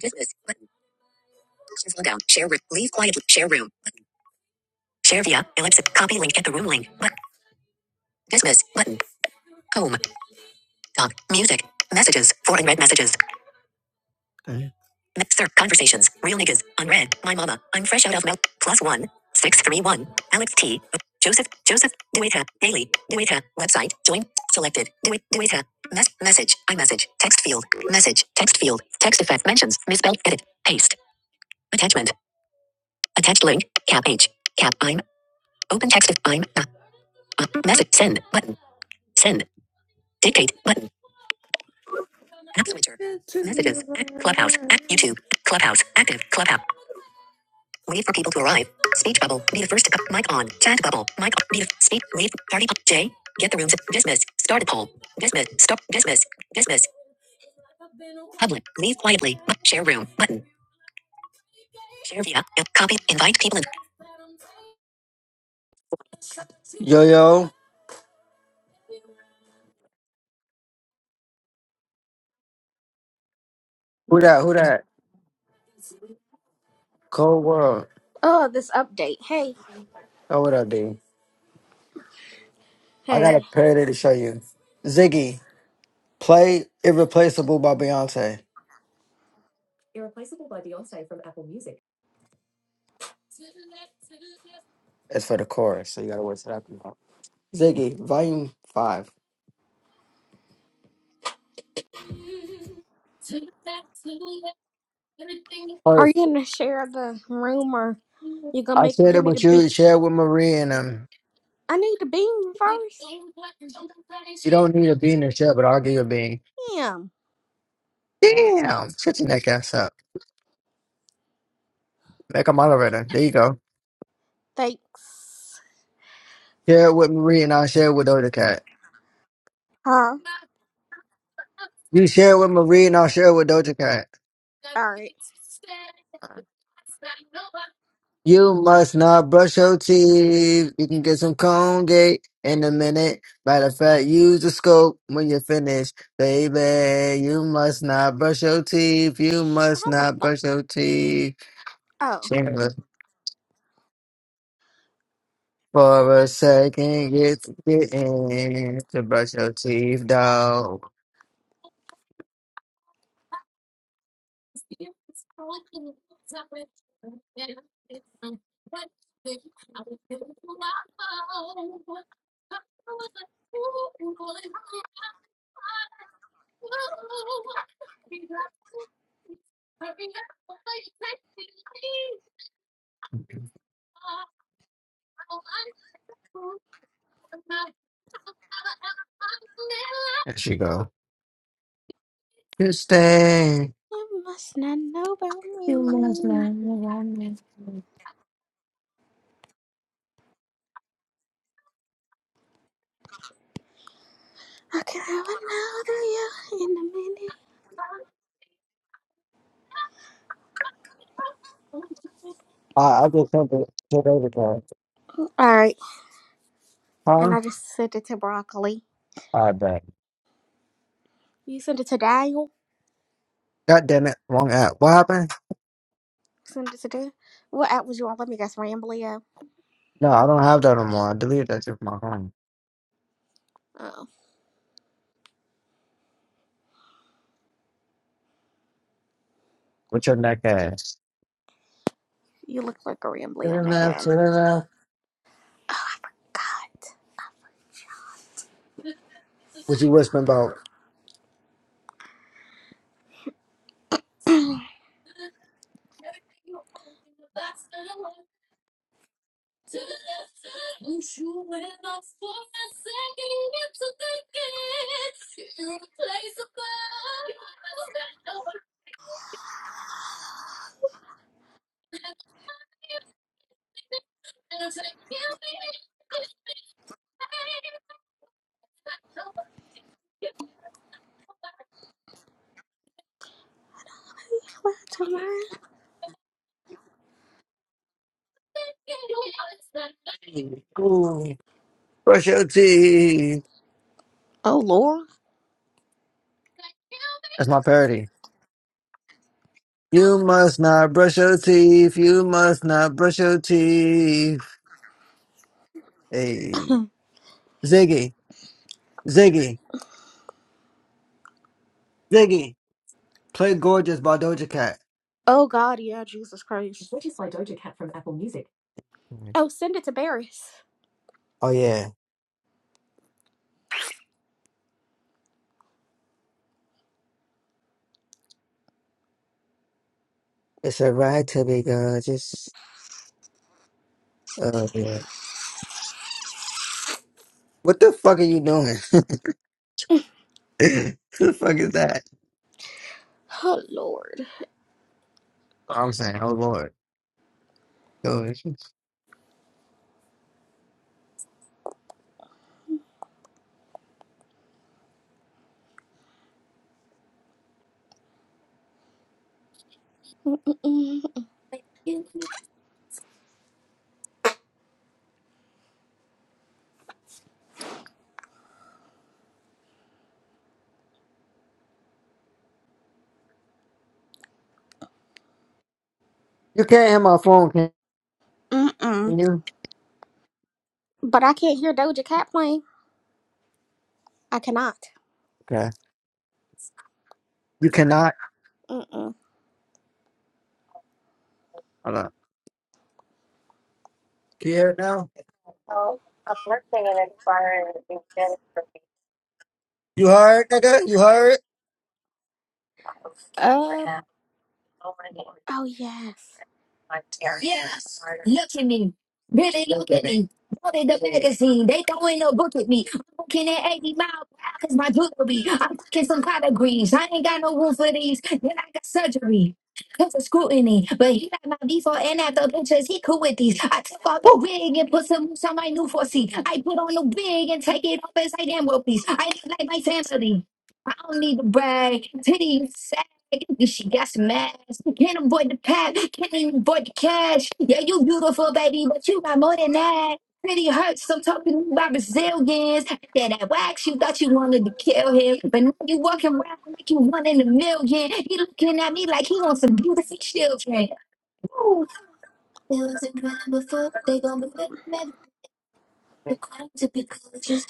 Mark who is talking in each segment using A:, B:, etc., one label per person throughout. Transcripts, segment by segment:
A: Business. Button. Scroll down. Share room. Leave quietly. Share room. Share via ellipsis. Copy link. Get the room link. Button. Dismiss. Button. Home. Talk. Music. Messages. Four unread messages. Okay. Mixer. Conversations. Real niggas. Unread. My mama. I'm fresh out of milk. Plus one. Six three one. Alex T. Joseph. Joseph. Dueta. Daily. Dueta. Website. Join. Selected. Duet. Dueta. Mess. Message. I message. Text field. Message. Text field. Text effect. Mentions. Misspelled. Edit. Paste. Attachment. Attached link. Cap H. Cap. I'm. Open text. I'm uh, uh, message. Send button. Send. Dictate button. App. YouTube. Clubhouse. Active. Clubhouse. Wait for people to arrive. Speech bubble. Be the first. to- Mic on. Chat bubble. Mic. on. Be the speak. Wait. Party. J. Get the rooms. Dismiss. Start a poll. Dismiss. Stop. Dismiss. Dismiss. Public. Leave quietly. Share room. Button. Share via. uh, Copy. Invite people. In. Yo, yo. Who that? Who that? Cold World.
B: Oh, this update. Hey,
A: Oh, what up, D? I got
B: hey.
A: a parody to show you. Ziggy, play Irreplaceable by Beyonce. Irreplaceable by Beyonce from Apple Music. It's for the chorus, so you gotta wait it that out. Ziggy, volume five.
B: Are
A: Or
B: you gonna share the room or you gonna
A: I
B: make
A: shared
B: give
A: it
B: me the
A: with
B: beam?
A: you, share it with Marie and um
B: I need the beam first.
A: you don't need a bean to share, but I'll give you a bean.
B: Damn.
A: Damn, shut your neck ass up. Make a moderator. There you go.
B: Thanks.
A: Share it with Marie and I'll share it with Doja Cat.
B: Huh?
A: You share it with Marie and I'll share it with Doja Cat.
B: Alright.
A: You must not brush your teeth. You can get some Colgate in a minute. Matter of fact, use the scope when you're finished, baby. You must not brush your teeth. You
B: Sh-
A: must
B: How the
A: not
B: fuck
A: brush your teeth.
B: oh.
A: Shameless for a second, it's getting to brush your teeth, dog. There she go. You stay.
B: You must not know about me. Okay, I can have another you in a minute.
A: Ah, something-
B: Alright. And
A: huh?
B: I just sent it to Broccoli.
A: I bet.
B: You sent it to Dial?
A: God damn it, wrong app. What happened?
B: Send it to Dial? What app was you on? Let me guess, Rambly. app?
A: No, I don't have that anymore. I deleted that shit from my phone.
B: Oh.
A: What's your neck ass?
B: You look like a Rambly
A: Turn
B: on
A: it
B: that
A: up,
B: guy.
A: turn it up.
B: God.
A: What you whispering about?
B: Come on, tomorrow.
A: Ooh, brush your teeth.
B: Oh Lord.
A: That's my parody. You must not brush your teeth. You must not brush your teeth. Hey, Ziggy, Ziggy, Ziggy. Play "Gorgeous" by Doja Cat.
B: Oh God, yeah, Jesus Christ.
A: Nice.
B: Oh, send it to Barris.
A: Oh yeah, it's a right to be gorgeous. Oh yeah. What the fuck are you doing? What the fuck is that?
B: Oh Lord.
A: I'm saying, oh Lord.
B: Mm-mm.
A: You can't hear my phone, can
B: Mm-mm.
A: you?
B: But I can't hear Doja Cat playing. I cannot.
A: Okay. You cannot.
B: Mm-mm.
A: Hold on. Can you hear it now? You heard, nigga? You heard?
B: Uh. Oh yes.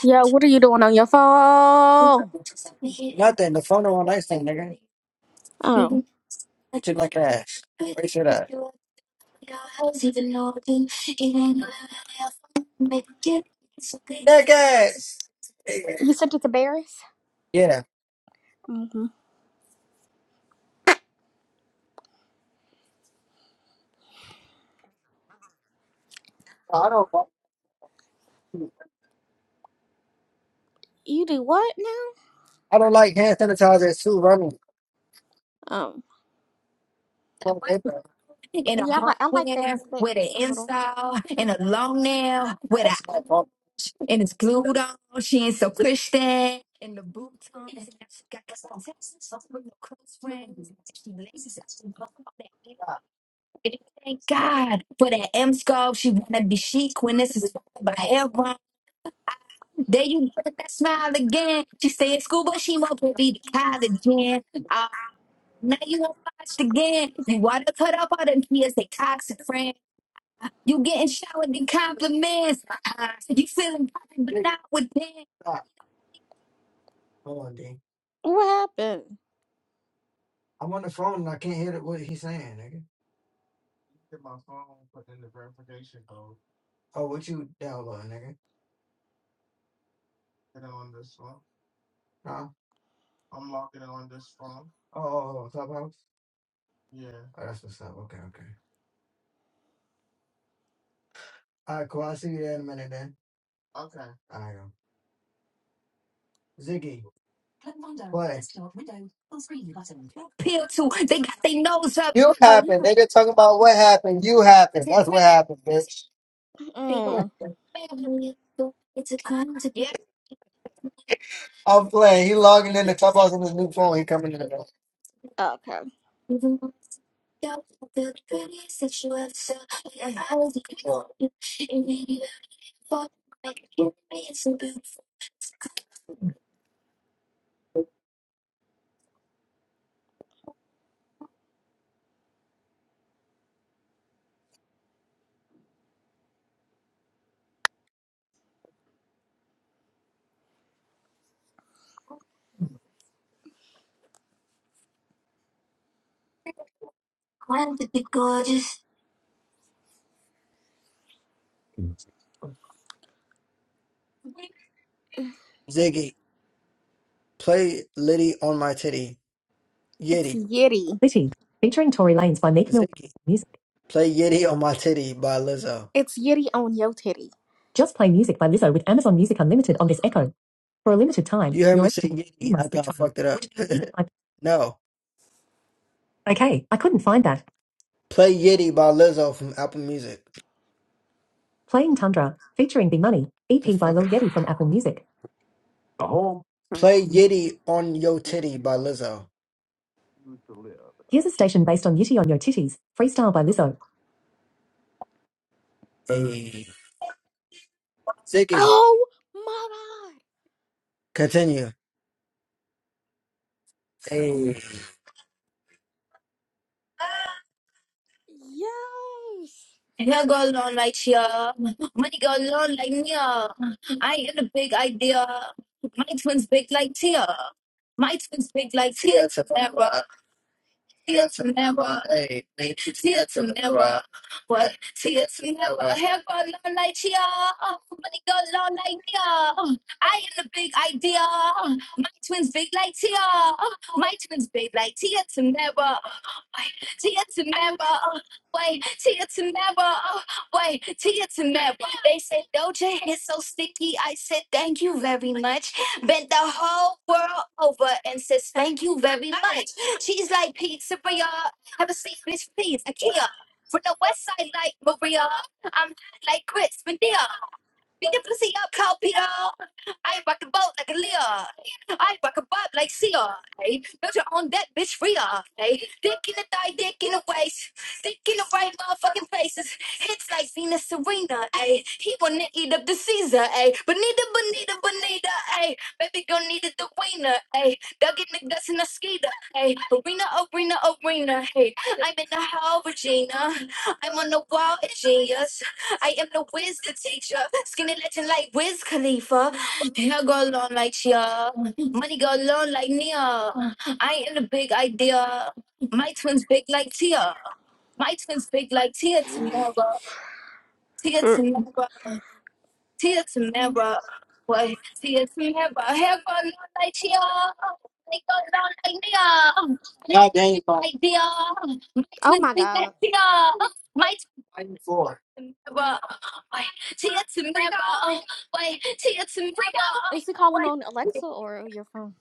B: Yo, what are you doing on your phone?
A: Nothing. The phone don't nice thing, nigga.
B: Oh,
A: Treat You like ass. Where should I? Neck ass.
B: you sent it to Barris.
A: Yeah.
B: Mm-hmm.
A: I don't.
B: You do what now?
A: I don't like hand sanitizer. It's too running.
B: Um. Yeah, I like, I like things thick a little.
A: And it's glued on. She ain't so pushed And the boots on. She got this on Texas. So with no close friends. She laces it. She buckles it. Thank God for that M scarf. She wanna be chic when this is by everyone. There you go with that smile again. She stay at school, but she won't go be to college again. Uh, now you have watched again. You want to cut up all them kids, they toxic friends. You getting showered in compliments. Uh, you feeling popping, but not with them. Stop. Hold on, D.
B: What happened?
A: I'm on the phone and I can't hear what he's saying, nigga. Verification code. Oh, what you download, nigga? Get it on this phone. Huh? I'm locking it on this phone. Oh, oh, oh, Clubhouse? Yeah. Oh, that's what's up. Okay, okay. All right, cool. I'll see you there in a minute then. Okay. All right, yo. Ziggy, play. Appeal to. They got their nose up. You
B: Oh, he.
A: happened.
B: got.
A: They Nigga talking about what happened. You happened. That's what happened, bitch.
B: Mm,
A: Yeah. I'm playing. He logging in the clubhouse on his new phone. He coming in the door.
B: okay.
A: Ziggy, play Liddy on my titty.
B: It's
A: Yeti.
B: Yeti.
A: City. Featuring Tory Lanez by Meek Mill. Ziggy. Music. Play Yeti on my titty by Lizzo.
B: It's Yitty on Yo Titty.
A: Just play music by Lizzo with Amazon Music Unlimited on this Echo. For a limited time, You heard you're me say eligible for Yeti. I months free I trial. fucked it up. Which I- no. Okay, I couldn't find that. Play Yeti by Lizzo from Apple Music. Playing Tundra, featuring B Money, EP by fuck Lil is Yeti from Apple Music. Oh.
B: Hmm.
A: Play Yeti on Yo Titty by Lizzo. Here's a station based on Yeti on Your Titties, freestyle by Lizzo. Hey. Ziggy.
B: Oh my
A: Continue. Hey.
B: god.
A: Here goes on like Shia. Money goes on like Nia. I ain't a big idea. My twins big like Tia. My twins big like Tia. Till tomorrow, hey, hey, till tomorrow, what? Till tomorrow, have a long night, you Money go long like you I am the big idea. My twins big like Tia. My twins big like Tia tomorrow. Wait, Tia tomorrow. Wait, Tia tomorrow. Wait, Tia tomorrow. They say Doja is so sticky. I said thank you very much. Bent the whole world over and says thank you very much. She's like pizza Maria. Have a seat, please, please. IKEA. From the west side, like Maria. I'm like Chris Medea. Pinipasi up, Calpito. I rock a boat like a Leo. I rock a bob like Seal. Hey, built your own that bitch real. Hey, dick in the thigh, dick in the waist, dick in the right motherfucking places. Hits like Venus Serena. Hey, he wanna eat up the Caesar. Hey, Bonita, Bonita, Bonita. Hey, baby girl needed the wiener. Hey, dug in the dust in a skeeter. Hey, arena, arena, arena. Hey, I'm in the hall, Regina. I'm on the wall, it's genius. I am the whiz, the teacher. Skinny legend like Wiz Khalifa. Hair girl on like Sia. Money girl on like Nia. I am the big idea. My twins big like Tia. My twins big like Tia
B: Yes.
A: Tamara. Tia Tamara. Tia Tamara. What? Tia Tamara. Hair girl on like Sia. Money girl on like Nia. Idea. My
B: Oh
A: twins
B: my
A: big like
B: god.
A: Tia. my. never wait till you to never wait till never
B: Is he calling on Alexa or your phone?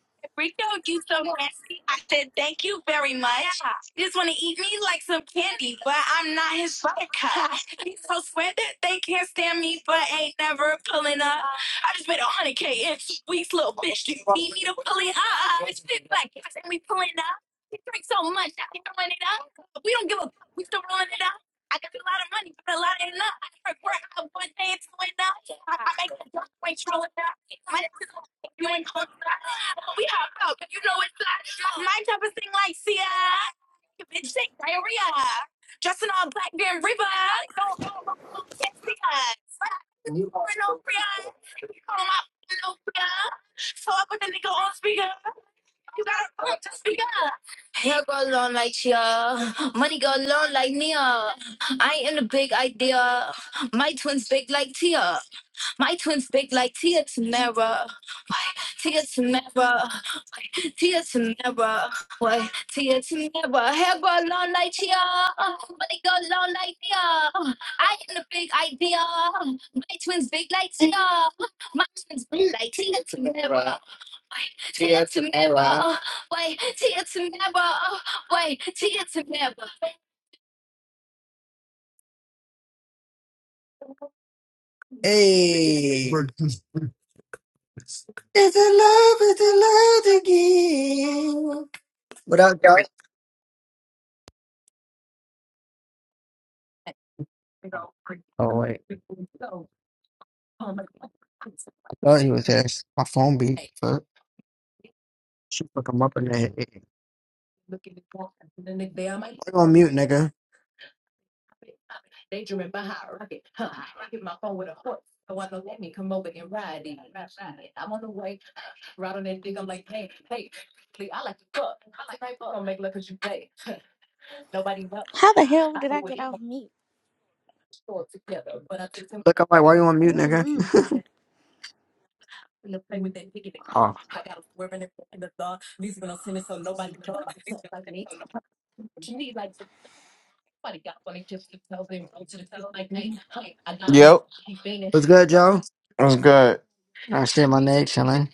A: hair go long like Chia money go long like Nia I am the big idea my twins big like Tia My twins big like Tia Tamara. Wait, Tia Tamara. Wait, Tia Tamara. Wait, Tia Tamara. Hair grow long like Tia. Body go long like Tia. I am the big idea. My twins big like Tia. My twins big like Tia Tamara. Wait, Tia Tamara. Wait, Tia Tamara. Wait, Tia Tamara. Hey. It's a love, it's a love to give. What up, y'all? Oh wait, I thought he was ass. My phone beat. Fuck, she fuck him up in there. Look on mute, nigga.
B: How the hell did I get off mute?
A: Look, I'm like, why you on mute, nigga?
B: Mm-hmm.
C: Yep,
A: What's good, Joe?
C: that's good.
A: I shit, my neck chilling.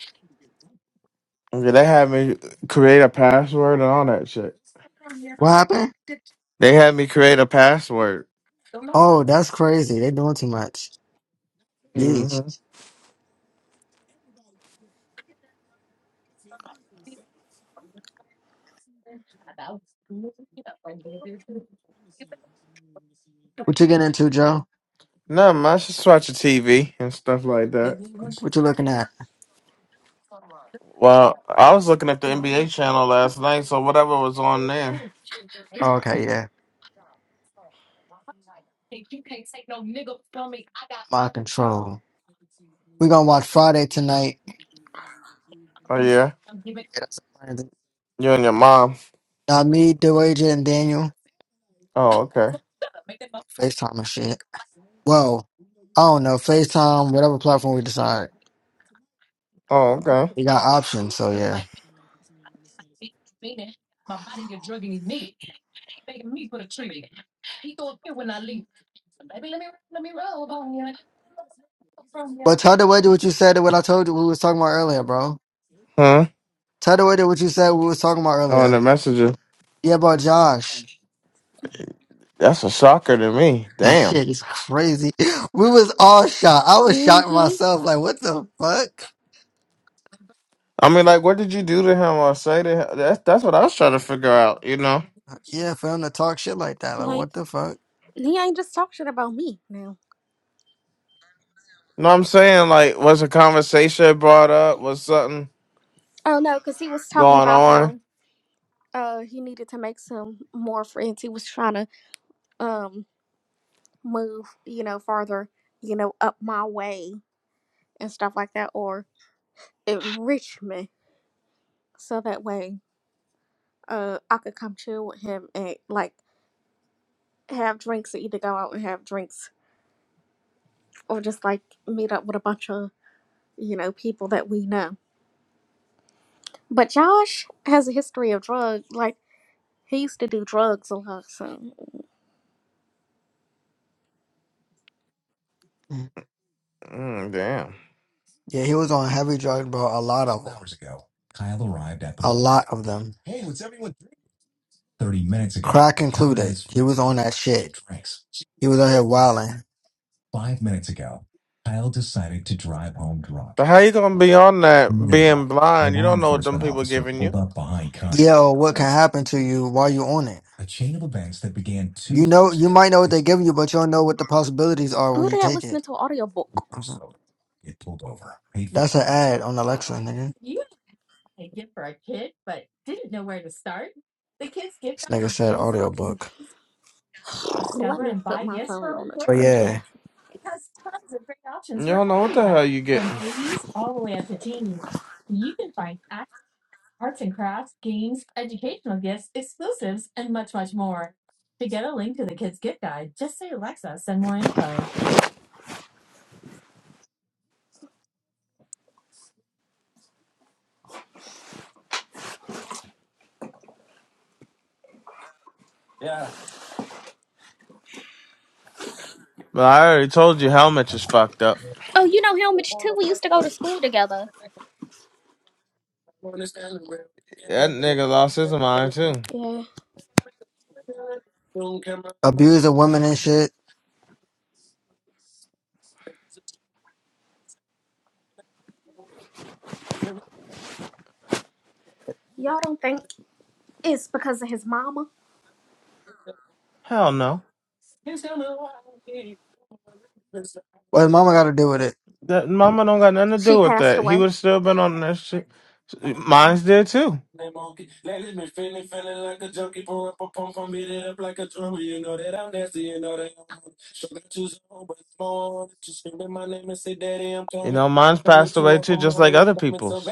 C: Okay, They had me create a password and all that shit.
A: What happened?
C: They had me create a password.
A: Oh, that's crazy. They doing too much.
C: hmm
A: Yeesh. What you getting into, Joe?
C: No, man, I just watch the TV and stuff like that.
A: What you looking at?
C: Well, I was looking at the NBA channel last night, so whatever was on there.
A: Oh, okay, yeah, my control. We gonna watch Friday tonight.
C: Oh yeah,
A: Yeah, that's the plan.
C: you and your mom.
A: Now me, DeWager, and Daniel
C: Oh okay.
A: FaceTime and shit. Well, I don't know FaceTime, whatever platform we decide.
C: Oh okay.
A: We got options, so yeah. But tell the waiter what you said and what I told you we was talking about earlier, bro.
C: Huh?
A: Tell the waiter what you said we was talking about
C: On
A: earlier.
C: the messenger.
A: Yeah, about Josh.
C: That's a shocker to me.
A: That
C: Damn.
A: shit is crazy. We was all shocked. I was shocked
B: Mm-hmm.
A: myself. Like, what the fuck?
C: I mean, like, what did you do to him or say to him? That's that's what I was trying to figure out. You know,
A: Yeah, for him to talk shit like that. Like,
B: Like,
A: what the fuck?
B: he ain't just talking about me now.
C: know what I'm saying? Like, was a conversation brought up? Was something
B: Oh no, because he was talking
C: going
B: about
C: on?
B: how uh he needed to make some more friends. He was trying to um move, you know, farther, you know, up my way and stuff like that, or enrich me. So that way uh, I could come chill with him and like have drinks or either go out and have drinks or just like meet up with a bunch of, you know, people that we know. But Josh has a history of drugs. Like, he used to do drugs a lot. So,
A: Yeah,
C: Mm, damn.
A: he was on heavy drugs, bro. A lot of them. Hours ago, Kyle arrived at the A lot of them. Thirty minutes. ago, Crack included. He was on that shit. Drinks. He was out here wilding.
C: But how you gonna be on that being blind? You don't know what them people giving you.
A: Yo, what can happen to you while you on it? You know, years you might know what they give you, but you don't know what the possibilities are
B: who
A: when
B: the
A: you
B: hell
A: take
B: listening
A: it.
B: to an audiobook?
A: That's an ad on Alexa,
B: Oh,
A: nigga. This nigga said audiobook.
B: let me put my phone on the
A: But
B: charger.
A: yeah,
C: You don't know what the hell you getting. But I already told you, helmet is fucked up.
B: Oh, you know Helmich too. We used to go to school together.
C: That nigga lost his mind too.
B: Yeah.
A: abuse of women and shit.
B: Y'all don't think it's because of his mama?
C: Hell no.
A: What mama got to do with it?
C: That mama don't got nothing to
B: She
C: do with
B: passed
C: that. He
B: away.
C: would still been on that shit. Mine's did too. You know, mine's passed away too, just like other people's.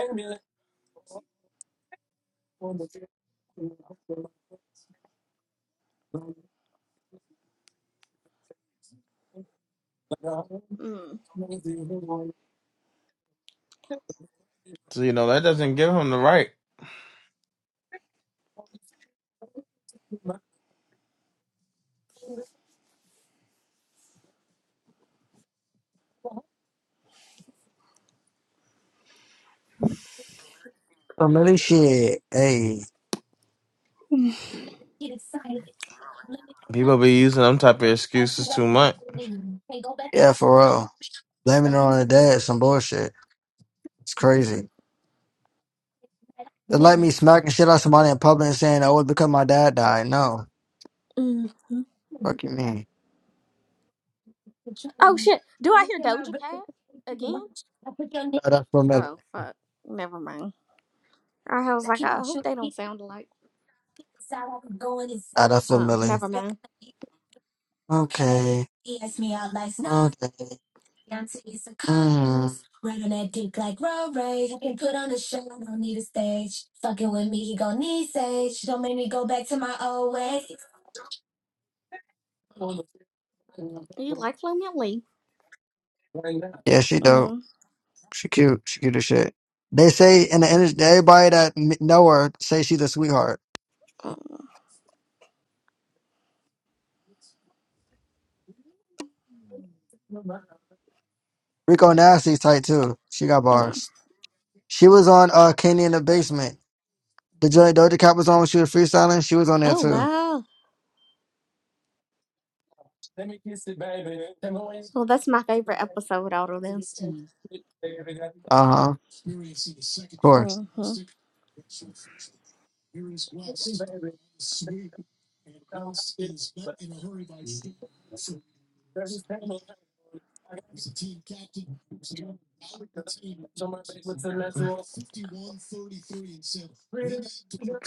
B: Mm.
C: So you know that doesn't give him the right.
A: Family shit. Hey,
C: People be using them type of excuses too much.
A: yeah, for real. Blaming it on the dad, some bullshit. It's crazy. They let me smack and shit out somebody in public and saying, oh, it's because my dad died. No.
B: Mm.
A: Fuck you mean.
B: Oh, shit. Do I hear Doja Cat again?
A: Ah, that's for Millie.
B: Oh fuck. Never mind. I was like, I hope they don't sound alike.
A: Ah, that's for
B: Oh,
A: Millie.
B: never
A: Okay.
B: mind.
A: Okay. Mm.
B: You like Lemon Lee?
A: Yeah, she dope.
B: Mm,
A: She cute. She cute as shit. They say in the industry, everybody that m- know her say she's a sweetheart.
B: mm,
A: Rico Nasty's tight too. She got
B: mm.
A: bars. She was on uh Kenny in the basement. The joint Doja Cat was on when she was freestyling. She was on there
B: Oh
A: too.
B: wow. Well, that's my favorite episode out of them.
A: Uh huh. Of course.
B: Mm-hmm.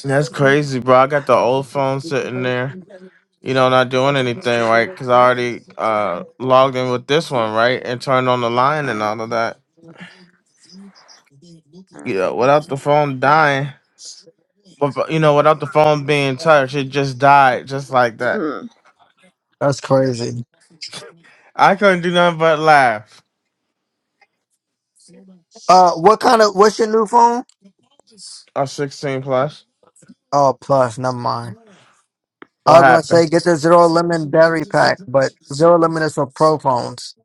C: That's crazy, bro. I got the old phone sitting there, you know, not doing anything, right? Because I already uh, logged in with this one, right, and turned on the line and all of that. You know, without the phone dying, but but, you know, without the phone being touched, it just died, just like that.
B: Mm.
A: That's crazy.
C: I couldn't do nothing but laugh.
A: Uh, what kind of? What's your new phone?
C: I'm 16 plus.
A: Oh, plus. Never mind. I
C: What
A: was gonna say
C: happened?
A: get the zero lemon berry pack, but zero lemon is for pro phones.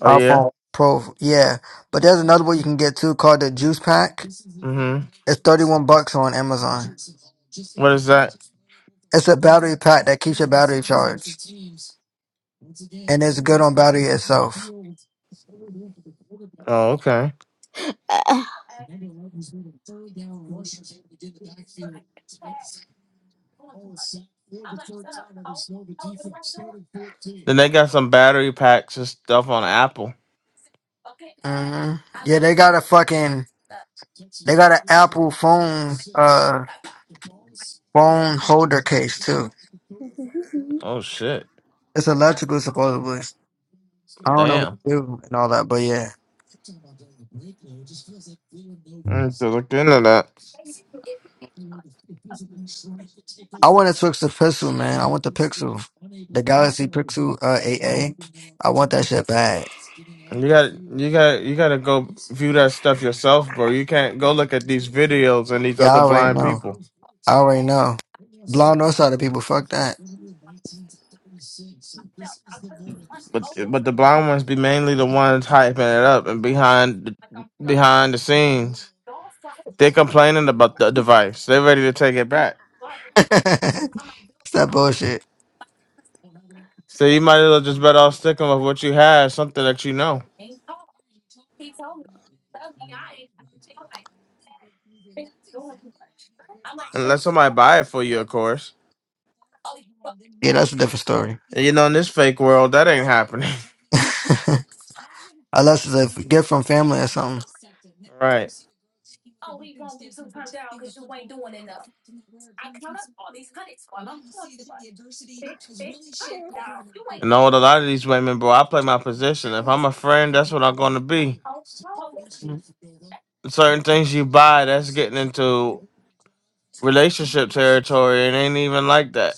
C: Oh yeah.
A: iPhone Pro. Yeah, but there's another one you can get too called the juice pack.
C: Mm-hmm.
A: It's thirty one bucks on Amazon.
C: What is that?
A: It's a battery pack that keeps your battery charged, and it's good on battery itself.
C: Oh, okay.
B: Uh,
C: Then they got some battery packs and stuff on Apple.
A: hmm Yeah, they got a fucking They got an Apple phone uh phone holder case too.
C: Oh shit!
A: It's electrical supposedly. I don't know what to
C: Damn.
A: do and all that, but yeah.
C: I need to look into that.
A: I want to switch to Pixel, man. I want the Pixel. The Galaxy Pixel uh 8A. I want that shit bad.
C: You got you got you got to go view that stuff yourself, bro. You can't go look at these videos and these
A: Yeah, I
C: other
A: already
C: blind
A: know.
C: people.
A: I already know.
C: But
A: Blonde north side people, fuck that.
C: but the blonde ones be mainly the ones hyping it up and behind the, behind the scenes. They're complaining about the device. They're ready to take it back.
A: it's that bullshit.
C: So you might as well just better off sticking with what you have, something that you know. Unless somebody buy it for you, of course.
A: Yeah, that's a different story.
C: And you know, in this fake world, that ain't happening.
A: Unless it's a gift from family or something.
C: Right. You know what? A lot of these women, bro, I play my position. If I'm a friend, that's what I'm going to be. Certain things you buy, that's getting into relationship territory. It ain't even like that.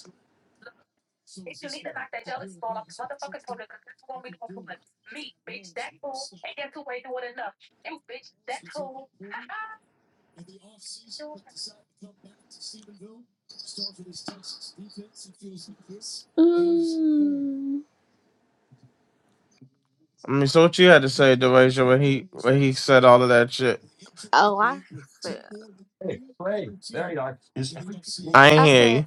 B: mm.
C: I mean, so what you had to say, Dereja, when he when he said all of that shit?
B: Oh, I said.
C: I ain't
B: I
C: hear
B: said
C: you.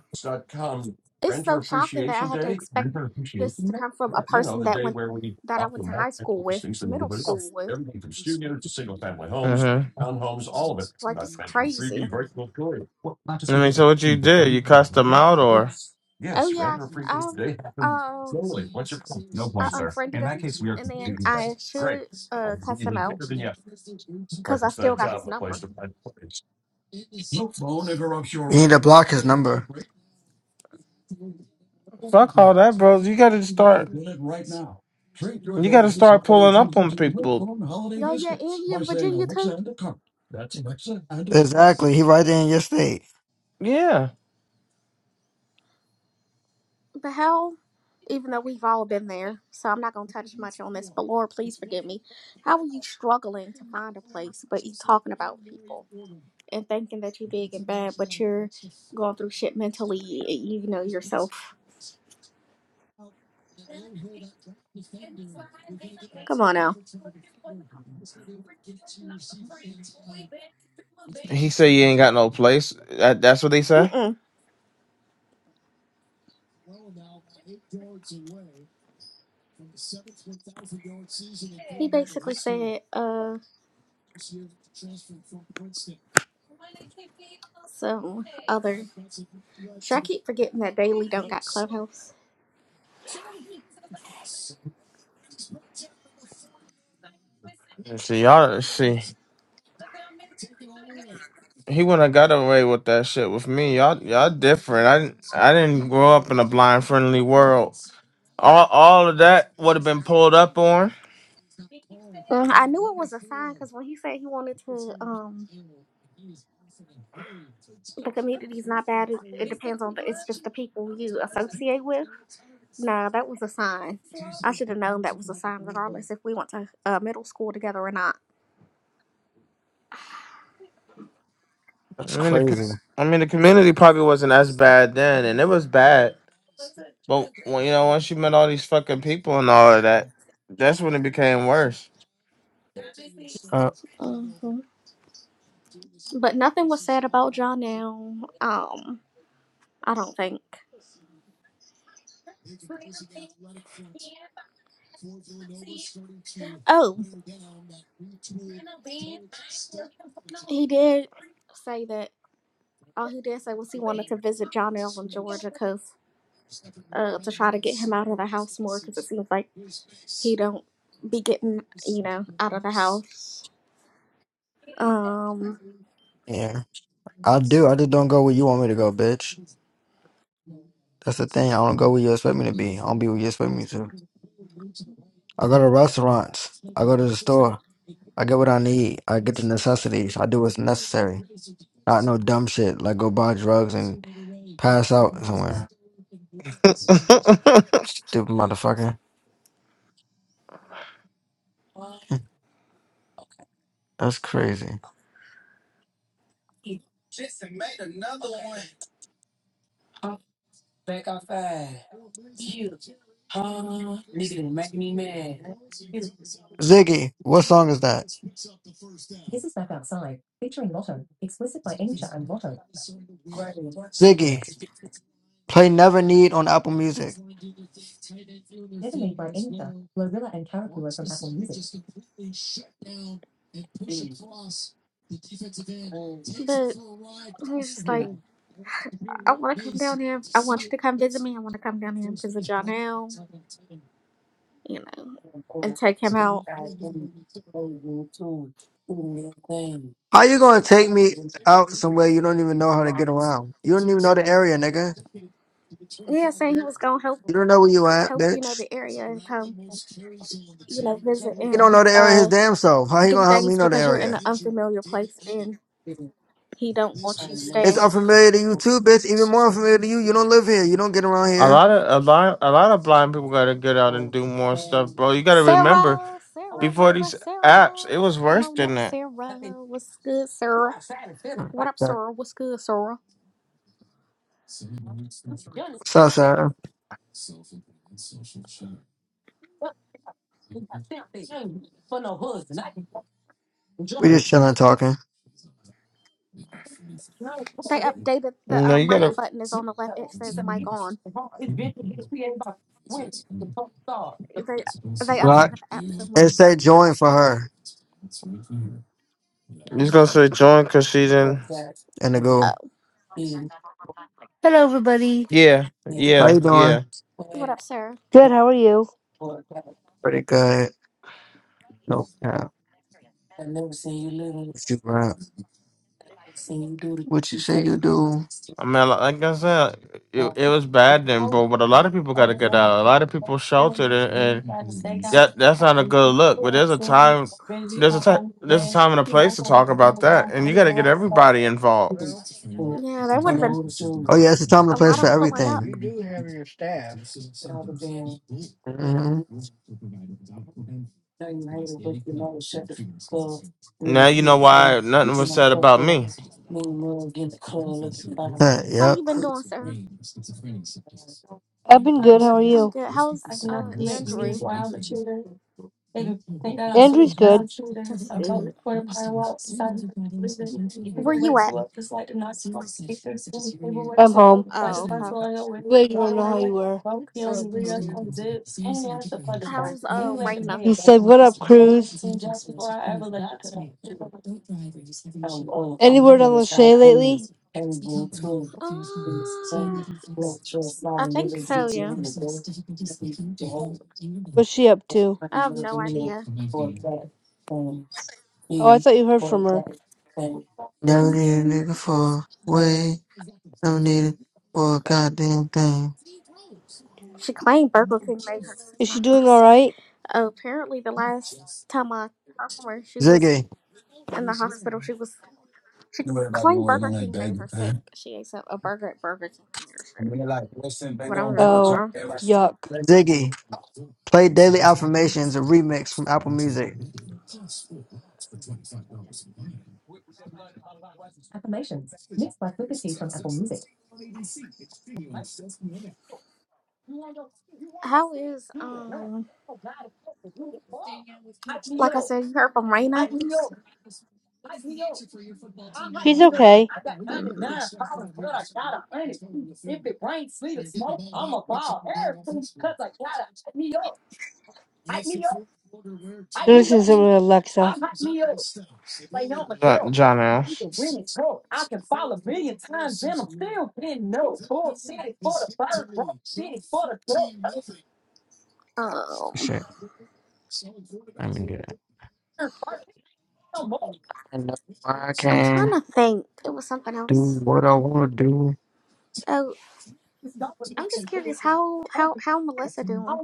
B: it's so shocking that I had to expect this to come from a person that went that I went to high school with, middle school with.
C: Uh huh.
B: Like it's crazy.
C: I mean, so what you did? You cussed him out, or
B: Oh yeah. Um. Oh. I unfriended him, and then I should uh cuss him out because I still got his number.
A: You need to block his number.
C: fuck all that, bro? You got to start. You got to start pulling up on people.
B: Oh yeah, and he in Virginia too.
A: Exactly. He right there in your state.
C: Yeah.
B: The hell! Even though we've all been there, so I'm not gonna touch much on this. But Lord, please forgive me. How are you struggling to find a place, but you talking about people and thinking that you're big and bad, but you're going through shit mentally. You know yourself. Come on now.
C: He said you ain't got no place. That, that's what he said.
B: Mm-mm. He basically said uh some other. Should I keep forgetting that Daily don't got Clubhouse?
C: See y'all. See, he wouldn't have got away with that shit with me. Y'all, y'all different. I didn't. I didn't grow up in a blind friendly world. All, all of that would have been pulled up on.
B: Mm, I knew it was a sign because when he said he wanted to, um, the community's not bad. It, it depends on the, it's just the people you associate with. Nah, that was a sign. I should have known that was a sign, regardless if we went to uh, middle school together or not.
C: I
A: That's
C: mean, the, co-
A: crazy.
C: I mean, the community probably wasn't as bad then, and it was bad. But when you know, once you met all these fucking people and all of that, that's when it became worse.
A: Uh,
B: hmm But nothing was said about John now. Um, I don't think. Oh, he did say that. All he did say was he wanted to visit John L. in Georgia because uh, to try to get him out of the house more because it seems like he don't be getting you know out of the house um
A: yeah. I do. I just don't go where you want me to go, bitch. That's the thing. I don't go where you expect me to be. I don't be where you expect me to. I go to restaurants. I go to the store. I get what I need. I get the necessities. I do what's necessary. Not no dumb shit like go buy drugs and pass out somewhere. Stupid motherfucker. That's crazy. Ziggy, what song is that? Ziggy, play Never Need on Apple Music.
B: but he was just like i want to come down here i want you to come visit me i want to come down here and visit Jonell, you know and take him out
A: How you gonna take me out somewhere you don't even know how to get around? You don't even know the area, nigga.
B: yeah saying he was gonna help
A: You don't know where you at,
B: help you know
A: bitch.
B: the area and come you know visit
A: You don't know
B: and
A: the area his
B: uh
A: damn self. How you
B: do
A: gonna help me
B: things
A: know the
B: because you're in an
A: area?
B: unfamiliar place and he don't want you
A: It's
B: staying
A: unfamiliar to you too, bitch. Even more unfamiliar to you. You don't live here. You don't get around
C: A
A: here.
C: lot of a lot a lot of blind people
A: So
C: gotta get out and do more stuff, bro. You gotta remember
B: sarah sarah
C: before
B: sarah
C: these apps,
B: sarah
C: it was
B: come
C: worse
B: on up
C: than that.
B: sarah what's good sarah what up sarah what's good sarah
A: up, Sarah? We
C: You
A: just chilling, talking.
B: They updated the
C: know,
B: uh,
C: you
B: mic
C: gotta.
B: button is on the left. It says mic on. They they updated
A: Right.
B: the app so much.
A: It say join for her
C: He's gonna say join because she's in.
A: and the go.
B: Oh,
D: Hello, everybody.
C: Yeah,
A: How
C: yeah,
A: you
C: yeah.
A: doing?
B: what up, sir?
D: Good, how are you?
A: Pretty good. No cap. What you rap? What you say you do?
C: I mean, li- like I said, it, it was bad then, but But a lot of people got to get out. A lot of people sheltered, and, and that that's not a good look. But there's a time, there's a time, there's a time and a place to talk about that, and you got to get everybody involved.
B: Yeah, there would have been
A: Oh yeah, it's a time
B: a
A: and a
B: lot
A: place for
B: of pulling up.
A: everything. hmm
C: Now you know why nothing was said about me,
B: How you
A: yep.
B: been doing, sir?
D: I've been good, how are
B: I'm
D: you?
B: good. How's uh Andrew?
D: Andrew's good.
B: That's good. Where you at?
D: I'm home.
B: Oh, okay.
D: Wait, you don't know how you were.
B: How's uh Raina?
D: He said, What up, Cruz? Any word on Lachey lately?
B: Uh,
A: Well,
B: I think so. Yeah,
D: What's she up to?
B: I have
A: never
B: no idea.
A: Um,
D: Oh, I thought you heard from her.
B: Mm,
A: did a nigga for way. Don't need it for a goddamn thing.
B: She claimed Burger King made her sick
D: Is
B: in
D: she
B: the
D: doing
B: hospital.
D: alright?
B: apparently, the last time I talked to her, she was
A: Ziggy,
B: in the hospital. She was She claimed Burger King made her sick. She ate some- a burger at Burger King and made her sick. But I'm just like,
D: Oh,
B: "Huh?"
D: yuck.
A: Ziggy, play Daily Affirmations, a remix from Apple Music.
B: how is um like I said, you heard from Raina?
D: She's okay.
B: Mm,
D: They're listening to something with Alexa.
C: Jo- John Ash.
B: Um,
A: I mean, I know I
B: I'm trying
A: can
B: to think. It was something
A: do
B: else.
A: what I want to do.
B: Oh, I'm just curious how how how Melissa doing?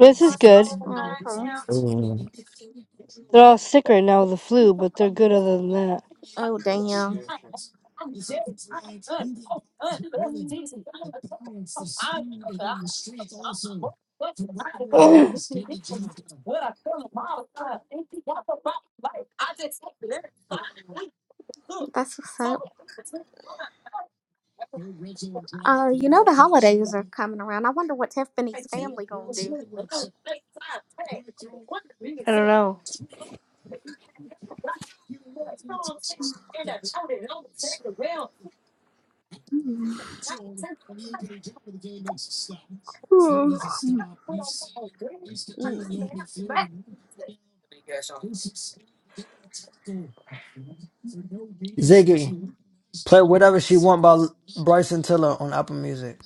D: This is good.
B: Oh, okay.
A: Mm.
D: They're all sick right now with the flu, but they're good other than that.
B: Oh, damn.
D: I
B: That's what's up. Uh, you know the holidays are coming around. I wonder what Tiffany's family gonna do.
D: don't know.
B: Mm. Mm.
A: Ziggy, play Whatever She Want by L- Bryson Tiller on Apple Music.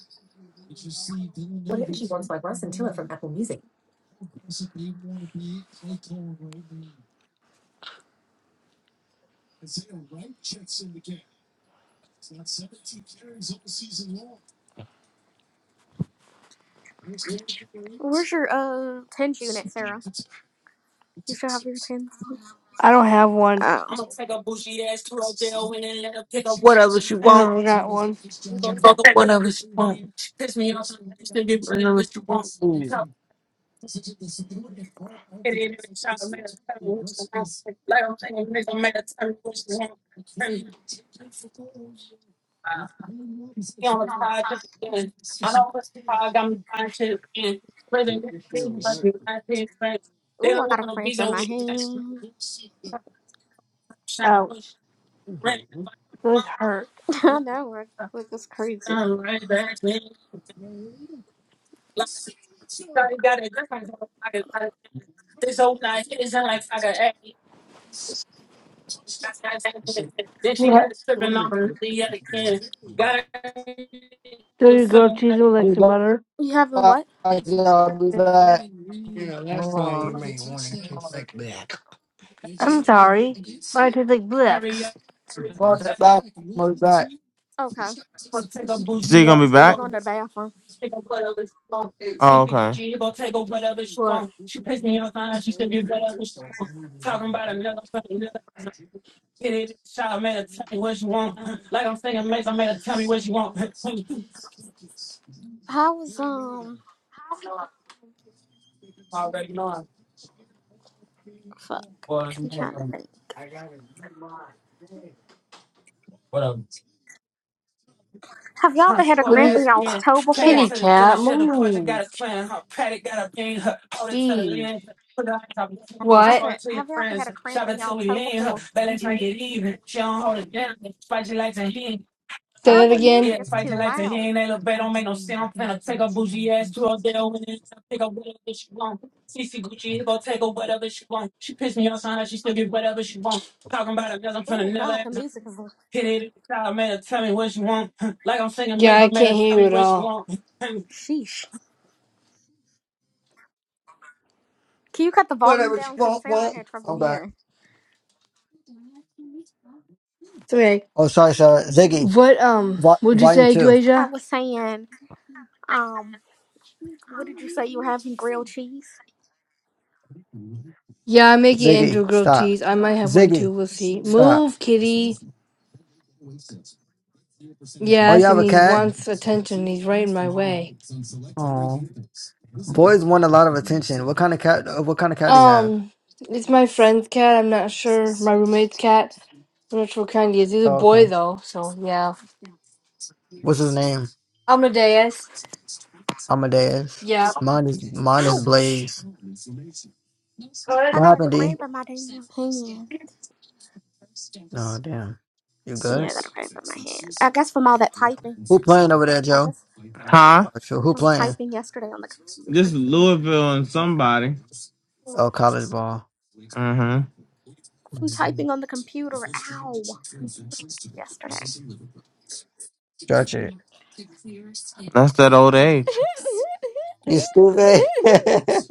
B: Where's your uh tens unit, Sarah? You still have your tens?
D: I don't have one.
B: Oh,
A: I'm gonna take a bushy ass to Odell and let her pick up whatever she
D: I
A: want.
D: never got one.
A: You gonna take up whatever she want. She piss me off, so you still get whatever she want. Mm. Help get in the shot, made her tell me what she want. Like I'm saying, nigga Make her tell me what she want. And, uh, He on the side just again. I don't listen to I got me buying shit again. But then they leave like me buying shit friends. They
B: Ooh, I
A: don't
B: got a
A: want to
B: cramp
A: be
B: in
A: so
B: my
A: weird.
B: hand.
A: Shine with
D: Ouch.
A: Right now, I
D: Those
A: come
D: hurt.
A: to my
B: I
A: shop,
B: know, right?
A: yeah, uh,
B: Look, it's crazy.
A: uh, I'm right back, man. Like, Charlie got it different from fucking like, this whole night. It sound like fucking hey, got to have some kids. Then she got it tripping on the other kids. Got it
D: Do you grilled
A: feeling
D: cheese
A: like
D: with like
A: Be
D: some butter?
B: You having
A: back,
B: what?
A: y'all. Be back. Hold on.
D: I'm sorry. I tastes like black.
A: hurry up. Watch it back. Move back.
B: Okay,
A: take a
C: Is he
A: bougie
C: gonna be
A: ass
B: we
C: back?
A: little
B: going
A: bitch.
B: to the bathroom.
A: take on whatever she wants.
C: Oh,
A: See Gucci,
C: okay.
A: he gonna take on whatever she
D: What?
A: wants. She pissed me off, now she's gonna whatever she wants. Talking about another fucking nigga. Get it, child, man, tell me what you want. Like I'm saying, Mace, I made her tell me what you want. I
B: How was um?
A: Already know.
B: Fuck,
A: Well,
B: I'm trying to think.
A: whatever.
B: Have y'all
A: Huh,
B: ever had a
A: squat
D: What
B: cramp
D: is
B: in
D: it?
A: ass
B: y'all's
A: again.
B: toe
A: Take her
D: Kitty
B: before?
A: to the
D: cat,
A: dealership, the Porsche
D: move.
A: got a plan. Her paddock got a bean, her hold it to the
D: Jeez.
A: lens. Put her eyes on the
B: I
D: What?
A: show
B: said,
A: it to your
B: have y'all ever had
A: friends.
B: a cramp
A: Shop
B: in
A: it till
B: y'all's
A: we
B: toe
A: in. Her
B: before?
A: belly trying to get even. She don't hold it down. Spicy like to hen.
D: Say
A: Yeah,
B: Oh,
D: that
B: the music
D: again.
A: it's
B: is too
A: fighting like a
B: loud.
A: hen, they look bad, don't make no sense. I'm finna take a bougie ass to a deal and then pick up whatever she want. CC Gucci, he gon' take her whatever she want. She pissed me off, son, that she still get whatever she want. Talking about it, 'cause I'm finna
B: Oh God, the music is.
A: hit it. I made her tell me what she want. I'm singing,
D: Yeah,
A: make
D: I
A: her, made
D: can't
A: her
D: hear
A: tell
D: you
A: me
D: at
A: what she
D: all.
A: want.
B: Sheesh. Can you cut the volume
A: Whatever she
B: down? Cause
A: want,
B: Sarah
A: want.
B: had trouble
A: I'm back.
B: hearing.
D: It's okay.
A: Oh, sorry, sorry. Ziggy.
D: What, um,
A: Vi-
D: What Would you
A: Vine
D: say,
A: 2.
B: I
D: Dweja?
B: was saying, um, what did you say you were having? Grilled cheese.
D: yeah, I'm making
A: Ziggy,
D: Andrew grilled
A: stop.
D: cheese. I might have one too.
A: Ziggy,
D: We'll see.
A: stop.
D: Move, kitty.
A: Oh, you
D: Yes,
A: have
D: and
A: a
D: he
A: cat?
D: wants attention. He's right in my way.
A: Oh. Boys want a lot of attention. What kind of cat? uh, What kind of cat do you have?
D: Um, it's my friend's cat. I'm not sure. My roommate's cat. I'm not sure what kind he is. He's a
A: Oh, Okay.
D: boy, though, so yeah.
A: What's his name?
D: Amadeus.
A: Amadeus.
D: Yeah.
A: Mine is mine is
B: Ouch!
A: Blaze.
B: I
D: Good.
A: What
B: got a
A: happened, D?
B: cramp in my damn hand.
A: No, damn. You
B: Yeah,
A: good?
B: I gotta pray with my hand. I guess from all that typing.
A: Who playing over there,
B: I
A: Joe?
B: guess
C: Huh?
A: Oh, true. Who
B: from
A: playing?
B: typing yesterday on the
C: This is Louisville and somebody.
A: Oh, college ball.
C: Mm-hmm.
B: from
A: Mm-hmm.
B: typing on the computer. Ow! Yesterday.
A: Church it.
C: That's that old age.
A: You stupid.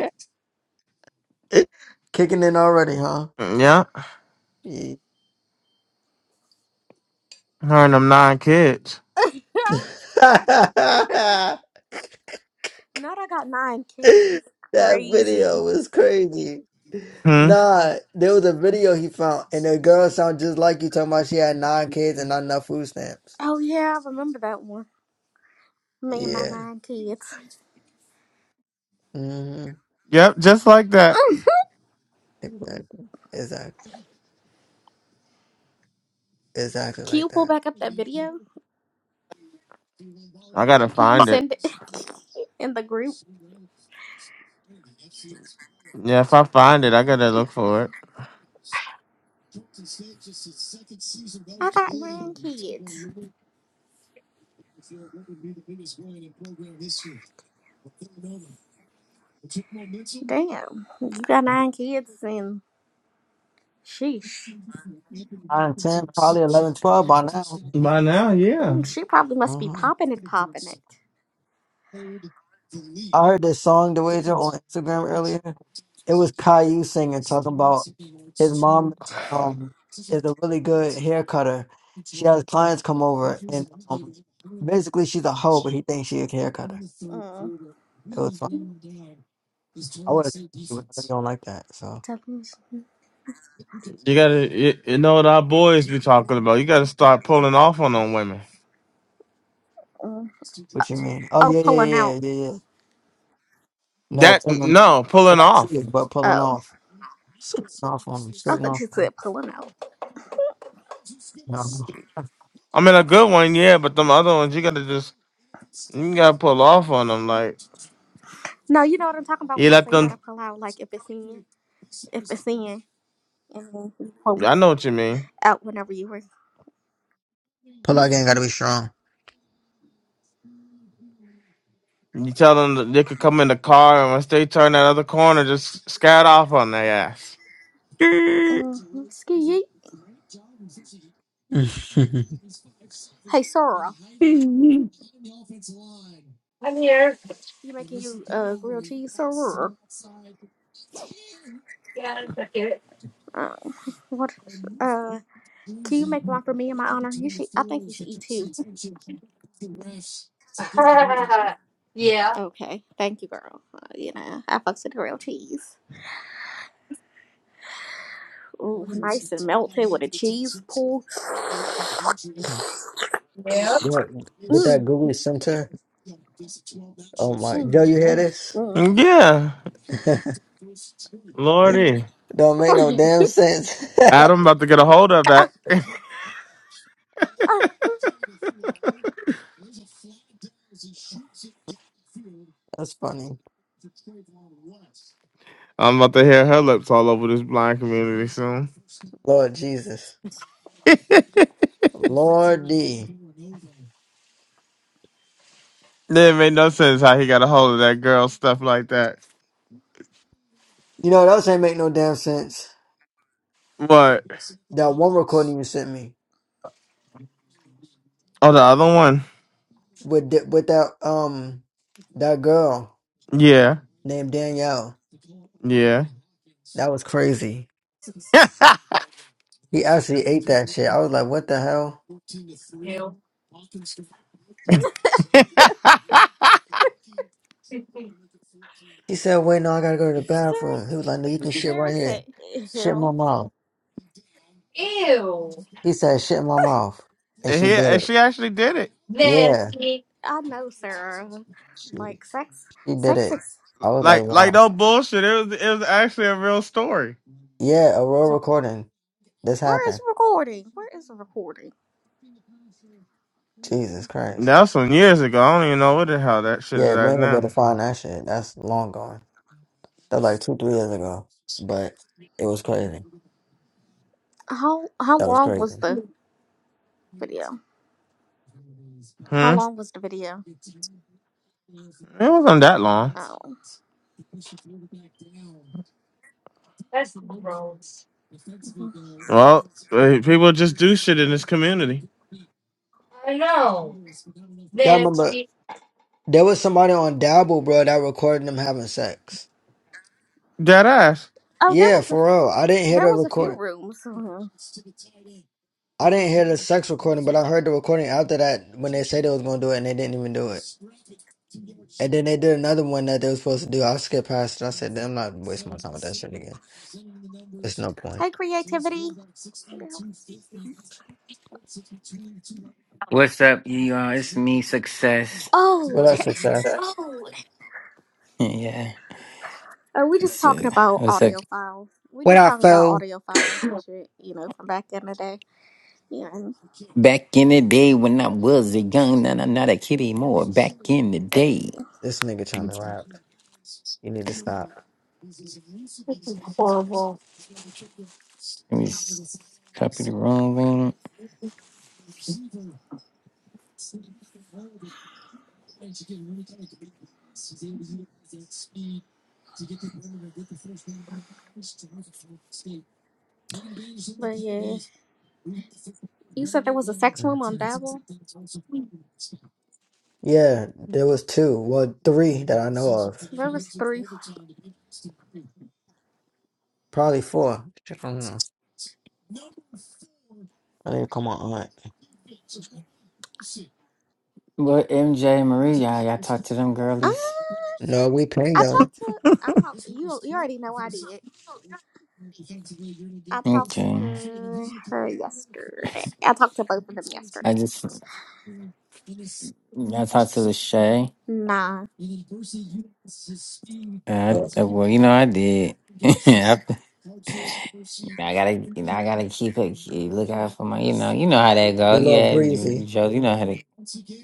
A: Kicking in already, huh?
C: Yep.
A: Yeah.
C: Her and them nine kids.
B: Not I got nine kids. It's
A: that video
B: crazy.
A: was crazy.
C: Hmm.
A: Nah, there was a video he found, and the girl sounded just like you talking about she had nine kids and not enough food stamps.
B: Oh yeah, I remember that one. Me and my
A: Yeah.
B: nine kids.
A: Mm-hmm.
C: Yep, just like that.
A: Exactly. Exactly. Exactly
B: Can
A: like
B: you pull
A: that.
B: back up that video?
C: I gotta
B: Can you
C: find it.
B: send it in the group?
C: Yeah, if I find it, I gotta look for it.
B: I got nine kids. Damn, you got nine kids and sheesh.
A: 9, 10, probably eleven, twelve by now.
C: By now, yeah.
B: Mm, she probably must be
A: Uh-huh.
B: popping it, popping it.
A: I heard this song, the wager on Instagram earlier. It was Caillou singing, talking about his mom um, is a really good hair cutter. She has clients come over, and um, basically she's a hoe, but he thinks she a hair cutter.
B: Mm.
A: It was fun. I would have you don't like that. So
B: Definition.
C: You gotta, you, you know what our boys be talking about. You gotta start pulling off on them women.
B: Mm.
A: what you mean? Oh
B: Oh,
A: yeah, yeah,
B: pulling out.
A: yeah, yeah, yeah. No,
C: That
A: pulling.
C: no,
A: yeah,
C: pulling
A: I see
C: off.
A: it, but pulling
B: Oh,
A: off. Sitting off on him,
B: I
A: sitting
B: thought
A: off
B: you
A: on him.
B: said pulling out.
A: No.
C: I mean, a good one, yeah, but them other ones, you gotta just, you gotta pull off on them. Like,
B: No, you know what I'm talking about
C: you
B: when I
C: let
B: say you gotta
C: them,
B: pull out, like if it's in, if it's in, and then you pull it
C: I know what you mean.
B: out whenever you were.
A: Pull-out game gotta be strong.
C: You tell them that they could come in the car, and once they turn that other corner, just scat off on their ass.
B: Mm-hmm. Ski yeet. Hey, Sora,
A: Who
D: I'm here.
B: you making you uh grilled cheese, Sora?
D: Yeah, I it.
B: Uh, what? Uh, can you make one for me in my honor? You should. I think you should eat two.
D: yeah.
B: Okay, thank you, girl. Uh, you know, I fucks with grilled cheese. Ooh, nice and melted with a cheese pull.
D: Yep.
A: That- with that
B: Mm,
A: Google Center, oh my,
B: mm,
A: Joe, you hear
B: mm,
A: this?
B: mm.
C: Yeah, Lordy.
A: Don't make no damn sense.
C: Adam about to get a hold of
B: uh,
C: that.
B: uh,
A: That's funny.
C: I'm about to hear her lips all over this blind community soon.
A: Lord Jesus, Lord D.
C: It didn't make no sense how he got a hold of that girl, stuff like that.
A: You know what else ain't make no damn sense?
C: What?
A: That one recording you sent me
C: Oh, the other one.
A: with th- with that um that girl
C: Yeah,
A: named Danielle.
C: yeah.
A: That was crazy. He actually ate that shit. I was like, what the hell?
D: Ew.
A: He said, wait, no, I gotta go to the
B: Sarah,
A: bathroom. He was like, no, you can shit
B: Sarah
A: right
B: said
A: here. Shit in my
B: Hill.
A: mouth.
D: Ew.
A: He said, shit in my mouth. And
C: and,
A: she
C: he,
A: did
C: and
A: it.
C: she actually did it.
A: Yeah.
D: Nasty.
B: I know Sarah.
A: She,
B: Like sex,
A: she did
B: sex
A: it.
B: is.
A: I was like,
C: Like, like
A: wow.
C: no bullshit. It was, it was actually a real story.
A: Yeah, a raw recording. This
B: Where is
A: happened.
B: recording? Where is the recording?
A: Jesus Christ.
C: That was some years ago. I don't even know what the hell that shit is
A: Yeah, we
C: at
A: ain't gonna be able
C: now.
A: to find that shit. That's long gone. That was like two, three years ago. But it was crazy.
B: How how
A: That was
B: long
A: crazy.
B: was the video? How
C: Hmm.
B: long was the video?
C: It wasn't that long.
B: Oh,
D: That's gross.
B: Mhm.
C: Well, eh, people just do shit in this community.
D: I know.
A: Y'all remember
D: Nasty.
A: there was somebody on Dabble, bro, that recorded them having sex.
C: Dead ass.
B: oh, there
A: Yeah,
B: was a
A: for real. I didn't hear the
B: there was a few
A: recording.
B: rooms. Mhm.
A: I didn't hear the sex recording, but I heard the recording after that when they said they was gonna do it and they didn't even do it. And then they did another one that they was supposed to do. I skipped past it. I said, I'm not wasting my time with that shit again. It's no point.
B: Hey, creativity.
E: What's up, you all? It's me, Success.
A: What
B: Oh,
A: up, success?
E: Oh, Yeah.
B: Oh, we just
E: It's,
B: talking
E: uh,
B: about
E: what's up?
B: audio files. We
A: What
B: just
A: up,
B: talking about
A: foe?
B: audio files and shit, you know, from back in the day. Yeah,
E: Back in the day when I was a young, and I'm not a kid anymore. Back in the
B: Uh,
E: day.
A: This nigga trying to rap. You need to stop.
D: Horrible.
E: Let me s- copy the wrong thing.
B: but yeah, you said there was a sex room on
A: Mm-hmm.
B: Dabble.
A: Yeah, there was two. Well, three that I know of.
B: There was three.
A: Probably four. Shit, I don't know. I didn't call my aunt.
E: Well, MJ Marie, y'all, y'all talk to them
B: Uh,
E: girlies.
A: No, we
B: I
A: pinged them.
B: talked to. I talked. You. You already know I did. I talked
E: Okay.
B: to her yesterday. I talked to both of them
E: I
B: yesterday.
E: just, I talked to Lachey.
B: Nah,
E: Uh, I- well, you know, I did. I gotta, you know, I gotta keep it, keep- look out for my, you know, you know how that go.
A: Your little
E: Yeah, you,
A: breezy.
E: Joe, you know how to.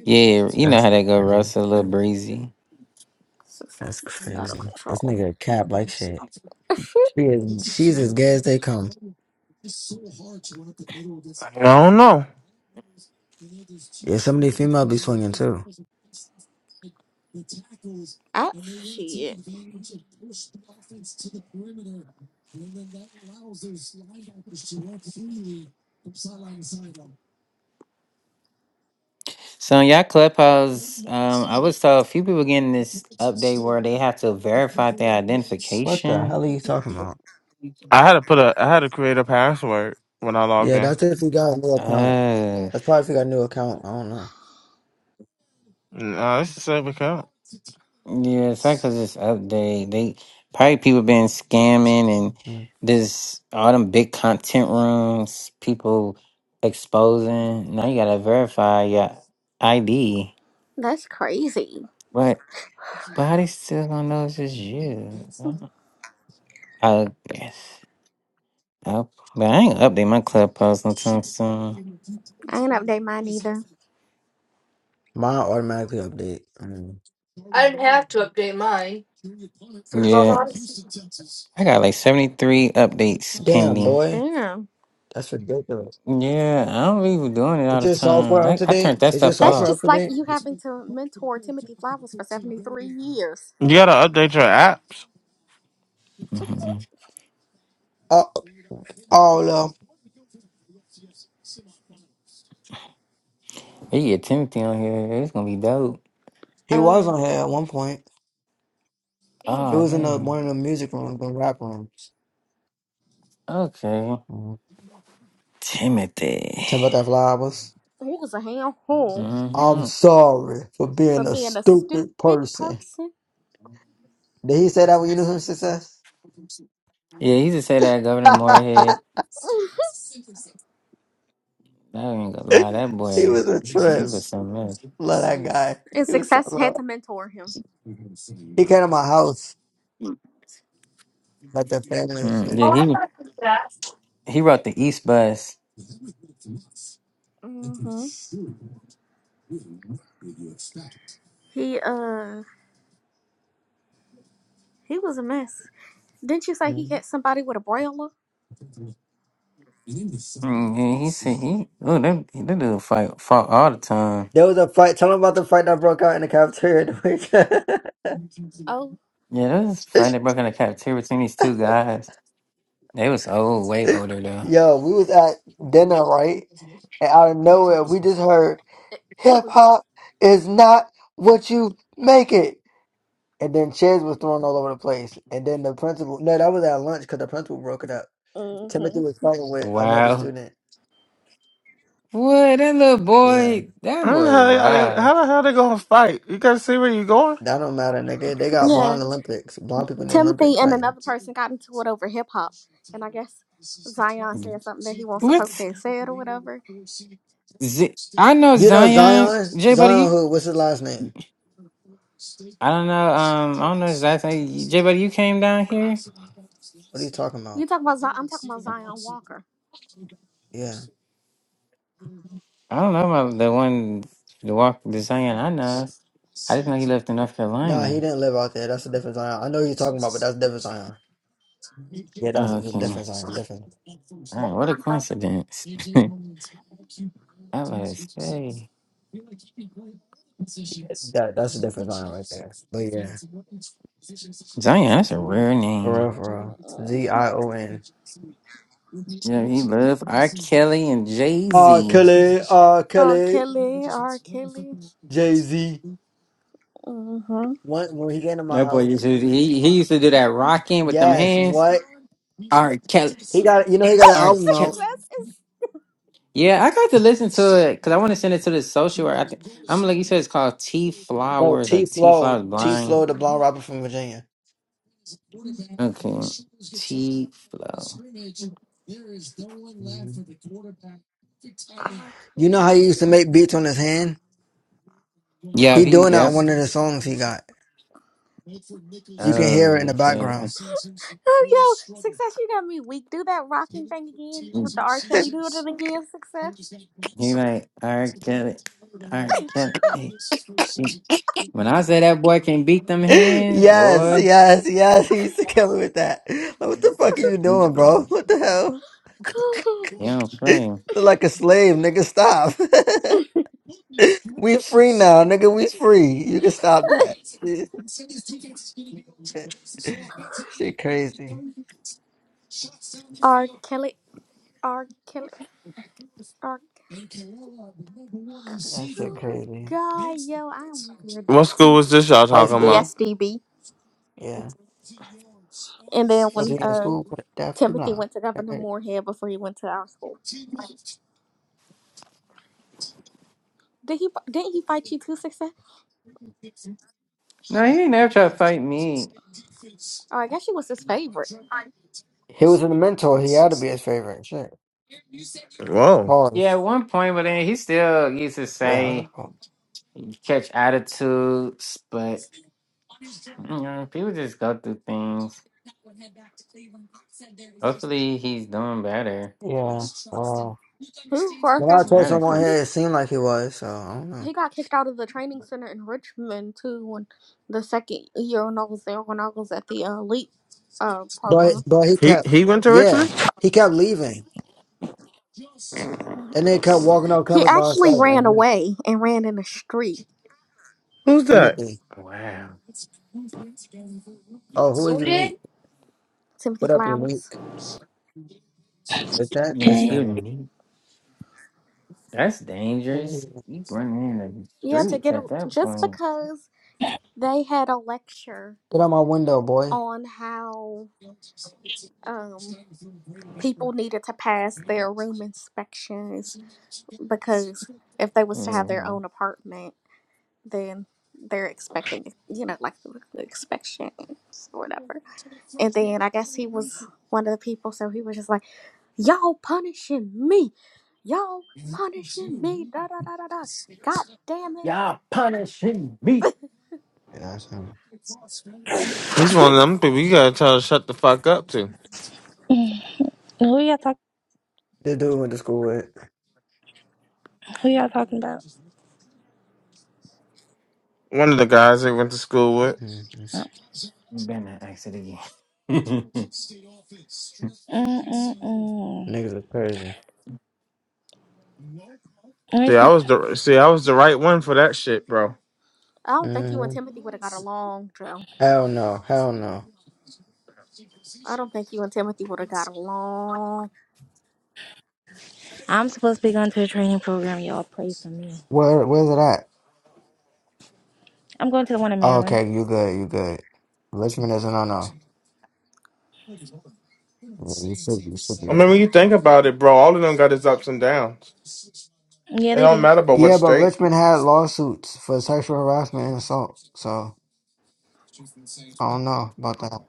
E: Yeah, you know
A: That's
E: how that go, Russ.
A: crazy.
E: A little breezy.
B: success
A: That's
B: is out of
A: crazy. This
B: control.
A: nigga cap like shit. She is, she's as gay as they come.
C: I don't know.
A: Yeah, some of these females be swinging too.
B: Ah, shit.
E: So on y'all clubhouse, um, I was told a few people getting this update where they have to verify their
A: What the
E: identification.
A: hell are you talking about?
C: I had to put a, I had to create a password when I logged
A: Yeah,
C: in.
A: that's if we got a new account.
E: Uh,
A: That's probably if we got a new account. I don't know.
C: No, this is a safe account.
E: yeah, it's like 'cause this update. They probably people been scamming and
A: Mm.
E: this all them big content rooms, people exposing. Now you gotta verify your ID.
B: That's crazy.
E: But but how they still gonna know it's just you? I guess. Up, but I ain't update my club post no time soon.
B: I ain't update mine either.
A: Mine automatically update. Mm.
D: I didn't have to update mine for
E: Yeah,
D: Clubhouse.
E: I got like seventy three updates
A: Damn,
E: pending.
A: boy.
B: Damn.
A: That's ridiculous.
E: Yeah, I don't really be doing it all
A: Is
E: the
A: your
E: time.
A: software up
E: I,
A: to
E: I turned
A: date?
E: that
A: Is your
E: stuff
B: That's
E: off.
A: software up
B: just
A: to
B: like
A: date?
B: you having to mentor Timothy Flowers for 73 years.
C: You gotta update your apps.
E: hmm
A: Uh, oh no,
E: You get Timothy on here, it's gonna be dope.
A: he
B: Um,
A: was on here at one point.
D: Dang.
A: He
E: Oh
A: was in the, one
E: dang.
A: of the music rooms, the rap rooms.
E: Okay,
A: Mm.
E: Timothy.
A: Tell me about that flowers.
B: he was a handful
A: I'm
E: hmm
A: sorry for
B: for
A: being a
B: being a
A: stupid
B: stupid
A: person.
B: person.
A: Did he say that when you knew him success?
E: Yeah, he just said that Governor Moorhead.
B: Mm.
E: I ain't gonna lie, that
A: he
E: boy,
A: was a
E: she
A: trip.
E: was something else.
A: Love that guy.
B: and
A: He was so
B: success had
A: love.
B: to mentor him.
A: He came to my house. Like the family and
E: Mm, yeah,
A: shit.
E: he he wrote the East Bus.
B: hmm He, uh, he was a mess. Didn't you say he had somebody with a broiler?
E: Mm, yeah, he said he. Oh, that that dude fight fought all the time.
A: There was a fight. Tell them about the fight that broke out in the cafeteria. the
B: Oh,
E: Yeah, that was a
A: week-
E: fight that broke in the cafeteria between these two guys. They was old, way older though.
A: Yo, we was at dinner, right? And out of nowhere, we just heard
B: it, it
A: hip
B: was.
A: hop is not what you make it. And then chairs was thrown all over the place. And then the principal, no, that was at lunch because the principal broke it up.
B: hmm
A: Timothy was fighting with another
E: Wow.
A: student.
E: What that little
A: Yeah,
E: boy? That
C: I don't know
E: boy.
C: how, they,
E: Wow.
C: how the hell they gonna fight? You gotta see where you going.
A: that don't matter, nigga. They got
B: Yeah.
A: blonde Olympics, blonde people in the
B: Timothy
A: Olympics
B: and
A: fighting.
B: another person got into it over hip hop. And I guess Zion said something that he wasn't supposed
E: What's
B: to have said or whatever.
E: Z- I know
A: You know
E: Zion
A: Zion,
E: J Buddy.
A: Zion
E: you-
A: who? What's his last name?
E: I don't know. Um, I don't know his last name. J Buddy, you came down here.
A: What are you talking
B: You
A: about?
B: talking about Zion? I'm talking about Zion Walker.
A: Yeah,
E: I don't know about the one the walk the Zion I know. I didn't know he lived in North
A: nah, he
E: Carolina.
A: didn't live out there. That's a different Zion. I know who you're talking about, but that's different Zion. Yeah, that's a
E: Okay. All
A: different Zion. Different.
E: right, what a coincidence. I was like, say,
A: That that's a different Zion right there. But yeah,
E: Zion, that's a rare
A: for
E: name.
A: real, for real.
B: Mm.
A: Z I O N.
E: Yeah, he loved R. Kelly and Jay
A: R
E: Z.
A: Kelly, R
B: R.
A: Kelly,
B: Kelly, R. Kelly.
A: Jay Z.
B: Mm-hmm.
A: What when he came to my
E: That boy used
A: house?
E: to he he used to do that rocking with them
A: Yes.
E: hands.
A: What
E: R. Kelly,
A: he got? You know he got an
E: R.
A: album
E: Kelly.
A: out.
B: Success is
E: Yeah, I got to listen to it because I want to send it to the social. I think I'm like you said, it's called T
A: Oh,
E: Flowers or
A: T
E: T
A: Flow,
E: Flowers
A: T
E: Blind.
A: Flow, the blonde rapper from Virginia.
E: Okay, T Flow.
A: Mhm.
B: R.
A: You know how he
B: Kelly.
A: used to make beats on his hand?
E: Yeah,
A: He
E: he.
A: doing that on
E: Yep.
A: one of the songs he got. You can hear it
E: Oh,
A: in the
E: okay.
A: background.
E: I,
B: Oh, yo, success, you got me weak. Do that rocking thing again with the R. Kelly. Do it again, success.
E: he like R. Kelly, R. Kelly. Hey, hey. When I say that boy can beat them hands,
A: yes,
E: boy,
A: yes, yes. He used to kill me with that. Like, what the fuck are you
E: he,
A: doing, bro? What the hell?
E: he don't play.
A: Look like a slave, nigga. Stop. we free now, nigga. We free. You can stop that. Shit, crazy.
B: R. Kelly, R. Kelly, R.
A: That shit
B: Oh my
A: crazy.
B: God, yo, I'm weird.
C: What school was this y'all
A: High
C: talking about?
A: school,
B: DSDB.
A: yeah.
B: And then
A: For
B: when
A: being in
B: uh
A: school, but definitely
B: Timothy
A: not.
B: went to Governor
A: Alright.
B: Moorhead before he went to our school, did he? Didn't he fight you too, success?
E: No, he ain't never try to fight me.
B: Oh, I guess she was his favorite.
A: He was in the mentor. He had to be his favorite. Shit.
C: Whoa.
E: Yeah,
A: Pause.
E: at one point, but then he still used to
A: Wait, how?
E: say
A: on. Pause.
E: catch attitudes, but you know, people just go through things. Hopefully, he's doing better.
A: Yeah. Uh,
B: Who? were her
A: when I told
E: Better,
A: someone here,
E: cause
A: it seemed like he was. So I don't know.
B: he got kicked out of the training center in Richmond too when the second year when I was there when I was at the uh, elite uh
A: But
B: program.
A: but he
C: He
A: kept.
C: he went to
A: Yeah,
C: Richmond?
A: he kept leaving, and they kept walking out
B: He
A: campus by
B: actually
A: himself. And
B: ran
A: we-
B: away and ran in the street.
C: Who's that?
A: Timothy.
E: wow,
A: Oh, who is
D: Who did?
A: unique?
B: Timothy
A: What up,
B: Flowers.
A: unique? With that, this
E: that's
F: Okay.
A: thing.
E: unique. That's dangerous. You running in the
B: Yeah, to
E: streets
B: get a,
E: at that
B: just
E: point.
B: because they had a lecture
A: Get out my window, boy.
B: on how um people needed to pass their room inspections because if they was to have their
E: Mhm.
B: own apartment, then they're expecting you know like the inspections or whatever. And then I guess he was one of the people, so he was just like, Y'all punishing me. Y'all punishing me. Da da da da da. God damn it.
E: Y'all punishing me.
A: Yeah, that's him.
C: He's one of them people you gotta tell to shut the fuck up to.
F: Who y'all talk?
A: The dude went to school with.
F: Who y'all talking about?
C: One of the guys they went to school with.
A: Mhm.
F: Oh.
E: Better not ask it again.
F: Mm-mm-mm.
A: Niggas are crazy.
C: See,
F: Where's-
C: I was the see, I was the right one for that shit, bro.
B: I don't think you and
A: hmm
B: Timothy would have got along, Joe.
A: Hell no. Hell no.
B: I don't think you and Timothy would have got along.
F: I'm supposed to be going to a training program. Y'all pray for me.
A: Where Where's it at?
F: I'm going to the one in
A: Oh,
F: Maryland.
A: okay, you good. You good. Richmond isn't. on. no. Yeah, You should. You should be.
C: I mean,
A: good.
C: when you think about it, bro, all of them got its ups and downs.
F: Yeah,
C: It
F: they
C: don't
F: do.
C: matter about what
A: Yeah, but
C: state.
A: Richmond had lawsuits for sexual harassment and assault. So I don't know about that.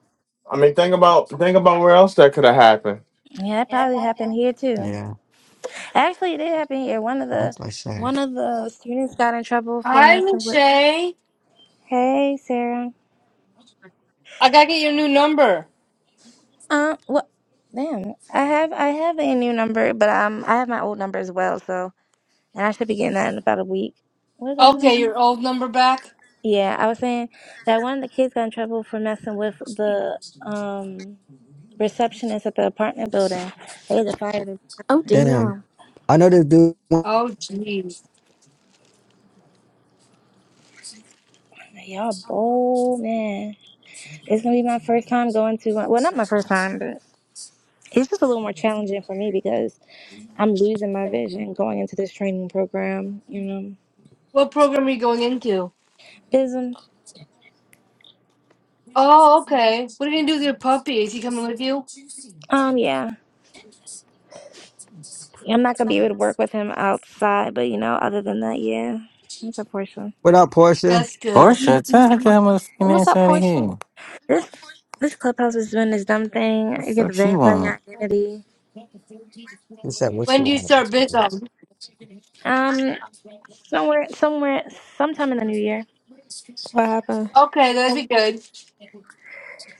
C: I mean, think about think about where else that could have happened.
F: Yeah, that probably happened here too.
A: Yeah,
F: Actually, it did happen here. One of the
A: that's like sad.
F: one of the students got in trouble for
D: Hi,
F: messing with.
D: Shay.
F: Hey, Sarah.
D: I gotta get your new number.
F: Um. What? Damn. I have I have a new number, but um I have my old number as well. So and I should be getting that in about a week. What was I
D: Okay,
F: saying?
D: your old number back.
F: Yeah, I was saying that one of the kids got in trouble for messing with the um receptionist at the apartment building. They had to fire the
B: Oh
F: receptionist.
A: Damn,
B: damn.
A: I know this dude.
D: Oh, jeez.
F: Y'all bold man. It's gonna be my first time going to one. Well, not my first time, but it's just a little more challenging for me because I'm losing my vision going into this training program. You know,
D: What program are you going into?
F: bism.
D: Oh, okay. What are you gonna do with your puppy? Is he coming with you?
F: Um, yeah, I'm not gonna be able to work with him outside, but you know, other than that, yeah, it's a portion.
A: What up, Portia?
D: That's good.
E: Portia, tell her to get her motherfucking
B: What's
E: ass
B: up,
E: out of here.
B: Portia?
E: What
F: This this clubhouse is doing this dumb
E: The
F: thing. You get
E: fuck
F: to
E: she
F: verify your
E: want?
F: identity.
A: He said, "What
D: When
A: you
D: do you
A: want?"
D: start Bithom?
F: Um, somewhere, somewhere, sometime in the new year,
G: What happened?
D: Okay, that'd be good.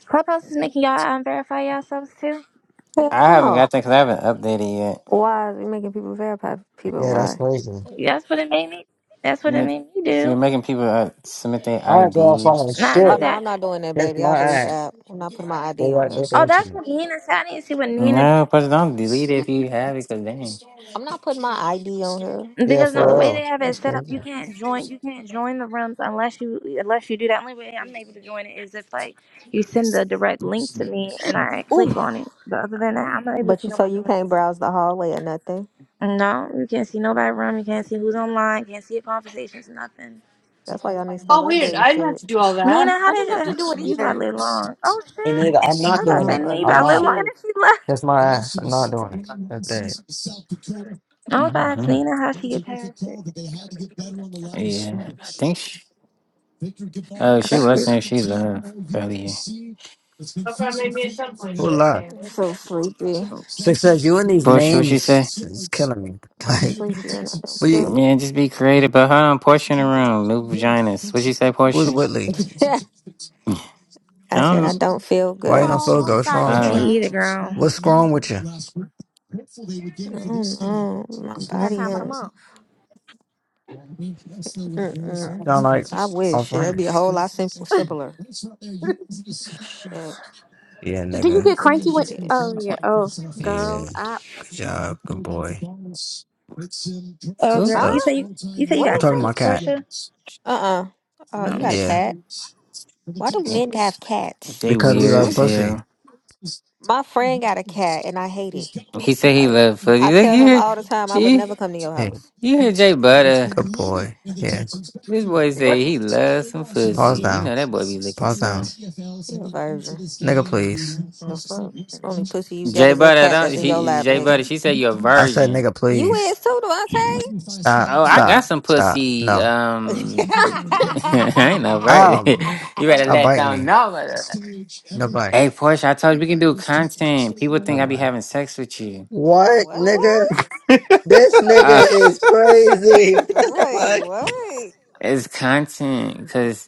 F: clubhouse is making y'all um, verify yourselves too.
E: I
G: Hell
E: haven't
G: no.
E: got that because I haven't updated yet.
G: Why are you making people verify people?
A: Yeah, that's
G: Why?
A: crazy.
F: That's what it made me. That's what
E: You
F: it
E: make-
F: made me
E: You're
F: do.
E: making people uh, submit their
A: I ain't going
E: ID.
A: fucking
F: Nah,
G: Oh
A: shit.
F: not
G: no,
F: that.
G: I'm not doing that,
A: Kick
G: baby. I'll
A: my
G: delete the
A: ass.
G: app. I'm not putting my
A: They
G: ID on
A: like
G: here.
A: they
F: Oh,
A: doing to
F: that's
A: me.
F: what Nina said. I need to see what Nina
E: No,
F: did
E: Portia, don't delete it if you have it, because damn.
G: I'm not putting my ID on here.
A: Yeah,
F: because no, the
A: for
G: Fuck.
F: way they
A: real.
F: have
A: That's
F: it set up,
A: crazy.
F: you can't join. You can't join the rooms unless you unless you do that. Only way I'm able to join it is if like you send the direct link to me and I click
B: Ooh,
F: on it. But other than that, I'm not able to
G: But
F: see
G: you so
F: nobody
G: you can't
F: else.
G: browse the hallway or nothing.
F: No, you can't see nobody room. You can't see who's online. Can't see your conversations. Nothing.
G: That's why y'all need to stop
D: Oh, weird.
G: updating
D: I didn't have
G: shit.
D: to do all
F: Nina,
D: that.
F: how
B: I
F: did
B: didn't have to do it
F: you? You about to
B: either.
F: live long? Oh
A: And
F: shit!
A: nigga, I'm
F: I
A: not
F: was about
G: I
F: to
A: doing
F: say
G: don't
A: it.
F: Nina, you
A: I'm
F: about to
G: update
F: live
A: not.
F: long, and
G: shit.
F: she left.
A: That's my ass. I'm not doing it. That day.
F: I was about to ask
E: hmm
F: Nina how she get past it.
E: Yeah, I think she... Oh,
F: I
E: she
F: think
E: was
F: we
E: saying she love earlier.
D: Okay, maybe at some point,
A: Who love?
D: okay.
G: I'm so sleepy.
A: Success. You and these
E: Portia, what she say?
A: names is killing me.
G: I'm
A: Like,
G: sleepy and I don't
A: what
G: feel
A: you,
E: Yeah, just
G: good.
E: be creative. But hold on, Portia in the room. New vaginas. What she say,
A: who's
E: Portia?
A: Whitley?
E: I
G: I said I
E: don't...
G: don't feel
A: Why you
G: good.
A: not
B: Oh,
A: feel good?
B: I'm
A: What's
B: sorry to
A: wrong
B: hear
A: with you?
E: Uh,
F: me
B: that.
F: either, girl.
A: What's wrong with you?
G: I don't know. My
B: At that
G: body
B: time of the
G: hurt.
B: month.
G: Mm-mm.
A: Sound like
G: I wish shit. That'd be a
A: arthritis.
G: whole lot sim- simpler. Shit.
A: Yeah,
B: do
G: I
B: you
G: don't
A: nigga.
G: know
B: get
G: what
B: cranky
G: this
B: when
G: shit Yeah.
B: Oh
G: is.
B: yeah, oh
A: Yeah.
B: girl, I
A: Good job. Good boy.
F: Oh,
E: who?
F: girl,
G: Huh?
F: you
A: Look,
F: say you, you say you
G: What
A: I'm
F: got
G: is
A: talking to my
G: that?
F: cramps,
A: cat.
F: Portia?
G: Uh-uh. Oh, you got
F: Um,
G: a
A: Yeah.
E: Thanks.
G: cat? Why do men have cats?
E: They
A: Because we
E: weird
A: love
E: as
A: pussy.
E: hell.
G: My friend got a cat and I hate it.
E: He said he
G: Like
E: loved pussy.
G: I
E: Look,
G: tell
E: you
G: him
E: hear,
G: all the time I would
E: you,
G: never come to your
A: Hey,
G: house.
E: you hear Jay Butter.
A: good boy. Yeah.
E: This boy say he loves some pussy.
A: Pause
E: You
A: down.
E: know that boy be licking
A: Pause down.
E: some.
G: You a virgin.
A: Nigga, please.
G: No fuck. Only pussy you got
E: Jay
G: is that
E: Butter,
G: cat that's
E: don't
G: in your
E: she?
G: lap,
E: Jay Butter,
G: nigga.
E: she said you're a
A: I said,
E: virgin.
A: nigga,
G: You
A: please.
G: is too, Devontae?
A: Stop.
E: Oh, I got
A: Stop.
E: some
A: Stop.
E: pussy.
A: No.
E: Um, I ain't no virgin.
A: Ow.
E: you better
A: Stop
E: let
A: biting
E: them
A: me.
E: know. brother.
A: No bite.
E: Hey, Portia, I told you we can do content. People
A: No
E: think I be
A: bite.
E: having sex with you.
A: What,
G: what?
A: nigga?
B: what?
A: This
E: Uh,
A: nigga is crazy. What the
G: Wait,
A: fuck?
G: what?
E: it's content, cause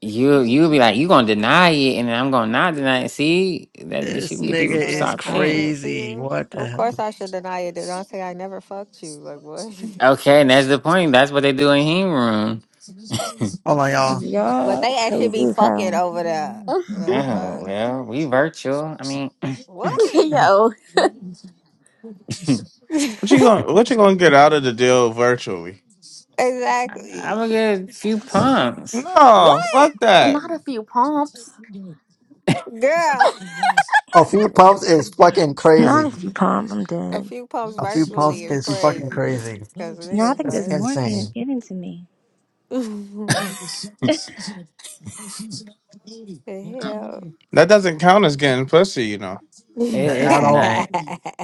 E: You you be like, you gonna deny it, and then I'm gonna not deny it. See, that she
A: This
E: can get
A: nigga
E: people
G: So
E: to
A: is
G: that's
E: stop paying.
G: content for
A: crazy.
G: you?
A: What the
G: Of course
A: hell?
G: I should deny it. Devontae, I never fucked you. Like what?
E: Okay, and that's the point. That's what they do in heme room.
A: Hold on, y'all.
G: But
F: y'all
G: they actually
F: crazy
G: be
F: as
G: fucking
F: hell.
G: over there. The
E: Oh
G: fuck?
E: well, we virtual. I mean,
G: What?
E: I'm
B: Yo,
C: What you gonna What you gonna get out of the deal virtually?
G: exactly.
E: gonna get a few pumps.
C: No,
G: What?
C: fuck that.
B: not a few pumps.
G: Girl.
A: A few pumps is
E: It,
A: fucking
F: Not
A: crazy.
F: if you pump, I'm
G: A
F: dead.
G: few pumps
A: A few
G: virtually
A: pumps
G: is
A: is fucking
G: crazy.
A: crazy.
G: Cause
F: No, I
G: nigga
F: think
A: That's
F: this
G: what?
F: morphine is
A: insane.
F: given to me.
G: the
F: Uh,
G: hell?
C: That doesn't count as getting pussy, you know.
G: you
E: it's
A: At all.
E: not.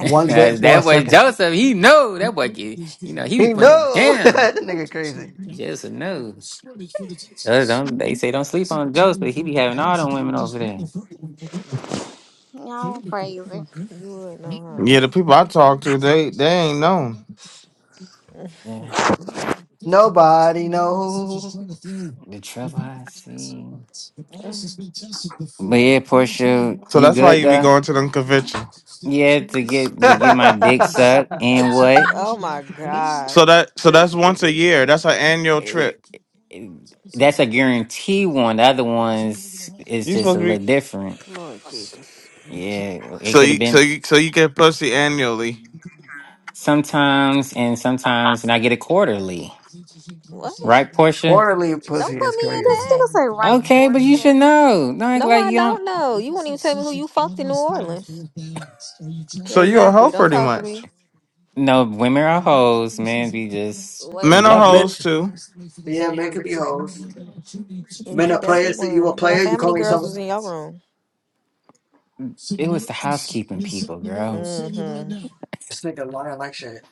A: bit for
E: that
A: a
E: boy
A: second.
E: Joseph, he know that boy get. You know, he be
A: He
E: putting it
A: know
E: down.
A: that nigga crazy.
E: Joseph know. Uh, Don't they say don't sleep on Joseph? He be having all them women over there.
B: Y'all crazy.
G: would know,
C: Yeah, the people I talk to, they they ain't known.
G: huh?
E: Yeah,
A: Nobody know.
E: the trouble I see. But yeah, Portia,
C: So
E: you
C: that's why
E: good
C: you be
E: though?
C: going to them conventions.
E: Yeah, to get to
A: this
E: get my dick sucked and what?
G: oh my god.
C: So that so that's once a
A: nigga
C: year. That's an annual trip.
E: That's a
G: Oh,
E: guarantee one. The other ones is
C: You
E: just a
C: supposed to be
E: little different.
G: Lord Jesus.
E: Yeah, it
C: so
E: could have
C: you so
E: been
C: you so you get pussy annually.
E: sometimes and sometimes, and I get it quarterly,
G: What?
E: right, Portia?
A: quarterly
G: Don't
A: pussy is
G: put me in
A: crazy.
B: This
G: that.
B: nigga say right,
E: Okay, but you should
B: Portia.
E: know. Not
G: No,
E: like
G: I
E: you don't
G: don't know. You won't even tell me who you fucked in New Orleans.
C: So you're a hoe
G: Exactly. Don't
C: pretty
G: talk to me.
C: much.
E: know. Women are hoes, man. We just
G: Wait,
C: Men are
G: what?
E: love it.
A: Men,
C: hoes too.
A: yeah, men could be hoes.
G: And
A: Men
G: you
A: are
G: definitely
A: players that you a
G: weren't. If I
A: player.
G: say
A: You
G: how many
A: call
G: girls
A: yourself
G: was in your room?
E: It was the housekeeping people, girl.
G: Mm-hmm.
A: this nigga lying like shit.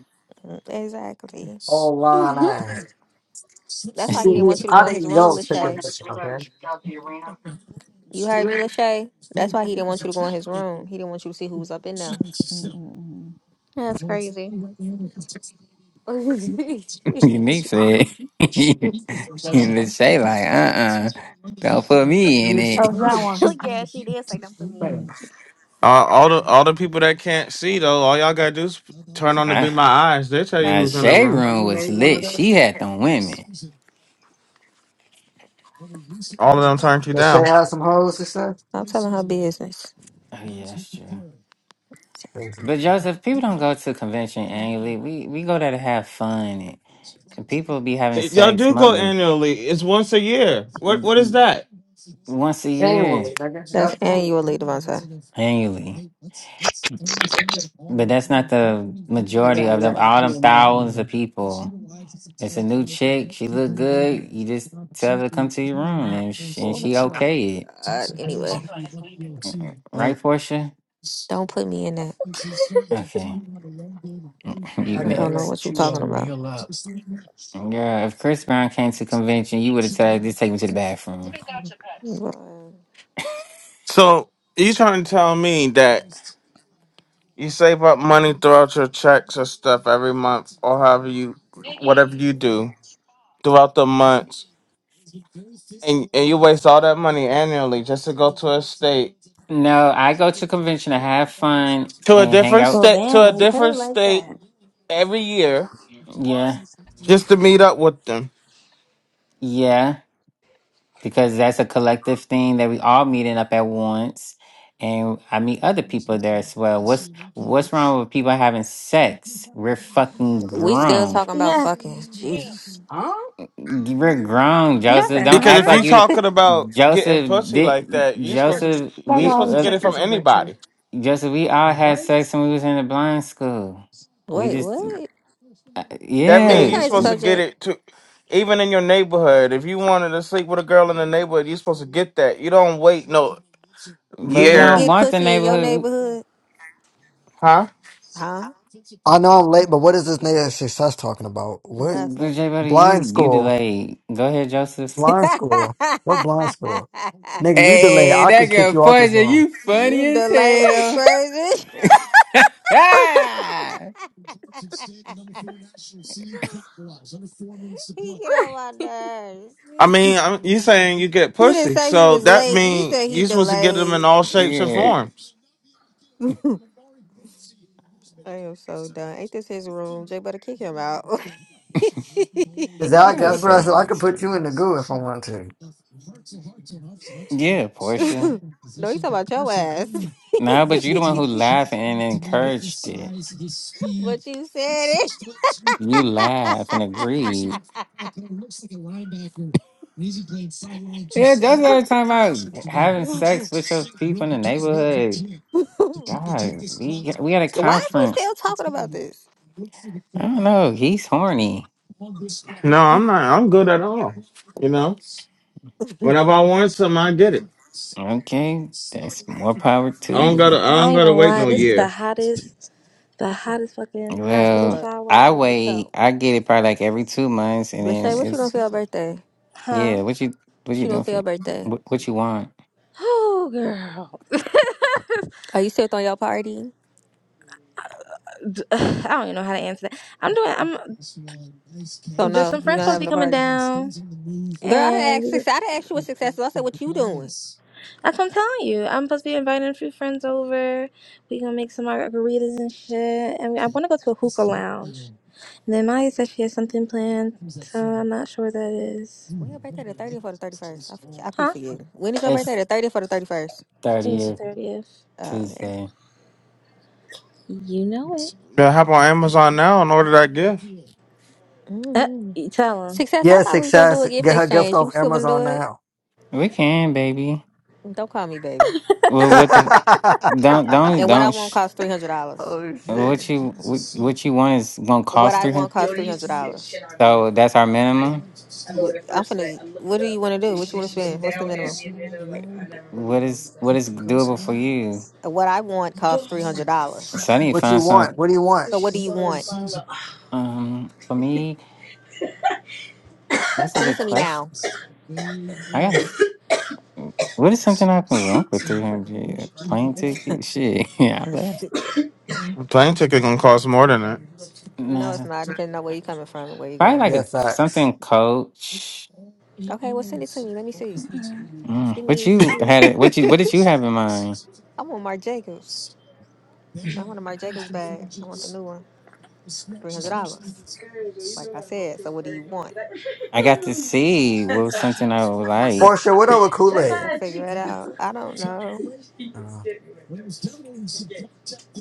G: mm, Exactly.
A: All
B: hmm
A: lying
G: That's why
A: See,
G: he didn't
A: me?
G: want you to
A: I
G: go in his
A: didn't
G: room,
A: go
G: Lachey.
A: cooking this, okay?
G: You heard me, Lachey. That's why he didn't want you to go in his room. He didn't want you to see who was up in there.
F: mm, mm, mm.
B: That's crazy.
G: what?
E: Unique said, and the Shay like, uh-uh, don't put me in it.
D: Oh, that one.
B: yeah, she did say don't put me in it.
C: Uh, all the all the people that can't see though, all y'all gotta do is turn on to be
E: Right?
C: my eyes. They tell you
E: Now,
C: who's in the
E: Shay
C: room.
E: room was lit. She had them women.
C: All of them turned you
A: Does Shay
C: down.
A: have some hoes to say?
G: I'm telling her business.
E: Oh, yeah, that's true. But
G: Exactly.
E: Joseph, people don't go to convention annually. We we go there to have fun. And people be having
C: Y'all
E: sex
C: do go
E: monthly,
C: annually. It's once a year. What
E: mm,
C: what is
E: mm,
C: that?
E: once a year,
G: That's annually, Devontae. Or-
E: annually. But that's not the majority of them. All them thousands of people. It's a new chick. She look good. You just tell her to come to your room, and she, and
G: Oh my
E: she okay it,
G: god. God, anyway,
E: right, Portia?
G: don't put me in that.
E: Okay, you
G: I don't know
E: next.
G: what you're talking about.
E: Yeah, if Chris Brown came to convention, you would have said, "Just take me to the bathroom."
G: Boy.
C: So you trying to tell me that you save up money throughout your checks or stuff every month or however you whatever you do throughout the months and, and you waste all that money annually just to go to a state
E: No, I go to convention to have fun
C: to a
E: and hang
C: different
E: out.
F: Well,
C: state to
F: damn,
C: a
F: when you put it
C: different
F: like
C: state
F: that.
C: every year
E: Yeah,
C: just to meet up with them.
E: yeah, because that's a collective thing that we all meeting up at once, and I meet other people there as well. What's what's wrong with people having sex? We're fucking
G: We still
E: grown.
G: talking about
B: Yeah.
G: fucking. Jesus.
E: You We're grown,
F: Y'all
E: Joseph.
F: said,
E: Don't
C: Because
E: act
C: if
E: like
C: you're
E: you
F: huh?
E: didn't.
C: talking about getting
E: Joseph
C: pussy
E: did.
C: like that, you supposed to be
E: Joseph,
C: you
E: we
C: supposed to
E: uh,
C: get it from anybody.
E: Joseph, we all had sex when we was in the blind school. We
G: Wait,
E: just,
G: what?
E: uh,
C: That
G: Can we
C: means
E: yeah,
C: you're
G: change the
C: supposed to get
G: subject?
C: it to even in your neighborhood. If you wanted to sleep with a girl in the neighborhood, you're supposed to get that. You don't wait no
G: Do
E: but we
G: you
E: don't
C: year,
G: get
E: want the
G: pussy in your
E: neighborhood.
G: neighborhood?
C: huh?
G: Huh?
A: I know I'm late, but what is this nigga success talking about? What
E: But
G: Nothing.
E: Jay, buddy,
A: blind
E: you you
A: school?
E: delayed. Go ahead, Joseph.
A: Blind school? What blind school? Nigga, you delayed.
E: Hey,
A: I
E: that
A: could kick
E: girl
A: you out this
E: poison.
A: room.
E: You funny
G: you
E: as
G: delayed is
E: hell.
G: crazy.
B: oh,
G: he get on my nerves.
C: I mean,
G: he
C: I'm, you saying you get
G: didn't
C: pussy,
G: say he
C: so
G: was
C: that
G: late. He
C: means
G: said he
C: you're supposed to get them in
G: delayed.
C: all shapes and
E: yeah,
C: forms.
G: I am so done. Ain't this his room? Jay better kick him out.
E: that
A: Exactly.
E: was
A: That's what
E: so
A: I said. I could
E: nice.
A: put you
E: Shirley.
A: in the goo if I want to.
E: Yeah, Portia.
G: no, he talking about your ass.
E: No, but you the one who laughed and encouraged it.
G: but you said it.
E: You laugh and agree. Yeah, just every time about having sex with your people in the neighborhood. God, we we had a
G: Why is we
E: conference.
G: still talking about this?
E: I don't know. He's horny.
C: No, I'm not. I'm good at all. You know, whenever I want something, I get it.
E: Okay, that's more power to
C: I don't gotta.
E: you.
C: I
F: I
C: don't
F: ain't
C: gotta
F: gonna
C: wait
F: lie,
C: no
F: this is the
C: year.
F: hottest, the hottest fucking
G: How this
F: hospital
E: Well,
G: work?
F: shower
E: I
F: I ever
E: wait.
F: felt.
E: I get it probably like every two months, and
G: Lachey,
E: then
G: what you gonna
E: it's
G: feel birthday? What
F: Huh?
E: yeah. What you what you
G: you gonna
E: doing for?
G: feel
E: you-
G: birthday?
E: What, what you want?
F: Oh, girl.
G: Are you still throwing your party?
F: D- I don't even know how to answer that. I'm doing,
G: So
F: I'm, there's
G: no,
F: some
G: you
F: friends
G: not
F: supposed to be
G: having a
F: coming
G: party.
F: down,
G: Girl, I done
F: and
G: asked success. I done asked you what success is. I said, what you doing?
F: that's what I'm telling you. I'm supposed to be inviting a few friends over. we gonna make some margaritas and shit, and I wanna go to a hookah lounge. And then Maya said she has something planned, so I'm not sure what that is.
G: When your birthday the thirtieth or the thirty first? I forget- I be
F: Huh?
G: forgetting. When is your birthday?
E: It's
G: The thirtieth or the thirty first?
F: Maybe the
E: thirtieth
F: 30th.
G: Oh, okay.
E: Tuesday.
F: You know it.
C: Yeah, hop on Amazon now and order that gift.
F: Uh,
G: mm
F: you tell him.
G: Success. I
A: Yeah,
G: thought we was gonna do a
A: success.
G: gift
A: Get her gift
G: exchange. You
A: off
G: still wanna do
A: Amazon
G: it?
A: now.
E: We can, baby.
G: Don't call me baby.
E: Well, what the don't don't
G: And what I
E: don't.
G: want
E: sh-
G: costs three hundred dollars.
A: oh shit.
E: What you what, what you want is gonna
G: What
E: cost
G: I
E: three
G: want
E: hundred.
G: costs three hundred dollars.
E: So that's our minimum.
G: I'm finna. What do you want to do? What you want to spend? What's the minimum?
E: What is what is doable for you?
G: What I want costs three hundred dollars.
E: So I need to
A: What you
E: find some.
A: want? What do you want?
G: So what do you want?
E: Um, for me, that's a
G: Send it
E: good
G: to me
E: question.
G: now.
E: I got. to What is something I can want for three hundred? Plane
G: no,
E: ticket? Shit. Yeah. I bet.
C: A plane ticket gonna cost more than that.
G: it's
E: Nah.
G: not. Depending on where you're coming from and where you're
E: Probably
G: going.
E: like a
A: Yeah,
E: c-
A: facts.
E: something coach.
G: Okay, well send it to me. Let me see.
E: Mm,
G: Send
E: what
G: me. Send
E: you
G: me.
E: had it? What you? What did you have in mind?
G: I want Marc Jacobs. I want a Marc Jacobs bag. I want the new one. Three hundred dollars. Like I said. So what do you want?
E: I got to see what was something I would like.
A: Portia, what up with Kool
G: Okay, so
A: Aid?
G: figure it out. I don't know.
A: Uh,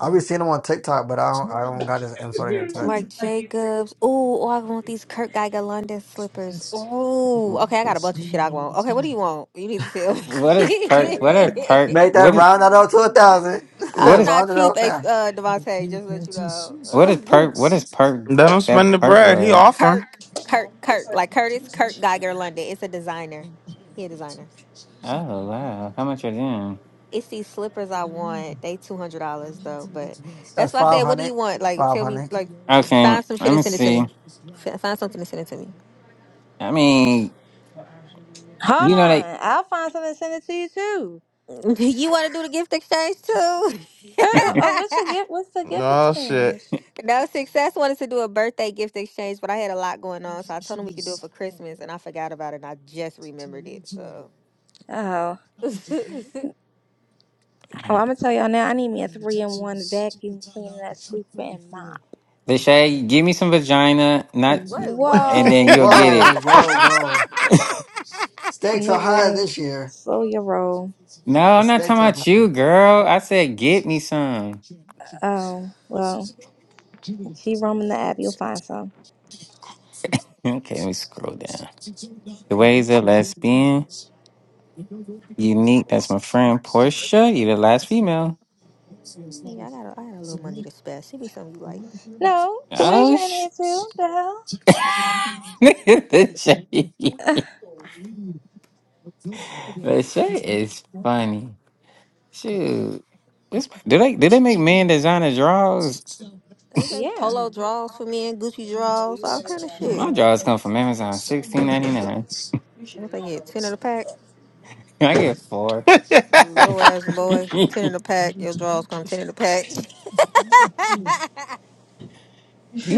A: I be seeing him on TikTok, but I don't. I don't got his info to get in touch.
G: Marc Jacobs. Ooh, oh, I want these Kurt Geiger London slippers. Ooh,
E: Wh-
G: okay, I got a bunch of shit I want. Okay, what do you want? You need to tell
E: What is perk? What are perk?
G: me.
A: Make that
E: What is
A: round that up to a thousand.
E: what
G: I'm
E: is
G: not
A: round it
G: cheap,
A: out
G: ex-
A: now.
G: uh, Devontae. Just to let you
E: What is
G: know.
E: perp? What is perp?
C: Let him
E: That
C: spend the
E: perp
C: bread. He
E: word.
C: offering.
G: Kirk, Kirk, Kirk, like Curtis Kirk Geiger London. It's a designer. He a designer.
E: Oh wow! How much are them?
G: It's these slippers I want. They two hundred dollars though, but that's
A: That's
G: why I said, what do
A: 500.
G: you want? Like, tell me,
A: 500.
G: like,
E: Okay,
G: find some shit
E: let
G: and
E: me
G: send it to
E: see.
G: me. F- Find something and send it to me.
E: I mean,
F: Hold
E: you know they
F: on. I'll find something and send it to you too.
G: You want to do the gift exchange too?
F: Uh, uh, oh, what's the gift? What's the gift
C: Oh shit.
F: exchange?
G: no, success wanted to do a birthday gift exchange, but I had a lot going on, so I told him we could do it for Christmas, and I forgot about it. and I just remembered it. So,
F: Oh,
G: wait,
F: oh, I'm gonna tell y'all now. I need me a three in one vacuum cleaner, sweeper, and mop.
E: they say give me some vagina, not, and
G: what?
E: then
F: Whoa,
E: you'll get
A: Whoa,
E: it.
A: whoa, whoa. Stakes are higher
F: nigga,
A: this year.
F: slow your roll.
E: No,
A: The
E: I'm not talking
A: stakes are high.
E: about you, girl. I said get me some.
F: Oh, well, keep roaming the app. You'll find some.
E: Okay, let me scroll down. The ways of lesbian, unique. That's my friend Portia. You the last female.
G: Yeah, I got a, I got a little money to spare. Send me something you like.
F: No, the wage
E: Oh,
F: ain't
E: sh-
F: here too. The
E: the shade.
F: hell?
E: The shade is funny. Shoot, this do they do they make men designer drawers?
G: They make
F: yeah.
G: polo draws for men, Gucci draws, all kind of shit.
E: My drawers come from Amazon, sixteen ninety nine.
G: What they get? Ten in a pack.
E: I get four.
G: Little ass boy,
E: you
G: ten in a pack. Your draws come ten in a pack.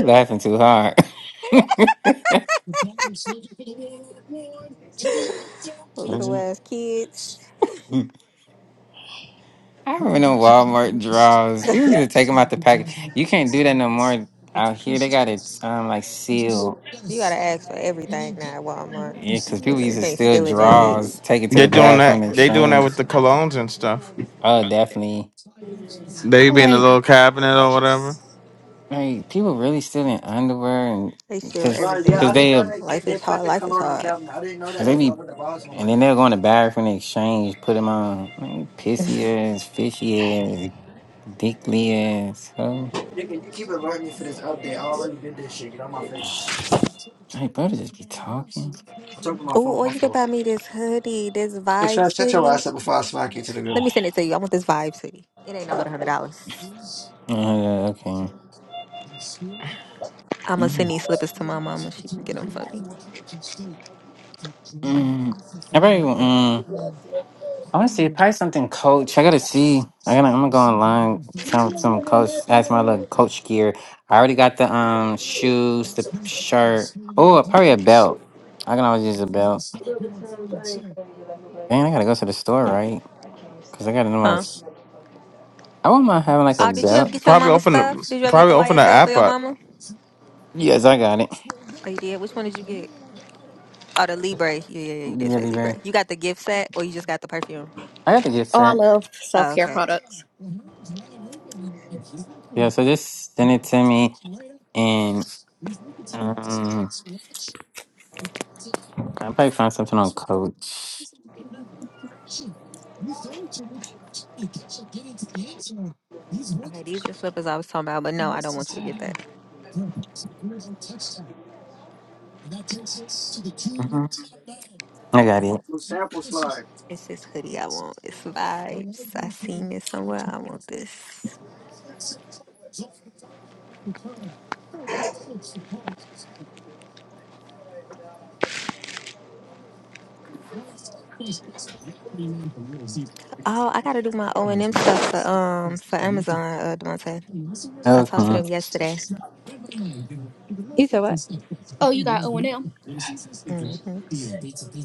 E: laughing too hard. I
G: Little ass kids.
E: remember no Walmart drawers. People need to take them out the package. You can't do that no more out here. They got it um like sealed.
G: You gotta ask for everything now at Walmart.
E: Yeah, because people
G: And
E: used
G: you
E: to
G: can't
E: steal
G: steal in that bitch.
E: drawers, take it to
C: They
E: the
C: doing
E: bathroom
C: that.
E: and
C: They doing that with
E: change.
C: the colognes and stuff.
E: Oh, definitely.
C: They be in
G: Mhm.
C: the
E: Like,
C: little cabinet or whatever.
E: like people really stealing underwear and
G: They steal
E: because
A: Right, yeah,
E: because
A: I
G: everything.
A: didn't know
E: they
A: they ca-
G: Life
A: they
G: is
A: put
G: hard.
A: the
G: Life is
A: colonial
G: hard.
A: cabinet. I didn't know
E: Cause
A: that
E: they
G: Shit.
A: until I
E: be,
A: put the box on
E: and
A: one day.
E: then they're going to Barrack and exchange, put them on man, pissy ass, fishy ass, dickly ass. So,
A: Nigga, you keep alerting me for this update. I already did this shit. Get on my face.
E: Jay Brother just be talking.
A: I'm talking to my
G: Oh,
A: phone.
G: or
A: My
G: you can
A: phone.
G: buy me this hoodie, this
A: Hey,
G: Vibe
A: Trav, shut your
G: City.
A: ass up before I smack you to the
G: Let
A: ground.
G: me send it to you. I want this Vibe City. It ain't nothing but a hundred dollars.
E: Uh, yeah, okay.
G: I'ma send
E: Mm,
G: these slippers to my mama. She can get them for me.
E: mm. I probably, mm, I want to see probably something coach. I gotta see. I gotta. I'm gonna go online. Some some coach. Ask my little coach gear. I already got the um shoes, the shirt. Oh, probably a belt. I can always use a belt. Man, I gotta go to the store, right? Cause I gotta know my.
G: Huh?
E: I wouldn't mind having like a
G: Oh, did you ever
E: belt.
G: get your
C: Probably
G: mama
C: open
G: stuff?
C: the.
G: Did you ever get
C: Probably
G: the
C: open the
G: YSL for
C: app
G: your
C: up.
G: mama?
E: Yes, I got it.
G: Oh, you did. Which one did you get? Oh, the Libre. Yeah, yeah, yeah. You did say
E: Yes, Barry.
G: Libre. You got the gift set, or you just got the perfume?
E: I got the gift
B: I
E: set.
B: love self
G: Oh,
B: care
G: okay.
B: products.
E: Yeah, so just send it to me, and um, I'll probably find something on Coach.
G: Okay, these are slippers I was talking about, but no, I don't want you to get that.
E: hmm I got it.
G: It's this hoodie I want. It's vibes. I seen it somewhere. I want this. Oh, I gotta do my O and M stuff for um for Amazon, uh Devontae. I talked to
E: Okay.
G: them yesterday.
F: You said what?
B: Oh, you got O and M.
G: hmm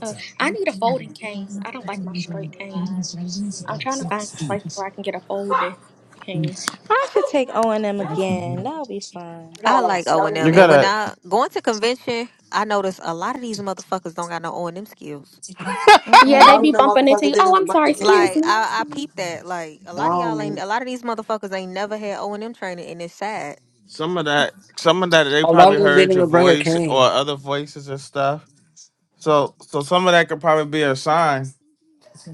B: Uh, I need a folding cane. I don't like my straight cane. I'm trying to find some places where I can get a folded cane.
F: I should take O and M again. That'll be fun.
A: I
G: I
A: got like
G: like O and
A: 17.
C: You
G: M, and when
C: gotta.
G: I going to convention, I notice a lot of these motherfuckers don't got no O and M skills.
A: A
B: Yeah,
F: Mm-mm.
B: they
A: lot of
B: be
A: them
B: bumping into
A: motherfuckers
B: you.
A: didn't
B: Oh,
A: even
B: I'm
A: bring
B: sorry.
A: a
B: Excuse
A: cane.
G: Like
B: me. I'm
G: I, I
B: sorry.
G: peeped that. Like a
A: Come
G: lot of
A: on,
G: y'all ain't.
A: man.
G: A lot of these motherfuckers ain't never had O and M training, and it's sad.
C: some of that some of that they
A: A lot
C: probably
A: of them
C: heard
A: didn't
C: your
A: even bring a
C: voice or
A: cane.
C: other voices and stuff so so some of that could probably be a sign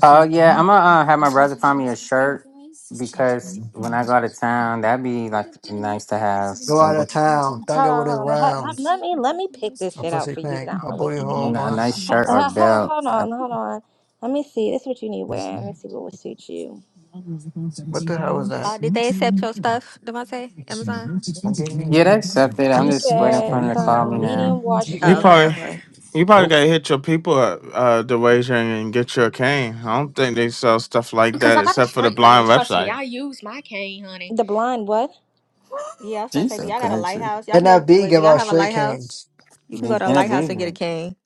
E: Oh yeah, I'm gonna uh, have my brother find me a shirt because when I go out of town, that'd be like nice to have
A: Go out
E: a,
A: of town. Don't
F: Hold
A: go
F: on,
A: with his
F: hold on. Hold, let,
A: rounds.
F: let me let me pick this
A: Her
F: shit out
A: pussy
F: for you. 'cause
A: pink.
F: I don't
A: Her
F: know what
A: booty
F: he be doing.
A: hole
E: a nice
A: brown.
F: Hold,
E: shirt or
F: hold,
E: belt. I,
F: on, hold on. Let me see. This is what you need wearing. Let me see what would suit you.
A: What the hell was
G: Oh,
A: that?
G: did they accept your stuff, Devontae? Amazon?
A: Don't give
E: yeah, they
A: me.
E: accepted. I'm
F: You
E: just waiting for
F: wear
E: them to call me
F: some
E: now.
F: medium wash
C: you
G: Oh, okay,
F: jeans.
C: probably
G: okay.
C: you probably
A: Nope.
C: gotta hit your people at uh Dewasia, and get your cane i don't think they sell stuff like
B: Cause
C: that
B: I got a
C: except for the
B: straight one, and
C: blind
B: trust me,
C: website
B: I use my cane, honey.
F: The blind what?
G: Yeah, I was gonna
E: She's
G: say, do
E: so
G: y'all got a
E: country.
G: lighthouse? Y'all
A: And
G: can go.
A: that B
G: Wait, do
A: give
G: y'all
A: out
G: have a
A: straight
G: lighthouse?
A: canes.
G: You can
E: They
G: go to a lighthouse and get a
E: interviews.
G: cane.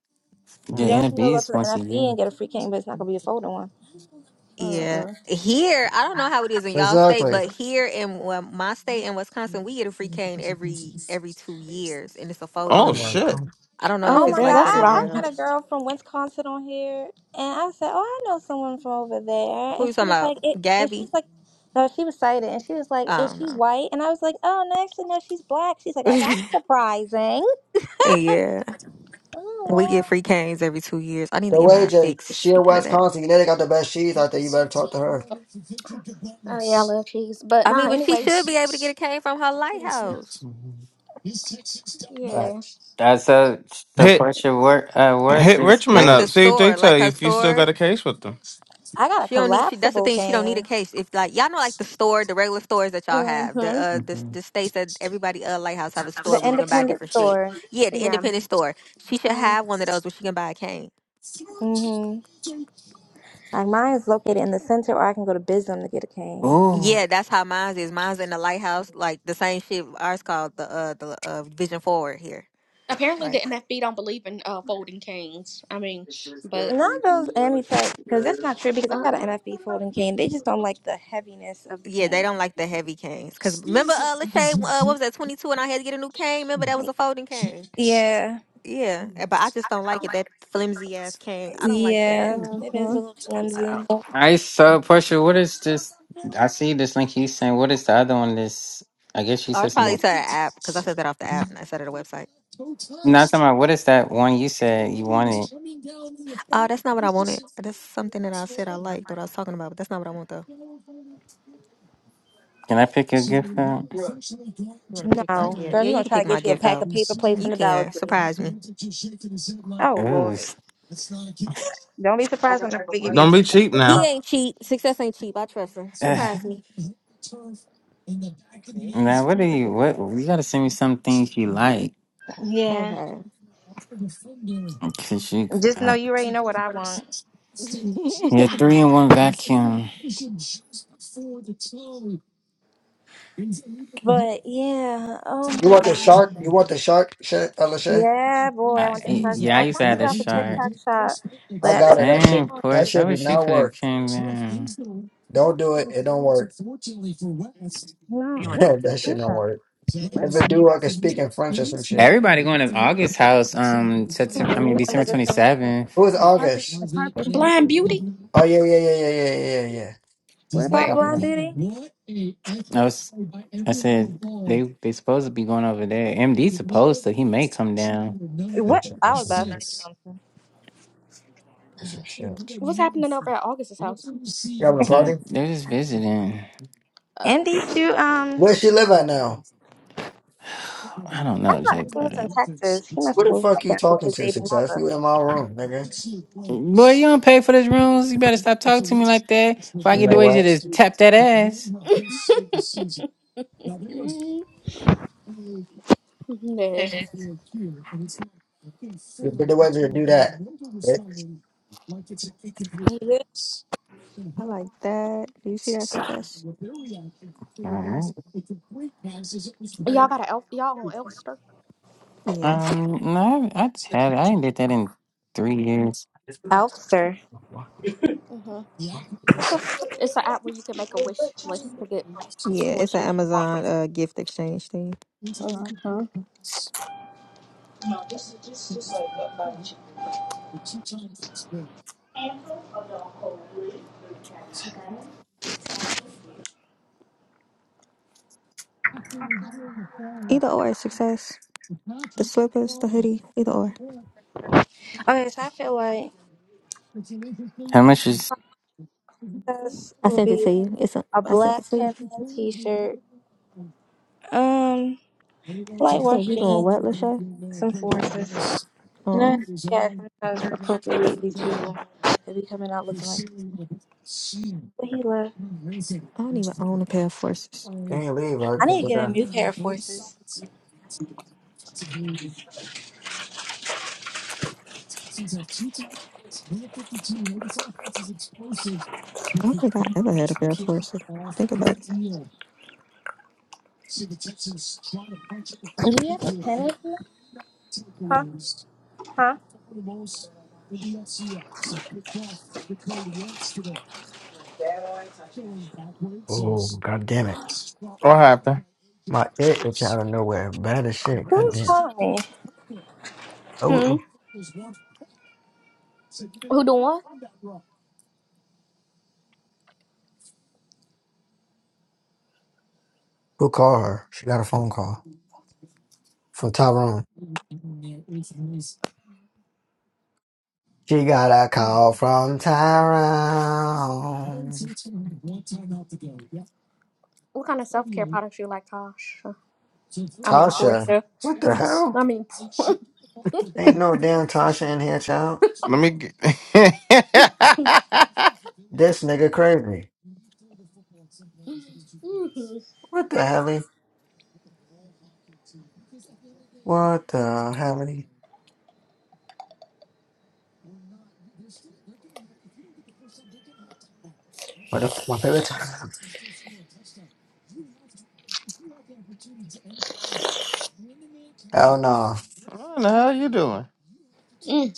E: Yeah,
F: You
A: hmm
F: also know go
E: interviews
F: to the
E: once a
F: NFB
E: year.
F: and get a free cane, but it's not gonna be a folded one.
G: Yeah,
B: Uh-uh.
G: here I don't know how it is in y'all state,
A: Exactly.
G: but here in well, my state in Wisconsin, we get a free cane every every two years, and it's a folding
A: You're
C: oh
A: in
G: cane.
C: shit
A: Wisconsin.
G: I don't know
F: Oh
G: if
B: Oh,
G: it's
F: my God,
B: duh,
G: like that
B: that's what
F: I,
B: I.
F: I
G: everywhere
B: want.
F: met a
G: else.
F: girl from Wisconsin on here, and I said, "Oh, I know someone from over there,"
G: Who
F: and
G: you
F: she
G: talking
F: was like,
G: about,
F: "It," and she was
G: Gabby?
F: like, "No, she was cited," and she was like,
G: I
F: "Is
G: don't
F: she
G: know.
F: white?" And I was like, "Oh, no, actually, no, she's black." She's like, oh, "That's surprising."
G: yeah,
F: Oh
G: we get
F: well,
G: free canes every two years. I need to
A: The
G: get mine
A: wager,
G: fixed.
A: she in
G: Speaking of that,
A: Wisconsin. You know they got the best cheese out there. You better talk to her.
B: Oh yeah, I love cheese. But
G: I mean,
B: nah,
G: but she
B: anyways,
G: should be able to get a cane from her lighthouse,
E: Mhm.
B: Yeah.
A: Facts.
E: That's a the
C: hit
E: pressure. What uh, what's
C: hit
E: this
C: richmond
G: like
E: gift?
C: up
G: the
C: see if they
G: store,
C: tell
G: like
C: you
G: her
C: if you still
G: store.
C: got a case with them
F: I got a
G: She don't need. She that's the
F: collapsible
G: thing. She don't need a
F: cane,
G: case. If like y'all know, like the store, the regular stores that y'all have, the
B: Mm-hmm.
G: uh, the
E: hmm
G: the states that everybody uh lighthouse have a store
F: the
G: where you can buy
F: independent
G: different shit.
F: store.
G: Yeah, the
B: Yeah.
G: independent store. She should
B: Mm.
G: have one of those where she can buy a cane.
F: Mm hmm Like mine is located in the center, or I can go to Bism to get a cane.
E: Ooh,
G: Yeah, that's how mine's is. Mine's in the lighthouse, like the same shit. Ours called the uh the uh Vision Forward here.
B: Apparently, the
G: Like
B: NFB don't believe in uh, folding canes. I mean, but
F: Not those Amitech, because that's not true. Because I
B: uh,
F: got an NFB folding cane. They just don't like the heaviness of the
G: yeah, they
F: cane.
G: don't like the heavy canes. Cause remember uh Lachey, uh what was that twenty two and I had to get a new cane. Remember that was a folding cane.
F: Yeah.
G: Yeah, eh, but I just don't like it. That flimsy ass cane. I don't like that.
F: Yeah, it is a
B: hmm
F: little flimsy.
E: I saw pressure. What is this? I see this link you sent. What is the other one? This I guess you
G: Oh,
E: said
G: it's probably
E: something.
G: to the app because I said that off the app and I said it a website.
E: Not talking about what is that one you said you wanted?
G: Uh, that's not what I wanted. That's something that I said I liked what I was talking about, but that's not what I want though.
E: Can I pick your gift out?
G: You want to pick my
F: No,
G: gift?
F: girl,
G: Yeah,
F: he
G: you
F: gonna
G: can
F: try
G: pick
F: to
G: my
F: get you a
G: gift
F: pack
G: out.
F: of paper plates from
G: You
F: the Dollar
G: can
F: Tree.
G: surprise me.
F: Oh
E: Ooh,
F: Lord,
E: s-
F: don't be surprised when they give you a
C: don't be
F: ten dollar
C: cheap
F: gift
C: now
G: He
F: card.
G: ain't cheap. Success ain't cheap. I trust him.
E: uh,
G: Surprise me. Mm,
E: now what do
G: You can
E: you?
G: pick it
E: What
G: up.
E: you gotta send me some things you like?
F: Yeah.
G: Okay.
E: Cause you,
F: Just know
E: uh,
F: you already know what I want.
E: your three in one vacuum.
F: But yeah, oh
A: You
F: my
A: want the
F: god.
A: shark? You want the shark shit, LSA?
F: Yeah, boy, I want that
E: I
F: shark thing.
E: yeah,
F: I
E: I
F: was
E: used
F: trying
E: to
F: to get
E: have
F: it
E: a
F: off of
E: shark.
F: TikTok shop,
A: I
F: but oh,
A: got
F: it
A: it. That shit,
E: Dang,
A: that
F: just-
E: Porsche. I
A: shit do
E: wish you
A: not
E: could have
A: work.
E: came
G: Mm,
E: down.
A: Don't do it. It don't work.
F: no, what shark
A: that shit
F: you
A: don't
F: got?
A: work.
F: What
A: If it
F: shark you
A: do, I
F: got?
A: can speak in French or some shit.
E: Everybody going to August house. Um, September,
F: Come
E: I
F: on, you
E: mean
F: want
E: December
F: that just
E: twenty
F: came out the
E: seventh.
A: Who is
F: the carpet, the
A: August?
F: carpet
B: blind
F: shampoo.
B: beauty.
A: Oh yeah, yeah, yeah, yeah, yeah, yeah, yeah. yeah.
F: What about
A: Get
B: Wait,
A: off
F: Blonde
A: now,
F: Beauty?
E: I was. I said they they supposed to be going over there. MD supposed to. He may come down.
F: What?
A: bitch.
F: I was
A: That's not
F: about to say something.
A: Piece of shit.
B: what's happening over at August's house?
A: You having a party?
E: No, they're just visiting.
F: Andy,
B: Oh,
F: you um,
A: Where she live at now?
E: I don't
F: I
E: know,
F: thought
E: Jay
F: Andy was
E: Butter.
F: in Texas. He must
A: Who
F: have
A: the
F: moved
A: fuck
F: back
A: you
F: down here with
A: talking
F: his
A: to,
F: baby
A: success?
F: mother.
A: You in my room, nigga.
E: Boy, you don't pay for those rooms. You better stop talking to me like that. If I
A: You
E: get
A: know
E: the way you
A: what?
E: just tap that ass.
B: mm yeah.
A: You did the weather to do that. Bitch.
F: He lives
G: I like that. Do you see that success?
E: Mhm.
B: Y'all got a elf. Y'all on Elfster.
G: Yeah.
E: Um, no, I I had I ain't did that in three years.
F: in Elster.
A: Why?
B: Mm-hmm. It's an app where you can make a wish list to get
G: Yeah,
B: what
G: it's an
B: you want from
G: Amazon uh, gift exchange thing.
B: people. Mm-hmm.
G: Either or, is success. The slippers, the hoodie, either or.
F: Okay, so I feel like
E: How much is?
F: this
G: I
F: would
G: sent it
F: be
G: to you. It's a.
F: a
G: I sent
F: black
G: it to you.
F: champion T-shirt, um,
G: You
F: light
G: said
F: wash
G: you doing
F: jeans,
G: what,
F: and
G: Lachey?
F: some forces. You know,
G: Um,
F: yeah, sometimes appropriate these people that be coming out looking like what he left.
G: I don't even own a pair of forces.
A: Can't leave. I
F: I
A: could
F: need to get a
A: have.
F: new pair of forces.
G: I don't think I ever had a pair of forces. Think about it.
F: Do you have a pen? in here? Huh? Huh?
A: Oh god damn it!
C: What happened?
A: My ear itching out of nowhere. Bad as shit. God
F: Who's
A: damn.
F: calling me?
B: hmm
A: Oh,
B: Who doing what?
A: who called her? She got a phone call from Tyrone. She got a call from Tyrone.
B: What kind of self care products you like, Tosh? I mean,
A: Tasha.
B: Portia.
A: What the
B: I
A: hell?
B: mean,
A: Ain't no damn Tasha in here, child.
C: Let me get.
A: This nigga crazy.
B: mm-hmm.
A: What the helly? What the helly? What the f- my favorite time? Hell no.
C: What the hell you doing?
B: Mm,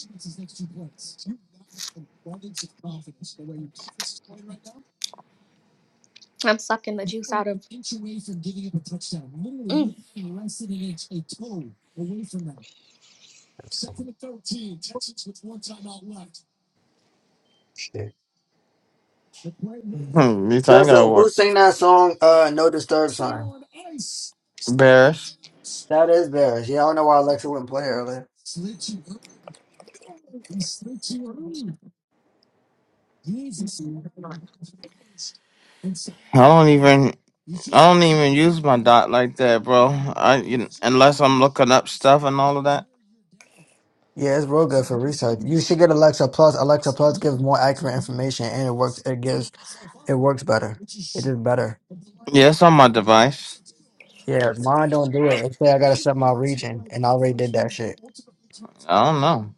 B: I'm sucking the juice out of Mm.
A: Shit.
C: Hmm, this ain't gonna
A: Joseph, who
C: work.
A: sang that song, uh, No Disturb Sign?
C: Embarrassed.
A: That is theirs. Yeah, I don't know why Alexa wouldn't play it earlier.
C: I don't even. I don't even use my dot like that, bro. I you, kn- unless I'm looking up stuff and all of that.
A: Yeah, it's real good for research. You should get Alexa Plus. Alexa Plus gives more accurate information and it works, it gives, it works better. It is better.
C: Yes, on my device.
A: Yeah, mine don't do it. It say I gotta set my region, and I already did that shit.
C: I don't know.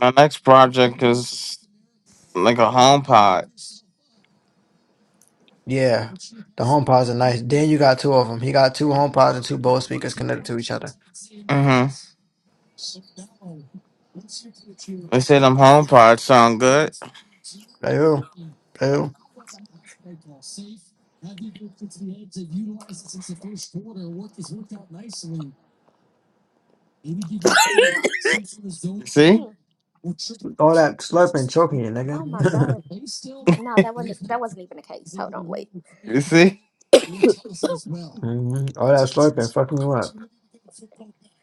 C: My next project is like a home pod.
A: Yeah, the home pods are nice. Then you got two of them. He got two home pods and two Bose speakers connected to each other.
C: Mm-hmm. They say them home pods sound good.
A: Ew, ew.
C: See?
B: Mm.
A: All that slurping, choking you,
B: Oh
A: nigga.
B: my god. No, that wasn't that wasn't even the case. Hold on, wait.
C: You see?
A: hmm All that slurping, fucking you up.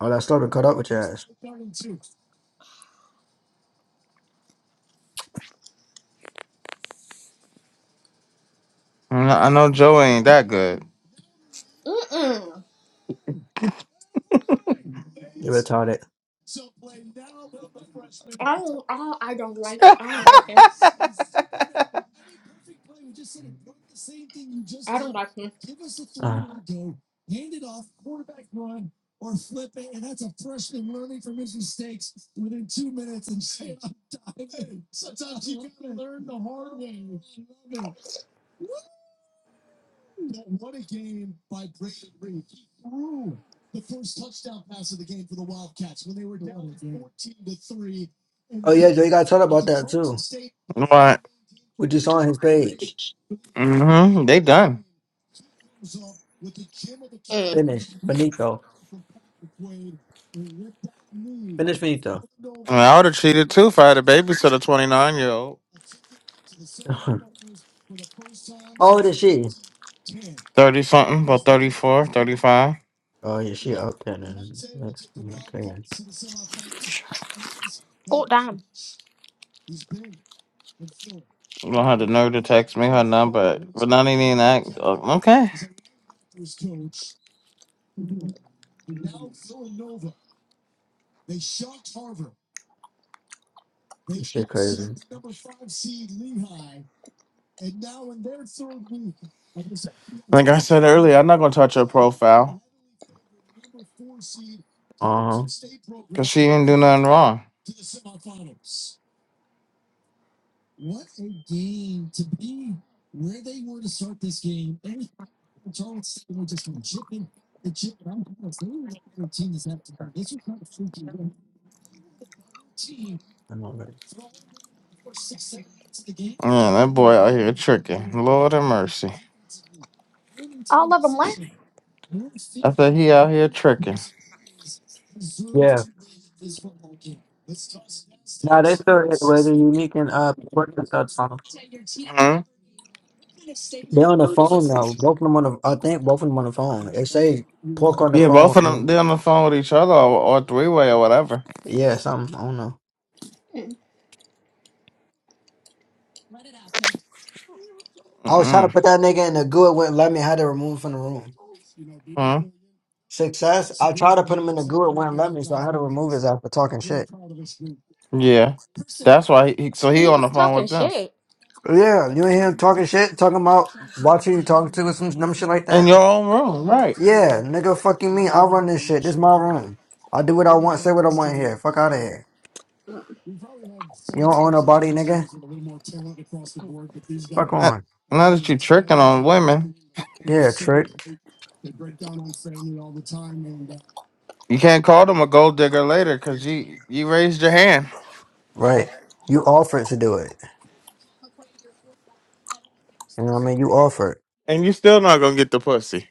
A: All that slurping, caught up with your ass.
C: I know I know Joe ain't that good.
B: Mm-mm.
A: You retarded.
B: I don't I don't I don't like I don't like him. I don't like him.
A: Uh. Oh yeah, Joe, you got taught about that too.
C: What?
A: We just saw on his page.
C: hmm They done.
B: Mm.
A: Finish, Benito. Finish, Benito.
C: I, mean, I would have cheated too if I had a babysitter, a 29 year old.
A: How old is she?
C: 30 something, about thirty
A: Oh yeah, she up there. Then. Okay,
B: Go down.
C: You don't have the nerve to text me her number, but not even that. Oh, Okay.
A: shit crazy.
C: Like I said earlier, I'm not going to touch her profile
A: Uh-huh.
C: because she didn't do nothing wrong.
A: I know that.
C: Yeah, that boy out here tricking. Lord have mercy.
B: All of them left.
C: I said he out here tricking.
A: Yeah. Nah, they still yeah, well, they're unique and uh pork and stuff song.
C: Huh?
A: They're on the phone now. Both of them on the I think both of them on the phone. They say pork on the
C: Yeah, both
A: phone
C: of them
A: and
C: they on the phone with each other or, or three way or whatever.
A: yeah, something. I don't know.
B: Mm.
A: I was trying to
C: Mm-mm.
A: put that nigga in the goo, it wouldn't let me, I had to remove him from the room.
C: Huh?
A: Success. I tried to put him in the goo, it wouldn't let me, so I had to remove his ass for talking shit.
C: Yeah, that's why. He, he- so he
B: He
C: on
B: was
C: the phone
B: talking
C: with them,
B: shit.
A: Yeah, you ain't hear him talking shit, talking about watching you talking to or some dumb shit like
C: in
A: that.
C: your own room, right?
A: Yeah, nigga fucking me. I run this shit. This my room. I do what I want, say what I want here. Fuck out of here. You don't own a body, nigga. Fuck
C: Not,
A: on.
C: not that you tricking on women.
A: Yeah, trick.
C: You can't call them a gold digger later because you you raised your hand
A: Right. You offered to do it. You know what I mean? You offered.
C: and you still not gonna get the pussy.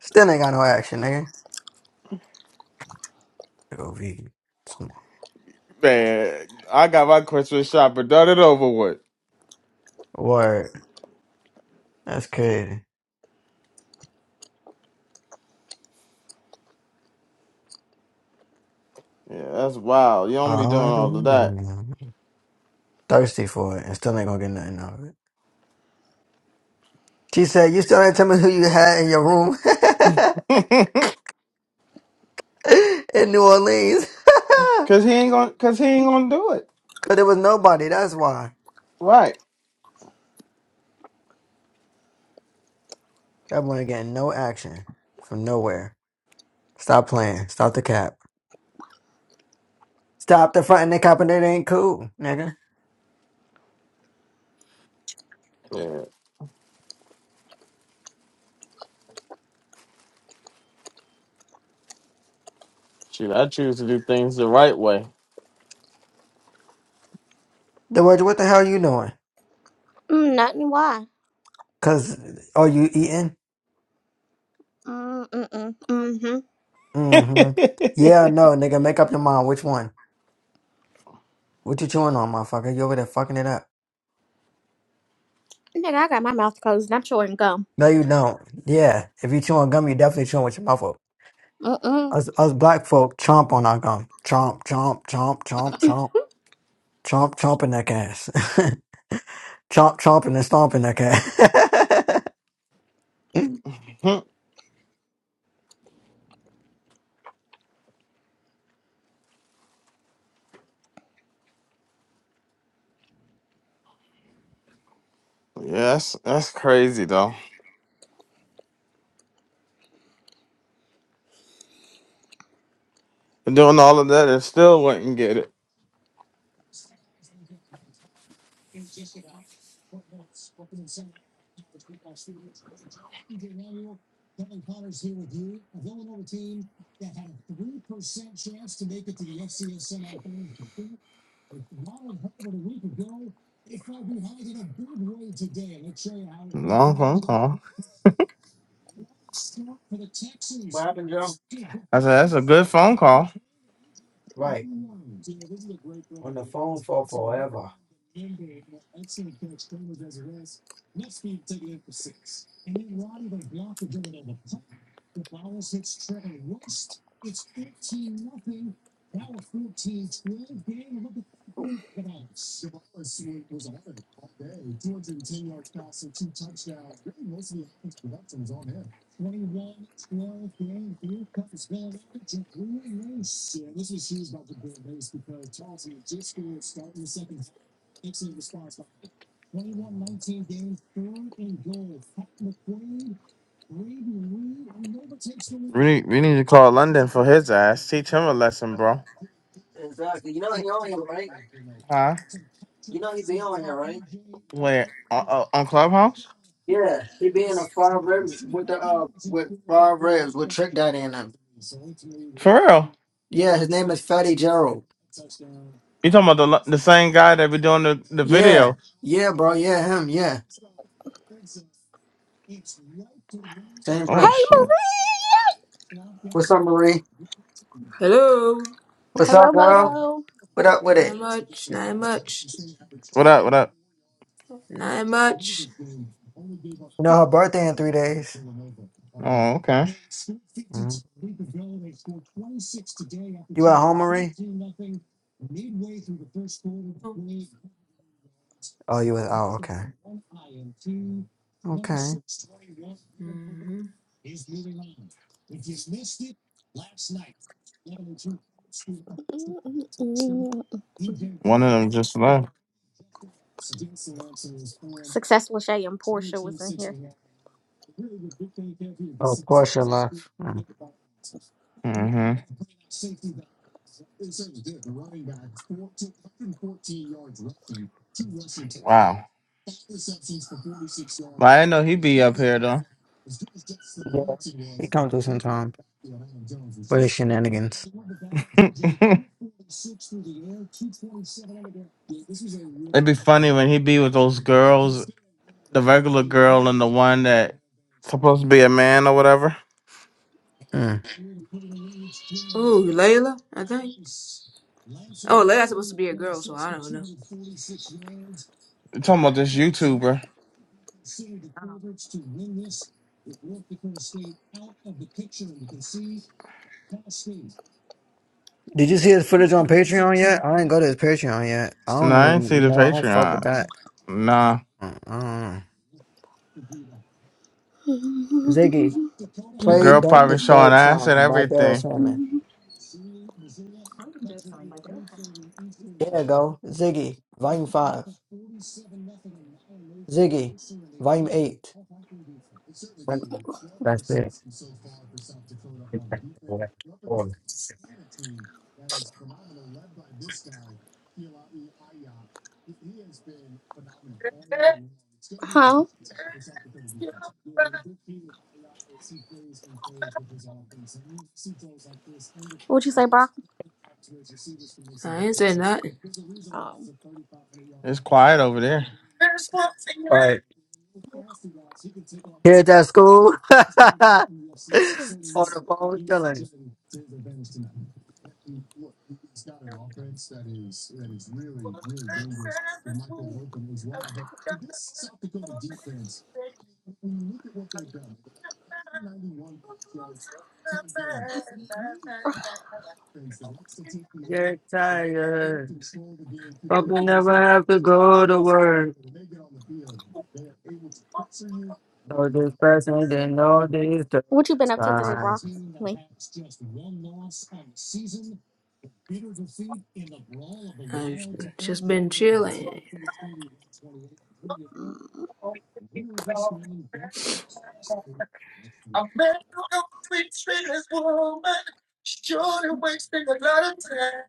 A: Still ain't got no action, nigga. OV. Small.
C: Man, I got my Christmas shopper done it over with.
A: Word. That's crazy.
C: Yeah, that's wild. You don't be doing
A: Uh,
C: all of that.
A: thirsty for it and still ain't gonna get nothing out of it. She said, You still ain't tell me who you had in your room in New Orleans.
C: cause he ain't gonna cause he ain't gonna do it.
A: Cause there was nobody. That's why.
C: Right.
A: That boy ain't getting no action from nowhere. Stop playing. Stop the cap. Stop the front and the cop and that ain't cool, nigga.
C: Yeah. Shoot, I choose to do things the right way.
A: The words, what the hell you doing?
B: Mm, nothing why.
A: Cause are you eating?
B: Mm mm mm. Mm-hmm.
A: Mm-hmm.
C: yes,
A: Yeah, no, nigga, make up your mind. Which one? What you chewing on, motherfucker? You over there fucking it up.
B: Nigga, I got my mouth closed and I'm chewing gum.
A: No, you don't. Yeah. If you chewing gum, you definitely chewing with your mouth open.
B: Mm-mm.
A: Us us black folk chomp on our gum. Chomp, chomp, chomp, chomp, chomp, chomp, chomping that ass. chomp, chomping and stomping that ass.
C: that's that's crazy though. And doing all of that and still wouldn't get it. Long phone call. I said that's a good phone call. We need, we need to call London for his ass. Teach him a lesson, bro.
A: Exactly. You know he on here, right?
C: Huh?
A: You know he be on here, right?
C: Wait, uh, uh, on Clubhouse?
A: Yeah, he be in a five rib with the uh with five ribs with Trick Daddy in him.
C: For real?
A: Yeah, his name is Fatty Gerald.
C: You talking about the Lo- the same guy that be doing the, the
A: Yeah,
C: video?
A: yeah, bro. Yeah, him. Yeah, same
B: Hey
C: Oh
A: person.
C: shit!
B: Marie!
A: What's up, Marie?
H: Hello.
A: What's
B: Hello
A: up, girl?
B: Moto.
A: What up with
H: Not
A: it?
H: much. Not much.
C: What up? What up?
H: Not much.
A: You know her birthday in three days.
C: Oh, okay.
A: Mhm. You at home, Marie? Oh, you was. Oh, okay. Okay.
H: Mm-hmm.
B: Mm-mm-mm.
C: I'm just left.
B: Successful Shay and Portia was in here.
A: Oh, Portia left. Mm.
C: Mm-hmm. Wow. Well, I didn't know he'd be up here though.
A: Yeah, he come through sometime for his shenanigans.
C: It'd be funny when he be with those girls, the regular girl and the one that supposed to be a man or whatever.
A: Mm.
H: Oh, Layla, I think. Oh, Layla's supposed to be a girl, so I don't know.
C: You talking about this YouTuber?
A: Did you see his footage on Patreon yet? I didn't go to his Patreon yet. I
C: No,
A: don't
C: I ain't see
A: even
C: the
A: know. I don't fuck with
C: Patreon.
A: that.
C: Nah,
A: Uh, uh. Ziggy,
C: the
A: play
C: girl
A: "Don't
C: probably showing
A: Disturb"
C: ass and
A: song by Dara
C: everything.
A: Salmon.
B: Mhm.
A: There you go. Ziggy, volume five. Ziggy, volume eight. That's it.
B: Huh? What you say, Brock?
H: I ain't saying nothing.
B: Oh.
C: quiet over there.
A: Kids at school on the phone chilling. Get tired, but we never have to go to work. So this person didn't know this the
B: What you been up to today,
A: time.
B: Brock? Me?
H: I just been chilling.
B: Mm,
A: I'm better off between this woman. Surely wasting a lot of time.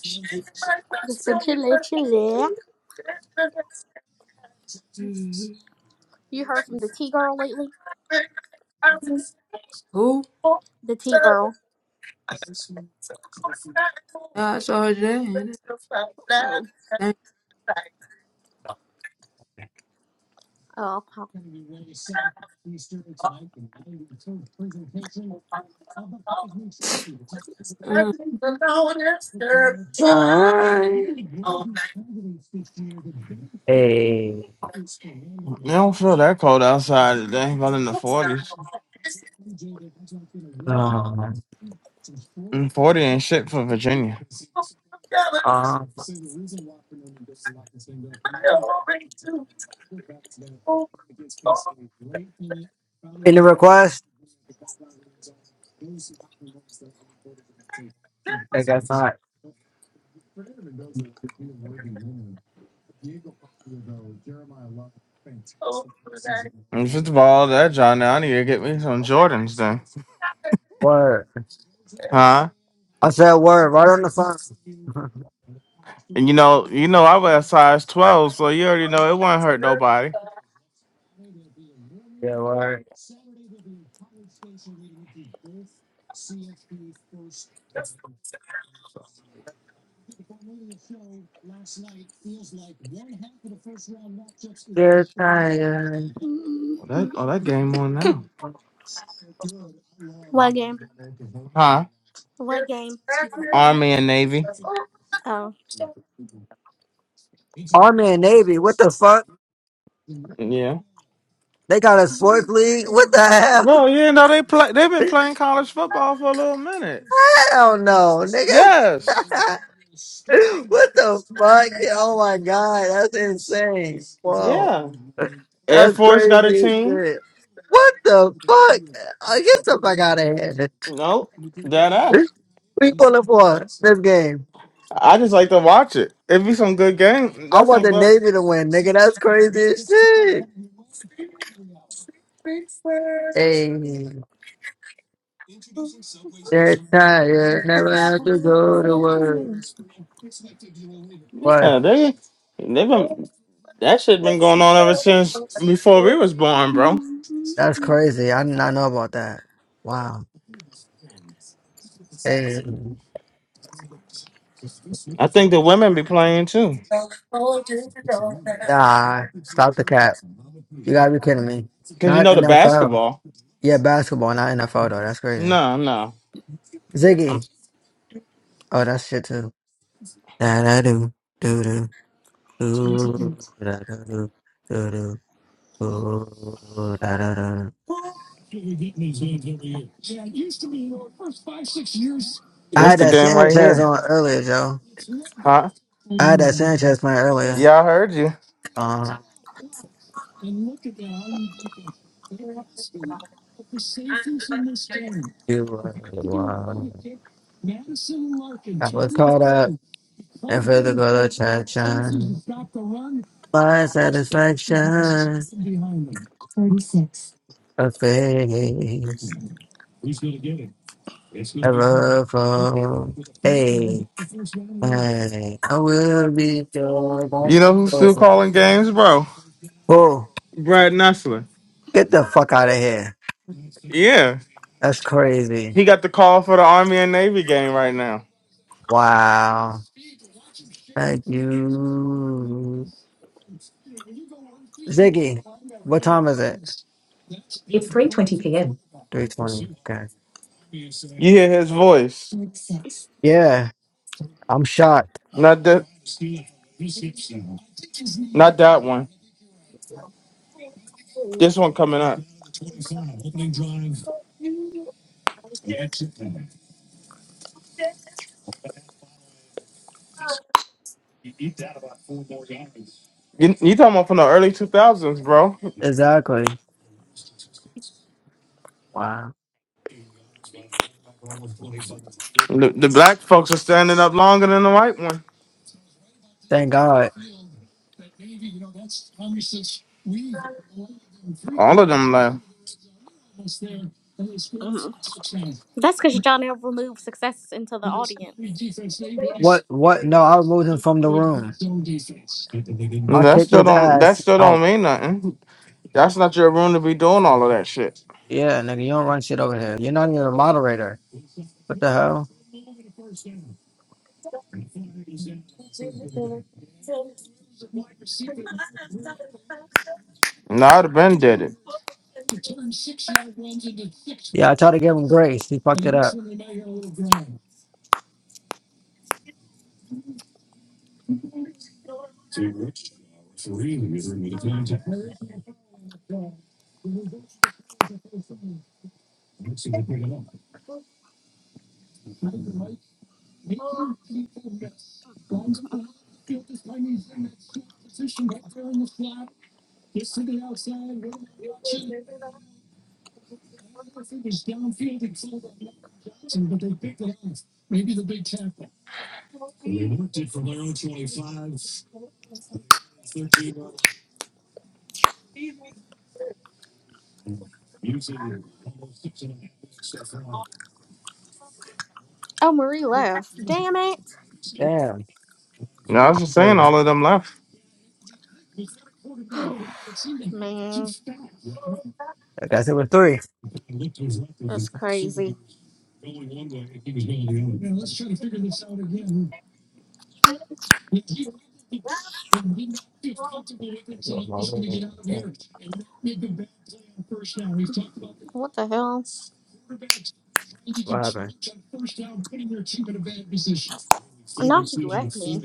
A: She's my best
B: Just been
A: friend,
B: chilling,
A: but
B: chilling.
H: Mm-hmm.
B: You heard from the T girl lately?
H: Who?
B: The T girl.
H: I saw her today. And
B: Oh.
H: I
B: Oh. oh.
H: think.
A: Time. Hey.
C: don't feel that cold outside today, about in the 40s.
A: Um,
C: And 40 ain't shit for Virginia.
A: um, in the request, I guess not.
C: If it's bald that John, I need to get me some Jordans then.
A: Word.
C: Huh?
A: I said word right on the phone.
C: And you know, you know I wear size twelve, so you already know it won't hurt nobody.
A: yeah, word. You're tired.
C: Oh,
B: Mm-hmm.
C: that oh that game on now.
B: What game?
C: Huh?
B: What game?
C: Army and Navy.
B: Oh.
A: Army and Navy, what the fuck?
C: Yeah.
A: They got a sports league? What the hell?
C: Well, you know they play they've been playing college football for a little minute.
A: Hell no, nigga.
C: Yes.
A: what the fuck? Yeah, Oh my god, that's insane. Whoa.
C: Yeah. Air
A: That's
C: Force got a
A: crazy as
C: team.
A: shit. What the fuck? I get the fuck out of here.
C: No, dead ass.
A: What you pulling for this game?
C: I just like to watch it. It be some good game.
A: I
C: That's
A: want
C: some
A: the
C: good.
A: Navy to win, nigga. That's crazy as shit. Hey,
B: Oh,
A: that time, yeah, never
B: am
A: have to
B: sorry.
A: go to work.
B: Mhm.
A: What?
C: Yeah, they they've been that shit been going on ever since before we was born, bro.
B: Mhm.
A: That's crazy. I did not know about that. Wow. Hey,
C: I think the women be playing too.
A: nah, stop the cap. You gotta be kidding me.
C: Cause you
A: Not
C: know the
A: NFL.
C: basketball.
A: Yeah, basketball, not NFL though. That's crazy.
C: No, no. Um,
A: Ziggy. Oh, that's shit too. Da da do do do do da da do do do do da da da. I
C: It's
A: had
C: the
A: that
C: game right
A: Sanchez
C: here.
A: on earlier, Joe.
C: Huh?
A: I had that Sanchez man earlier.
C: Yeah, I heard you.
A: Uh, you were the one. I was caught up in physical attraction. My satisfaction, a face, a ruffle. Hey, hey, I will be joined by
C: You know who's still calling games, bro?
A: Whoa,
C: Brad Nessler.
A: get the fuck out of here.
C: Yeah.
A: That's crazy.
C: He got the call for the Army and Navy game right now.
A: Wow. Thank you. Ziggy, what time is it? 320. Okay.
C: You hear his voice.
A: Yeah, I'm shocked.
C: Not that not that one. This one coming up. You, you talking about from the early 2000s, bro.
A: Exactly. Wow.
C: The, the black folks are standing up longer than the white one.
A: Thank God.
C: All of them left.
B: That's because y'all never removed success into the audience.
A: What? What? No, I removed him from the room.
C: Mm,
A: I
C: That
A: kicked
C: still
A: his
C: don't that
A: ass
C: still don't
A: out.
C: mean nothing. That's not your room to be doing all of that shit.
A: Yeah, nigga, you don't run shit over here. You're not even a moderator. What the hell?
C: No, I'd have been dead it.
A: Yeah, I tried to give him grace. He fucked it up.
B: Mhm. Oh, Marie left. Damn it.
A: Damn.
C: No, I was just saying
A: Three.
C: all of them left.
B: Man,
A: I guess it was three.
B: that's crazy.
A: What
B: What the hell?
A: happened?
B: Now she left me.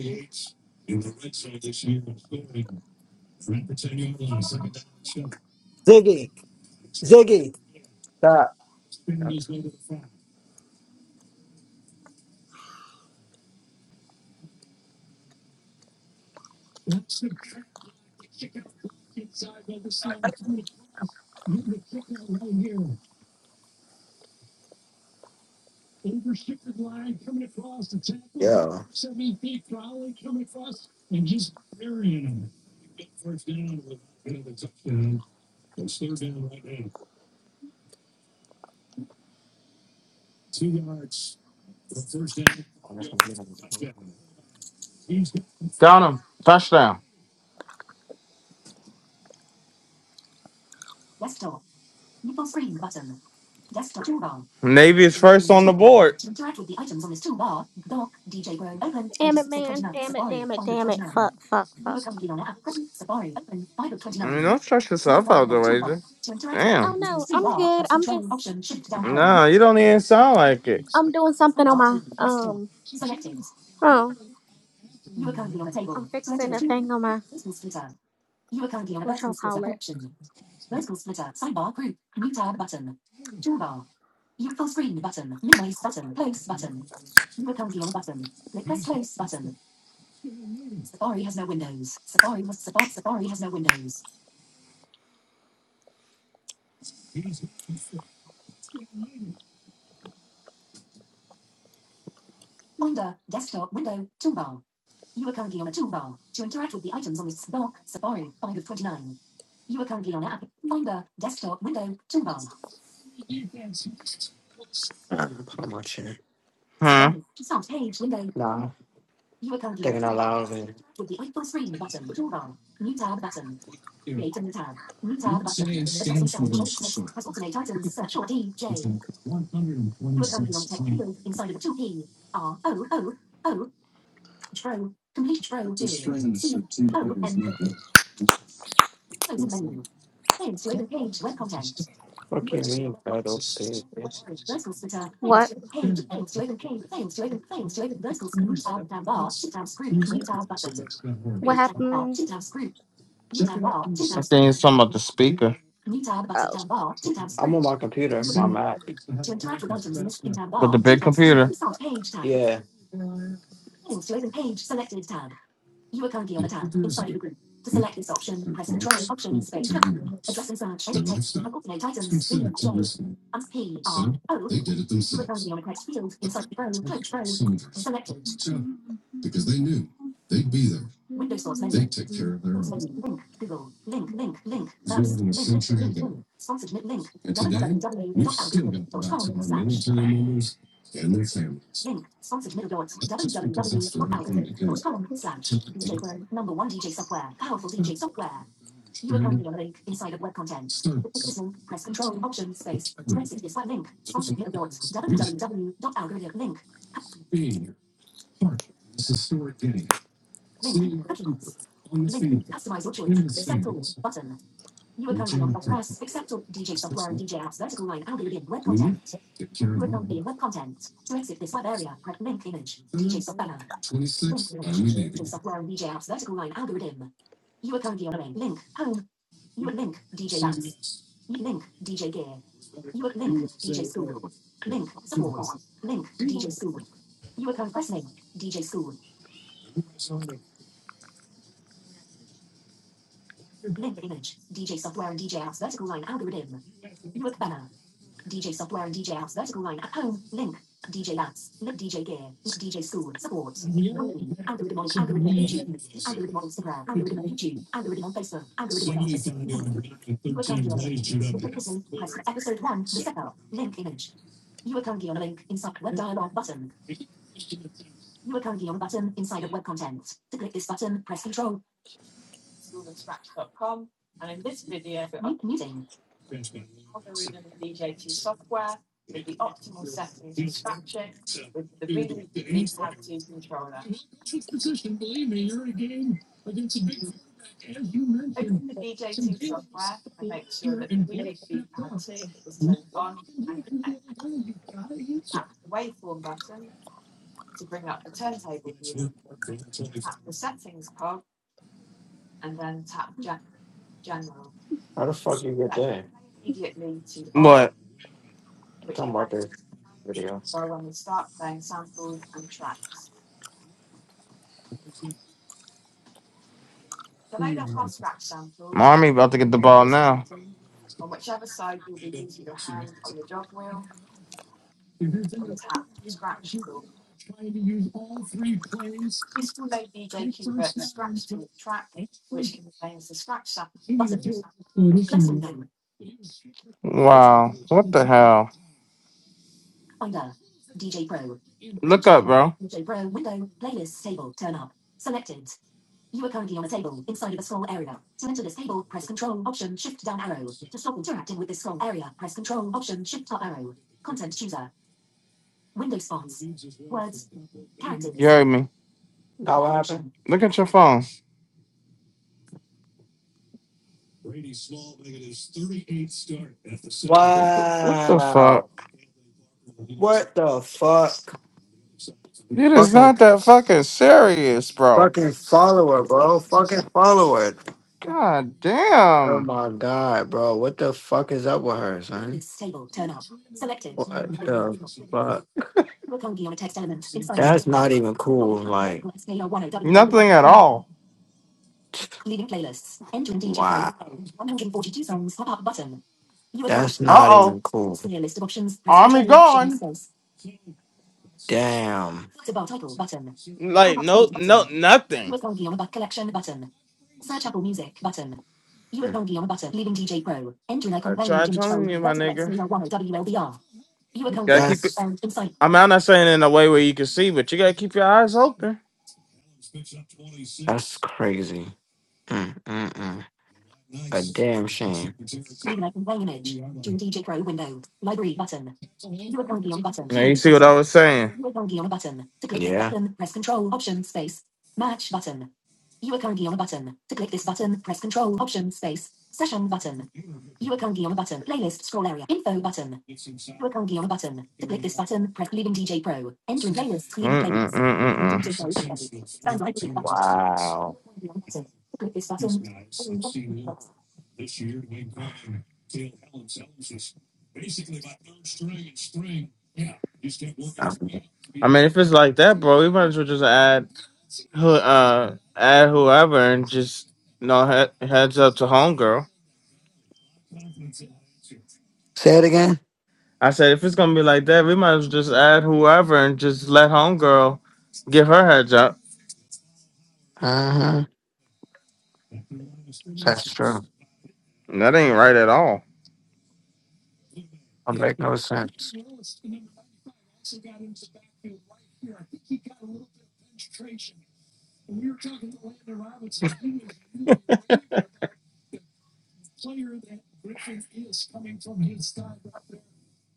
A: Ziggy. Ziggy. Stop. Yeah.
C: Got him. Touchdown. Navy is first on the board.
B: Damn it, man. Damn it, damn it, damn it. Fuck, fuck, fuck.
A: Welcome to your app. Button, Safari open 5 of
C: I mean,
A: 29.
C: don't stress
A: You will
C: yourself
A: find
C: out the
A: option
C: way.
A: one. To interact with the
B: Oh
C: Damn.
A: icons in the
B: no,
A: single
B: I'm
A: bar,
B: good.
A: press
B: I'm just
A: Control Option Shift down arrow.
C: No, you don't even sound like it.
B: I'm doing something on
A: Sidebar
B: my
A: table desktop.
B: um
A: Selected.
B: oh.
A: You are currently on a
B: I'm
A: table. To enter
B: fixing
A: the
B: a
A: two
B: thing on my
A: vertical splitter. You are currently on a
B: what
A: vertical
B: y'all
A: splitter
B: call it.
A: connection. Vertical splitter sidebar group new tab button. Toolbar. You full screen button. Minimize button. Close button. You are currently on a button. Click press close button. Safari has no windows. Safari must support Safari has no windows. Window, desktop, window, toolbar. You are currently on a toolbar. To interact with the items on this block, Safari, 5 of 29. You are currently on app, Finder, desktop, window, toolbar. I'm watching it.
C: Huh?
A: Safari, start page, window. No, You are currently on thinking out loud. with the full screen button, toolbar. New tab button. Create a new tab. New tab button. Adjusting sound, short text, press alternate items, search or DJ. You are currently on tech field inside of the 2P. R O O O. Tro. Complete tro period. C O N. Close the menu. Thanks to open page web content. Fucking mean, guys. Vertical splitter. Thanks
B: What?
A: to open page. Thanks to open page. Thanks to open. Thanks to open. Vertical commute tab down bar. Two tab screw. Commute tab button.
B: What
A: Three tab bar.
B: happened?
A: Two tab screw.
C: I
A: Commute tab bar. Two tab
C: think
A: screw.
C: it's something about the speaker
A: Commute tab button
B: Oh.
A: down bar. Two tab I'm on my computer, my Mac. To interact with items in this pin tab
C: with the
A: bar. Two
C: big
A: tab screw.
C: computer.
A: Start page tab. Yeah. Thanks to open page. Selected tab. You are currently on a tab inside the group. To select this option, press Control Option Space. Address and search edit text. Coordinate items. B J. And P R O. You are currently on a text field inside the Pro. Close Pro. Selected. Windows Sorts menu. Sorts menu. Link. Google. Link. Link. Link. Maps. Link. Link. Link. Sponsored mid link. www dot algorithm dot com slash link. Sponsored middle dot www dot algorithm dot com slash DJ Pro. Number one DJ software. Powerful DJ software. You are currently on a link inside of web content. To click this link, press Control Option Space to exit this web link. Sponsored here dot www.algorithmic link. Link cookies. Link customize your choice. Accept all button. You are currently on press accept all DJ software and DJ apps vertical line algorithm web content. You are currently in web content. To exit this web area, press link image DJ software. Link image DJ software and DJ apps vertical line algorithm. You are currently on a link. Home. You are currently algorithm on Instagram. Algorithm on YouTube. Algorithm on Facebook. Algorithm on. Uakan Gionaling. press episode 1, the second link image. Uakan link inside web dialog button. Tap the waveform button to bring up the turntable view. Tap the settings cog and then tap Ge- general. Okay. Immediately to off.
C: What?
A: which Tom Barker. Video. soundtrack. Select up our scratch samples
C: Army about to get the
A: on
C: ball
A: this
C: now.
A: button on whichever side you'll be using your hand on the jog wheel and tap scratch tool. This will load DJ Cuba scratch to a track, which contains the scratch sound button. Click on them.
C: Wow. What the hell?
A: Finder. DJ Pro.
C: Look
A: DJ
C: up,
A: Pro.
C: bro.
A: DJ Pro window. Playlist table. Turn up. Selected. You are currently on a table inside of a scroll area. To enter this table, press Control Option Shift down arrow. To stop interacting with this scroll area, press Control Option Shift up arrow. Content chooser. Window spots. Words.
C: You
A: Characters.
C: heard me. Look at your phone. What the, what the fuck?
A: Wow. What the fuck?
C: It is
A: Fuck
C: not that fucking serious, bro.
A: Fucking follower, bro. Fucking follower.
C: God
A: Oh
C: damn.
A: my god, bro. What the fuck is up with her, son? What the fuck? That's not even cool. Like,
C: Nothing at all.
A: wow. That's
C: Uh
A: not
C: oh.
A: even cool.
C: Army gone.
A: Damn. It's about title button.
C: Like
A: Compact
C: no,
A: playlist
C: no,
A: button.
C: nothing.
A: Uekongion but collection button. Search Apple Music button. Uekongion button. Leaving DJ Pro. Entry
C: I
A: icon language
C: tried
A: image
C: telling
A: soul.
C: you, my
A: Vertical X
C: nigga.
A: Mila 1 WLBR.
C: You gotta keep
A: That's
C: it.
A: Sound
C: I mean, I'm not saying in a way where you can see, but you gotta keep your eyes open.
A: that's crazy. Mm, mm, mm. A damn shame. Leaving icon play image. June DJ Pro window. Library button. U S Bongi on button.
C: Now you
A: Q
C: see what I
A: button.
C: was saying.
A: You are currently on a button. To click Yeah. this button, press Control Option Space. Match button. You are currently on a button. To click this button, press Control Option Space. Session button. You are currently on a button. Playlist scroll area. Info button. You are currently on a button. To click this button, press leaving DJ Pro. Entering playlists, leaving playlists. Entering DJ Pro. Sounds like a button.
C: Mm-mm-mm-mm-mm.
A: Wow. To click this button.
C: I mean, if it's like that, bro, we might as well just add who, uh, add whoever and just you know he- heads up to homegirl.
A: Say it again.
C: I said if it's gonna be like that, we might as well just add whoever and just let homegirl give her heads up.
A: Uh huh. That's true.
C: That ain't right at all.
A: I make no sense.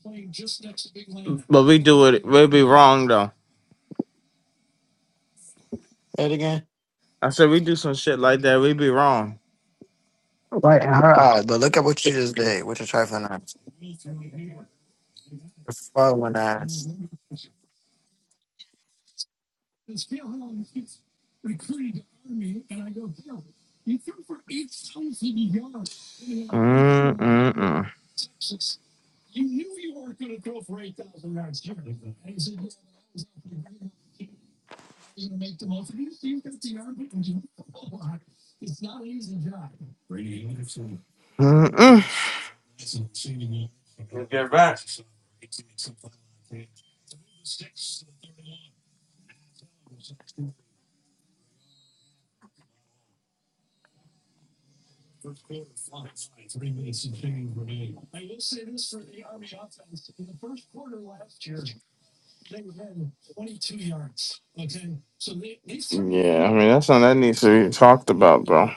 C: But we do it. We'd be wrong though.
A: Say it again.
C: I said we do some shit like that. We'd be wrong.
A: Right, in her eyes. But look at what you just did with your trifling eyes. Your following ass.
C: Mm-mm-mm. They had twenty-two yards. Okay, so they, they threw the Yeah, I mean that's something that needs to be talked about, bro.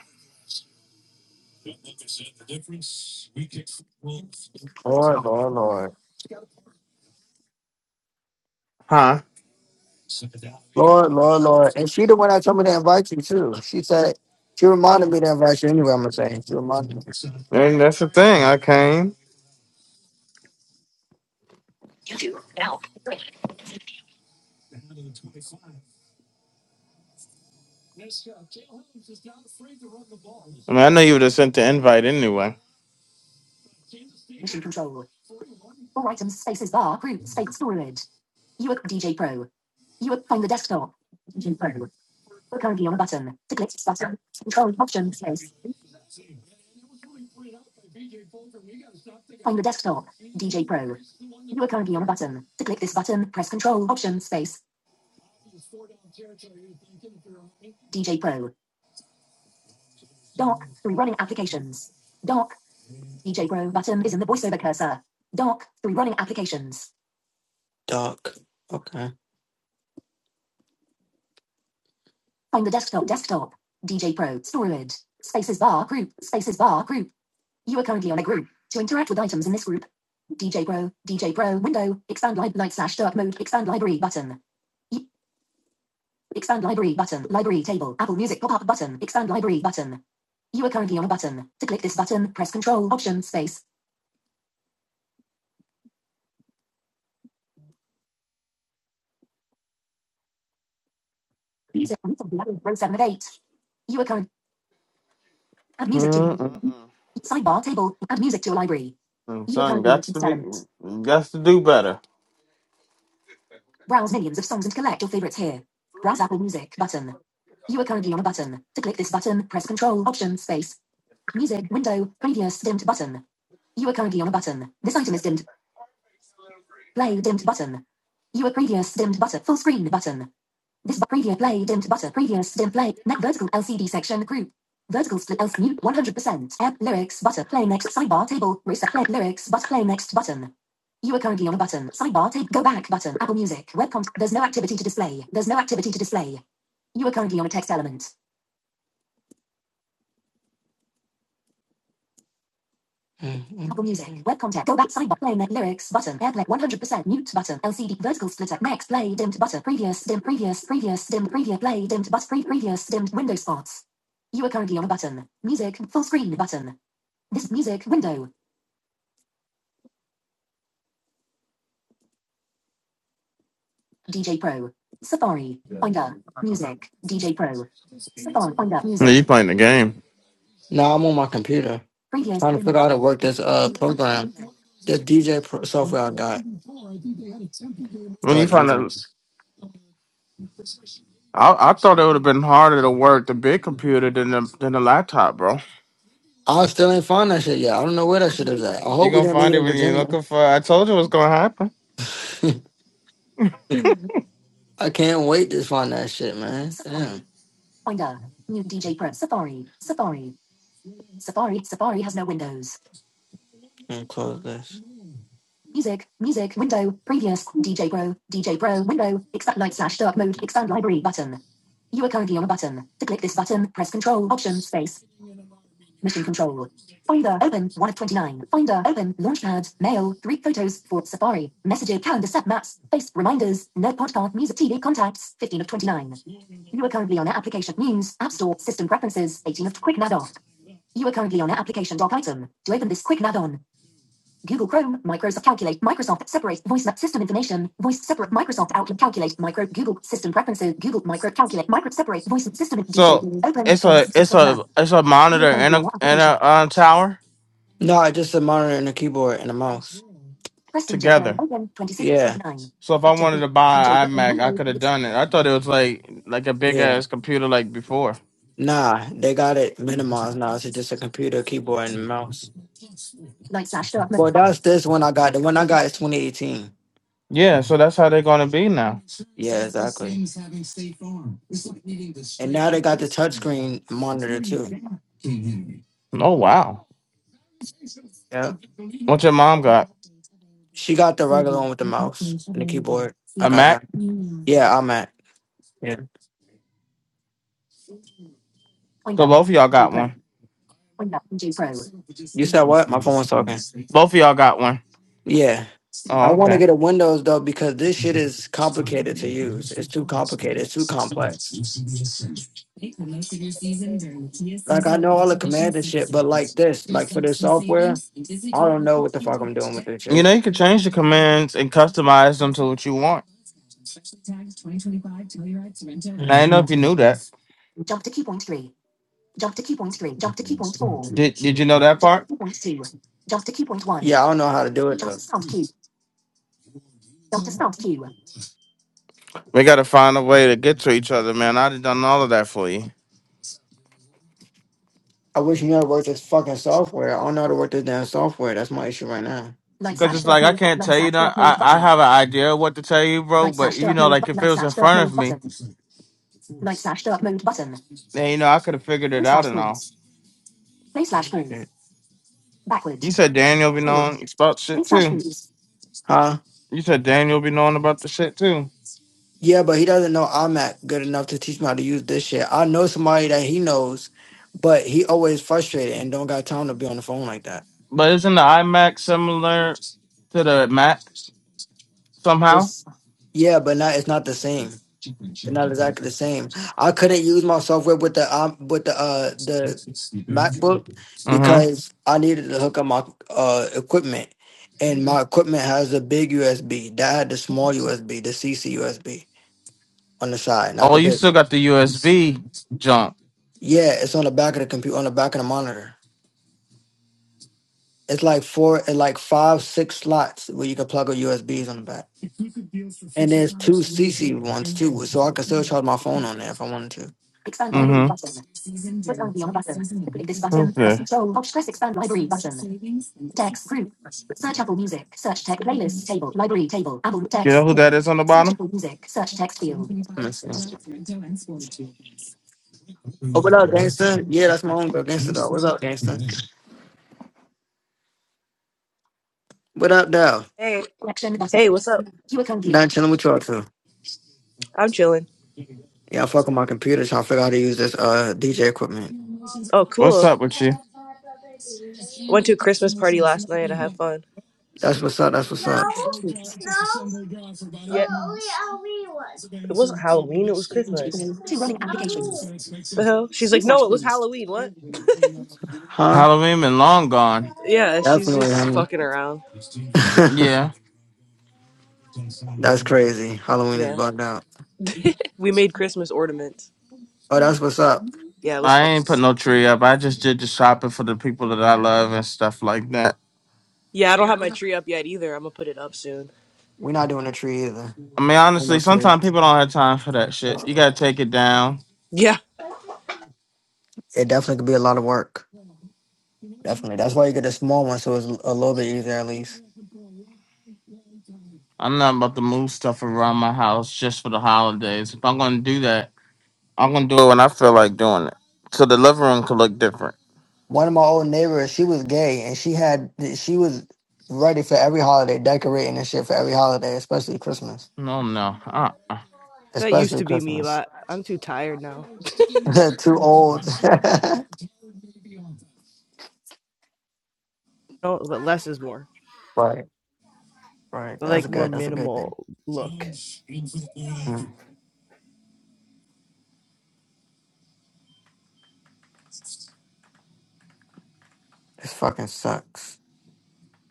A: Lord, Lord, Lord.
C: Huh?
A: Lord, Lord, Lord. And she the one that told me to invite you too. She said she reminded me to invite you anyway, I'm gonna say. She reminded me.
C: And that's the thing. I came.
A: Two L.
C: Prescott. Cam Hayward is not afraid to run the ball. I mean, I know you would have sent the invite anyway.
A: Mission control. Control control All items spaces bar group space space. You are are DJ DJ DJ Pro. Pro. Pro. Pro. find Find the the desktop. desktop. currently currently on on button button. button Control option space. Find the desktop. D J Pro. You are currently on a button. to to click click this this option option Press Dock, three running applications. Dock, DJ Pro button is in the voiceover cursor. Dock, three running applications. Dock, okay. DJ Pro, storage, group, group. You are currently on a group. DJ Pro window, expand live, light slash dark mode, expand library button. Expand library button, library table, Apple Music pop up button, expand library button. You are currently on a button. To click this button, music, row 7 of 8. You are currently add music to library.
C: Mm-mm-mm.
A: Sidebar table, add music to a library.
C: I'm
A: You are currently on
C: got
A: item
C: to be,
A: 7.
C: got to do better.
A: Browse millions of songs and collect your favorites here. Browse Apple Music button. You are currently on a button. To click this button, press Control Option Space. Music window previous dimmed button. You are currently on a button. This item is dimmed. Play dimmed button. You are previous dimmed button. Full screen button. This is preview play dimmed butter previous dim play neck vertical LCD section group vertical split else mute 100% app lyrics butter play next sidebar table reset play lyrics but play next button. You are currently on a button sidebar table go back button Apple Music web content there's no activity to display there's no activity to display you are in Apple Music web content go back sidebar play next lyrics button airplay 100% mute button LCD vertical splitter next play dimmed butter previous dim previous previous dim preview play dimmed but pre previous dimmed window spots. You are currently on a button. Music, full screen button. This music window. DJ Pro. Safari. Finder. Music. DJ Pro. Safari. Finder.
C: Yeah,
A: Music.
C: you playing the game.
A: No, I'm on my computer. Previous. Trying to figure out how to work this uh program. This DJ pro- software I got.
C: When you
A: Start
C: find
A: using.
C: out, I, I thought it would have been harder to work the big computer than the than the laptop, bro.
A: I still ain't find that shit yet. I don't know where that shit is at. I
C: You
A: hope we
C: gonna
A: didn't leave
C: find
A: it
C: it
A: in
C: when you're
A: Virginia.
C: looking for. I told you what's gonna happen.
A: I can't wait to find that shit, man. Safari. Damn. Finder. New DJ Pro. Safari. Safari. Safari. Safari has no windows. Let me close this. Music, music window, previous, DJ Pro, DJ Pro window, expand night slash dark mode, expand library button. You are currently on a button. To click this button, press Control, Option, Space, Mission Control. Finder open, 1 of 29. Finder open, Launchpad, Mail, 3 photos, 4 Safari, Messages, Calendar set maps, Face, Reminders, Nerd Podcast, Music TV Contacts, 15 of 29. You are currently on application news, app store, system preferences, 18 of quick nav off. You are currently on application dock item. To open this quick nav on, Google Chrome, Microsoft Calculate, Microsoft Separate, Voice System Information, Voice Separate, Microsoft Outlook Calculate, Micro, Google System Preferences, Google Micro Calculate, Micro Separate, Voice System DJ,
C: So
A: Open,
C: it's a
A: 26 to
C: it's
A: 29.
C: a it's a monitor and a and
A: application.
C: a uh, tower
A: No, I just a monitor and a keyboard and a mouse. Preston J.
C: together.
A: Open, 26 to yeah. 29.
C: So if I wanted to buy an iMac, I could have done it. I thought it was like like a big
A: yeah.
C: ass computer like before.
A: Nah, they got it minimized now. It's just a computer, keyboard, and mouse. Like Sasha. Well, that's this one I got. The one I got is 2018.
C: Yeah, so that's how they're gonna be now.
A: Yeah, exactly. And now they got the touchscreen monitor too.
C: Oh wow.
A: Yep.
C: What your mom got?
A: She got the regular one with the mouse and the keyboard.
C: A
A: Like I got.
C: Mac?
A: Yeah, I'm at. Yeah.
C: So both of y'all got one.
A: You said what? My phone was talking.
C: Both of y'all got one.
A: Yeah.
C: Oh,
A: I want to
C: okay.
A: get a Windows though because this shit is complicated to use. It's too complicated. It's too complex. Like I know all the commands and shit, but like this, like for this software, I don't know what the fuck I'm doing with this
C: You
A: shit.
C: know you can change the commands and customize them to what you want. I didn't know if
A: Mhm.
C: you knew that. Did Did you know that part?
A: Yeah, I don't know how to do it though.
C: We got to find a way to get to each other, man. I done done all of that for you.
A: I wish you know how to work this fucking software. I don't know how to work this damn software. That's my issue right now.
C: Cause it's like I can't tell you that I, I have an idea of what to tell you, bro. But you know, like if it was in front of me, then you know I could have figured it out and all.
A: Shit.
C: You said Daniel be knowing
A: Forwards.
C: about shit
A: Play slash
C: too.
A: rooms. Huh?
C: You said Daniel be knowing about the shit too.
A: Yeah, but he doesn't know I'm at good enough to teach him how to use this shit. I know somebody that he knows, but he always frustrated and don't got time to be on the phone like that.
C: But isn't the iMac similar to the Mac somehow?
A: It's, yeah, but not it's not the same. It's not exactly the same. I couldn't use my software with the um, with the uh the MacBook
C: Mm-hmm.
A: because I needed to hook up my uh equipment, and my equipment has a big USB. That had the small USB, the CC USB on the side, not
C: Oh,
A: the
C: you
A: big one.
C: still got the USB jump.
A: Yeah, it's on the back of the computer, on the back of the monitor. It's like four, it's like five, six slots where you can plug a USBs on the back. And there's two CC ones too, so I can still charge my phone on there if I wanted to. Expand library button. Click on the on button. Click this
C: Mm-hmm.
A: button. Press
C: Okay.
A: Control Alt. Press Expand Library button. Text group. Search Apple Music. Search text playlist table. Library table. Apple
C: You
A: text.
C: know who that is on the
A: Search
C: bottom?
A: Apple Music. Search text field. Oh, what up, gangster? Yeah, that's my own girl, gangster dog. What up, gangster? What up, dog?
I: Hey,
A: Collection
I: hey,
A: button.
I: what's up?
A: Not chilling with y'all too.
I: I'm chilling.
A: Yeah, I fuck with my computer trying to figure out how to use this uh DJ equipment.
I: Oh,
C: What's
I: cool.
C: up with you?
I: Went to a Christmas party last night. I had fun.
A: That's what's up. That's what's up.
I: Yeah. It wasn't Halloween. It was Christmas. The hell? She's like, no, it was Halloween. What?
A: Huh?
C: Halloween and long gone.
I: Yeah, she's
A: Definitely,
I: just
A: honey.
I: fucking around.
C: Yeah.
A: that's crazy. Halloween is
I: Yeah.
A: bugged out.
I: We made Christmas ornaments.
A: Oh, that's what's up.
I: Yeah, it was
C: I
I: fun.
C: ain't put no tree up. I just did the shopping for the people that I love and stuff like that.
I: Yeah, I don't have my tree up yet either. I'm gonna put it up soon.
A: We're not doing a tree either.
C: I mean,
A: And
C: honestly,
A: those
C: sometimes
A: kids.
C: people don't have time for that shit. You gotta take it down.
I: Yeah.
A: It definitely could be a lot of work. Definitely. That's why you get a small one so it's a little bit easier at least.
C: I'm not about to move stuff around my house just for the holidays. If I'm gonna do that, I'm gonna do it when I feel like doing it. So the living room could look different.
A: one of my old neighbors, she was gay and she had she was ready for every holiday, decorating and shit for every holiday, especially Christmas.
C: No, no. Uh-uh.
I: That used
A: Especially
I: to be me,
A: Christmas.
I: but I'm too tired now.
A: Too old.
I: No, but less is more.
A: right. Right.
I: I
A: That's
I: like more
A: good. That's a good thing.
I: minimal look.
A: Mm. This fucking sucks.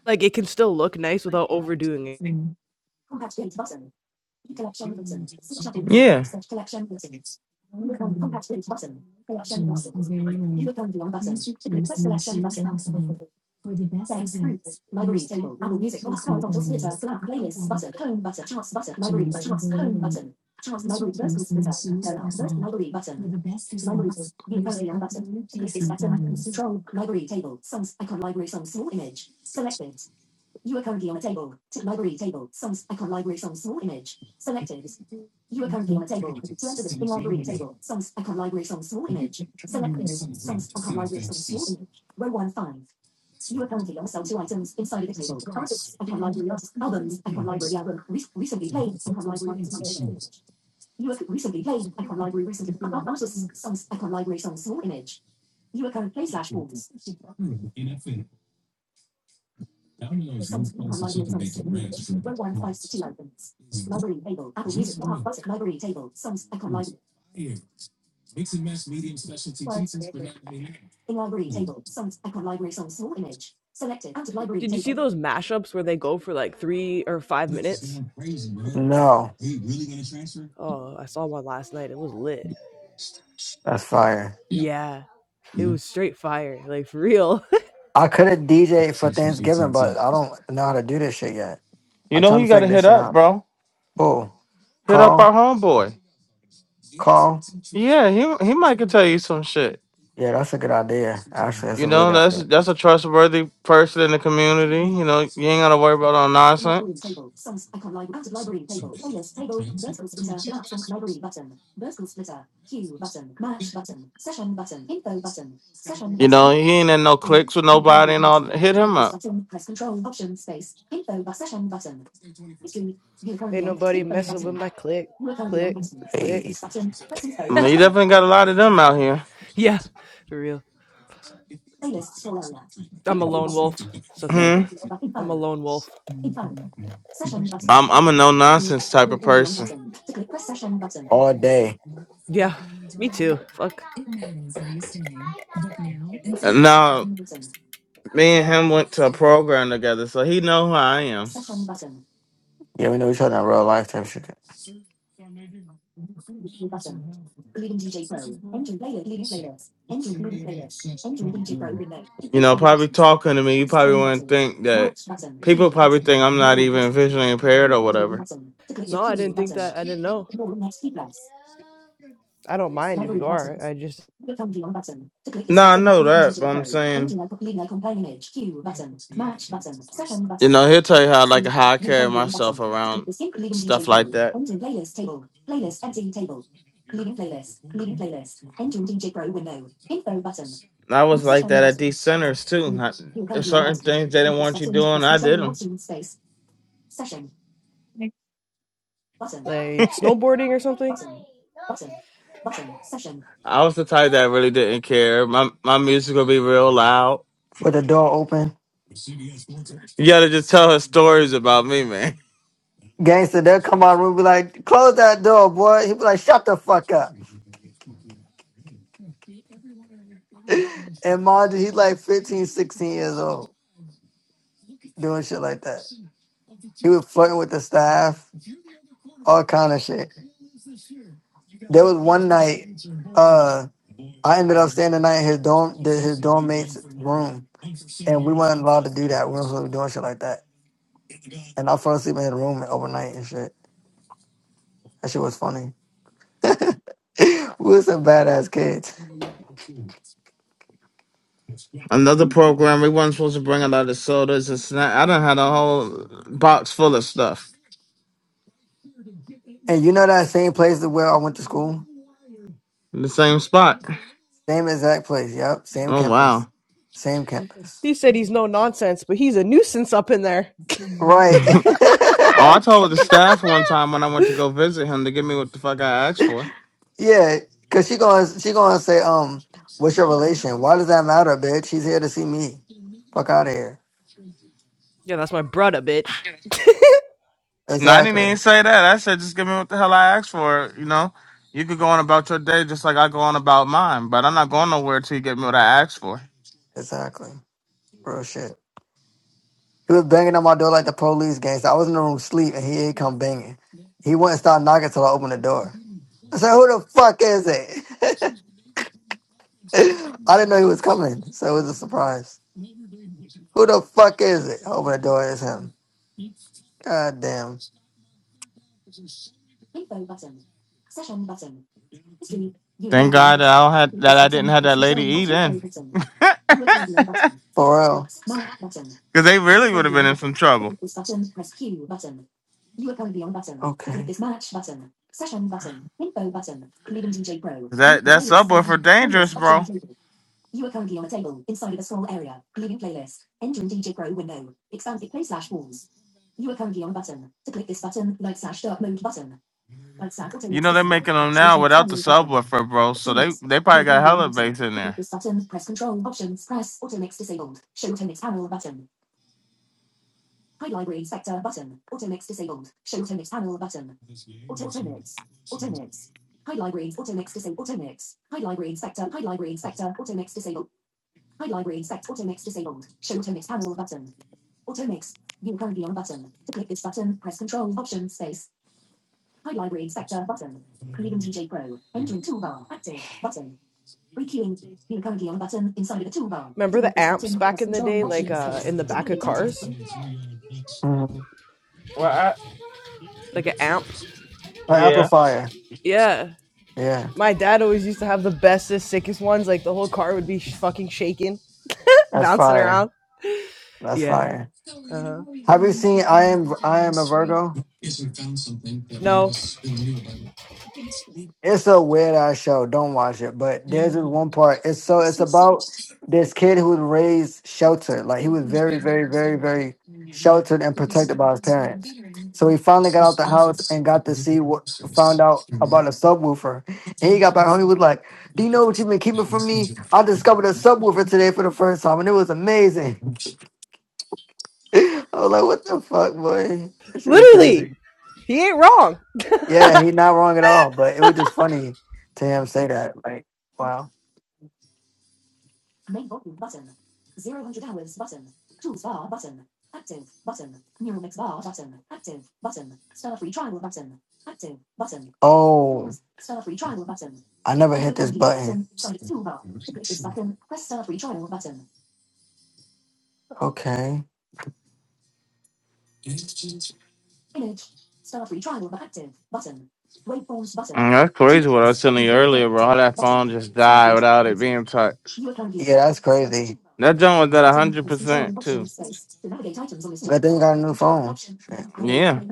I: Like it can still look nice without overdoing it.
C: Yeah.
A: Thanks. Library table. Apple Music. Oh, horizontal splitter. Black playlist button. Home button. Charts button. Library. Charts. Home button. Charts. Library. Vertical splitter. Turn up. Vertical library button. Library. View only on button. click this button. Control. Library table. Songs. Icon. Library songs Small image. Selected. You are currently on a table. To library table. Songs. Icon. Library songs Small image. Selected. You are currently on a table. To enter this in library table. Songs. Icon. Library songs Small image. Selected. Songs. Icon. Library songs Small image. Row one five. You are currently on sale two items inside the table. Artists, Icon Library artists, albums, Icon Library album, re- recently played, Icon Library, You are recently played, Icon Library, recently, Ar- artists, songs, Icon Library, songs, small image. You are current play slash forms. Songs, Icon Library, songs, small image. Row one, five, two items. Library table, Apple Music, Music, Library table, songs, Icon Library, words. In library table, songs, Icon Library, songs, small image. Selected out of library
I: Did you see
A: table.
I: those mashups where they go for like three or five minutes?
A: No,
I: Oh, I saw one last night. It was lit.
A: that's fire.
I: Yeah, it was straight fire. Like for real.
A: I could have DJ for Thanksgiving, but I don't know how to do this shit yet.
C: You
A: I'm
C: know who
A: trying
C: you
A: to
C: gotta
A: figure this
C: hit
A: shit
C: up,
A: out.
C: bro?
A: Cool.
C: Hit up
A: Call,
C: our homeboy.
A: call.
C: Yeah, he he might could tell you some shit.
A: Yeah, that's a good idea. Actually, that's
C: You
A: a really
C: know,
A: good
C: that's
A: idea.
C: that's a trustworthy person in the community. You know, you ain't gotta worry about no nonsense. You know, he ain't in no cliques with nobody and all. that. Hit him up.
I: Ain't nobody messing with my click, click, click.
A: Hey.
C: I mean, you definitely got a lot of them out here.
I: Yeah, for real. I'm a lone wolf. It's okay.
C: Hmm.
I: I'm a lone wolf.
C: I'm I'm a no nonsense type of person.
A: All day.
I: Yeah, me too. Fuck.
C: And now me and him went to a program together, so he know who I am.
A: Yeah, we know each other in real life type shit.
C: you know, probably talking to me, you probably wouldn't think that people probably think I'm not even visually impaired or whatever.
I: No, I didn't think that. I didn't know. I don't mind if you are. I just
C: No, I know that, but I'm saying, you know, he'll tell you how like
A: Two.
C: how I
A: Hit
C: carry
A: one blue on box
C: myself
A: on.
C: around
A: sync leading
C: stuff
A: DJ
C: like
A: Boom.
C: that.
A: Enter playlist table. Playlist empty table. Leading playlist. Leading playlist. Entering DJ Pro window. Info button.
C: And I was like
A: Session
C: that at
A: button.
C: these centers too.
A: Two.
C: I,
A: You're
C: there's
A: currently on
C: certain
A: button.
C: things they
A: With
C: didn't want you
A: settings
C: doing,
A: press
C: I did
A: control
C: them.
A: option space. Session. Button.
I: like snowboarding or something.
C: I was the type that really didn't care. My my music would be real loud.
A: With the door open.
C: You gotta just tell her stories about me, man.
A: Gangster, they'll come out of the room and be like, close that door, boy. He'll be like, shut the fuck up. And mind you, he's like 15, 16 years old doing shit like that. He was flirting with the staff, all kind of shit. There was one night, uh, I ended up staying the night in his dorm, the- his dorm mate's room, and we weren't allowed to do that. We weren't supposed to be doing shit like that. And I fell asleep in his room overnight and shit. That shit was funny. we were some badass kids.
C: Another program, we weren't supposed to bring a lot of sodas and snacks. I done had a whole box full of stuff.
A: And you know that same place that where I went to school,
C: the same spot.
A: same exact place. Yep, same
C: Oh wow.
A: campus, same campus.
I: He said he's no nonsense, but he's a nuisance up in there.
A: Right.
C: oh, I told the staff one time when I went to go visit him to give me what the fuck I asked for.
A: yeah, cause she gonna she gonna say, um, what's your relation? Why does that matter, bitch? She's here to see me. Fuck out of here.
I: Yeah, that's my brother, bitch.
C: No, I didn't
A: Exactly.
C: even say that. I said just give me what the hell I asked for. You know, you could go on about your day just like I go on about mine, but I'm not going nowhere till you get me what I asked for.
A: Exactly. Real shit. He was banging on my door like the police gangster. I was in the room sleep and he ain't come banging. He wouldn't start knocking till I opened the door. I said, Who the fuck is it? I didn't know he was coming, so it was a surprise. Who the fuck is it? I opened the door, it's him. God damn.
C: Thank God that I don't had that I didn't have that lady eat in,
A: For real.
C: because they really would have been in some trouble. 'Cause that that subwoofer dangerous, bro.
A: Okay. You are currently on a table inside of a scroll area. Preview playlist. Enter in DJ Pro window. Expand it play slash walls. You are currently on a button. To click this button, light slash dark mode button. Light slash auto
C: You
A: mix
C: know
A: to
C: they're
A: symbol.
C: making them now
A: Option
C: without the
A: primary button.
C: subwoofer, bro. So
A: Auto
C: they
A: mix.
C: they probably got
A: Reopen room
C: hella bass
A: button.
C: in
A: To click
C: there.
A: this button, press control options. Press auto mix disabled. Show auto mix panel button. Hide library inspector button. Auto mix disabled. Show auto mix panel button. Auto auto mix. Auto mix. Hide libraries auto mix disabled. Auto mix. Hide library inspector. Hide library inspector. Auto mix disabled. Hide library inspect Automix disabled. Show automix panel button. Automix. mix. You currently on button. To click this button, press control option space. Hide library inspector button. Premium DJ Pro. Entering toolbar. Active button. Requeuing. You currently on button inside of the toolbar. To
I: Remember
A: click
I: the
A: this
I: amps
A: button,
I: back
A: press
I: in the
A: control
I: day, like
A: option
I: uh,
A: space.
I: in the
A: To
I: back of
A: navigate out
I: cars?
A: of
C: Well, I,
I: Like an amp.
A: Right,
C: yeah.
A: Apple Fire.
I: Yeah.
A: Yeah,
I: My dad always used to have the bestest, sickest ones. Like the whole car would be sh- fucking shaking,
A: that's
I: bouncing
A: fire.
I: around.
A: That's
I: Yeah.
A: fire.
I: Uh huh.
A: Have you seen I am I am a Virgo?
I: No,
A: It's a weird ass show. Don't watch it. But there's this one part. It's so it's about this kid who was raised sheltered. Like he was very, very, very, very sheltered and protected by his parents. So he finally got out the house and got to see what found out about a subwoofer. And he got back home. He was like, Do you know what you've been keeping from me? I discovered a subwoofer today for the first time and it was amazing. I was like, what the fuck, boy? That shit was
I: literally,
A: crazy.
I: he ain't wrong.
A: Yeah, he's not wrong at all, but it was just funny to him say that. Like, wow. Main button button. Zero hundred hours button. Tools bar button. Active button. neural mix bar button. Active button. Start free trial button. Active button. Oh, Pause. Start free trial button. I never hit this on this button. button. Sonic toolbar. To click this button, press start free trial button. Okay. Image. Start free trial but active button. Waveforms
C: Mm,
A: button.
C: That's
A: Two
C: crazy what I was
A: bits.
C: telling you earlier, bro. How
A: button.
C: that phone
A: Button.
C: just
A: Start
C: died
A: free trial
C: without it
A: button.
C: being touched.
A: Yeah, that's crazy.
C: That junk was at
A: But then
C: hundred percent too.
A: you got a new phone. Shit.
C: Yeah.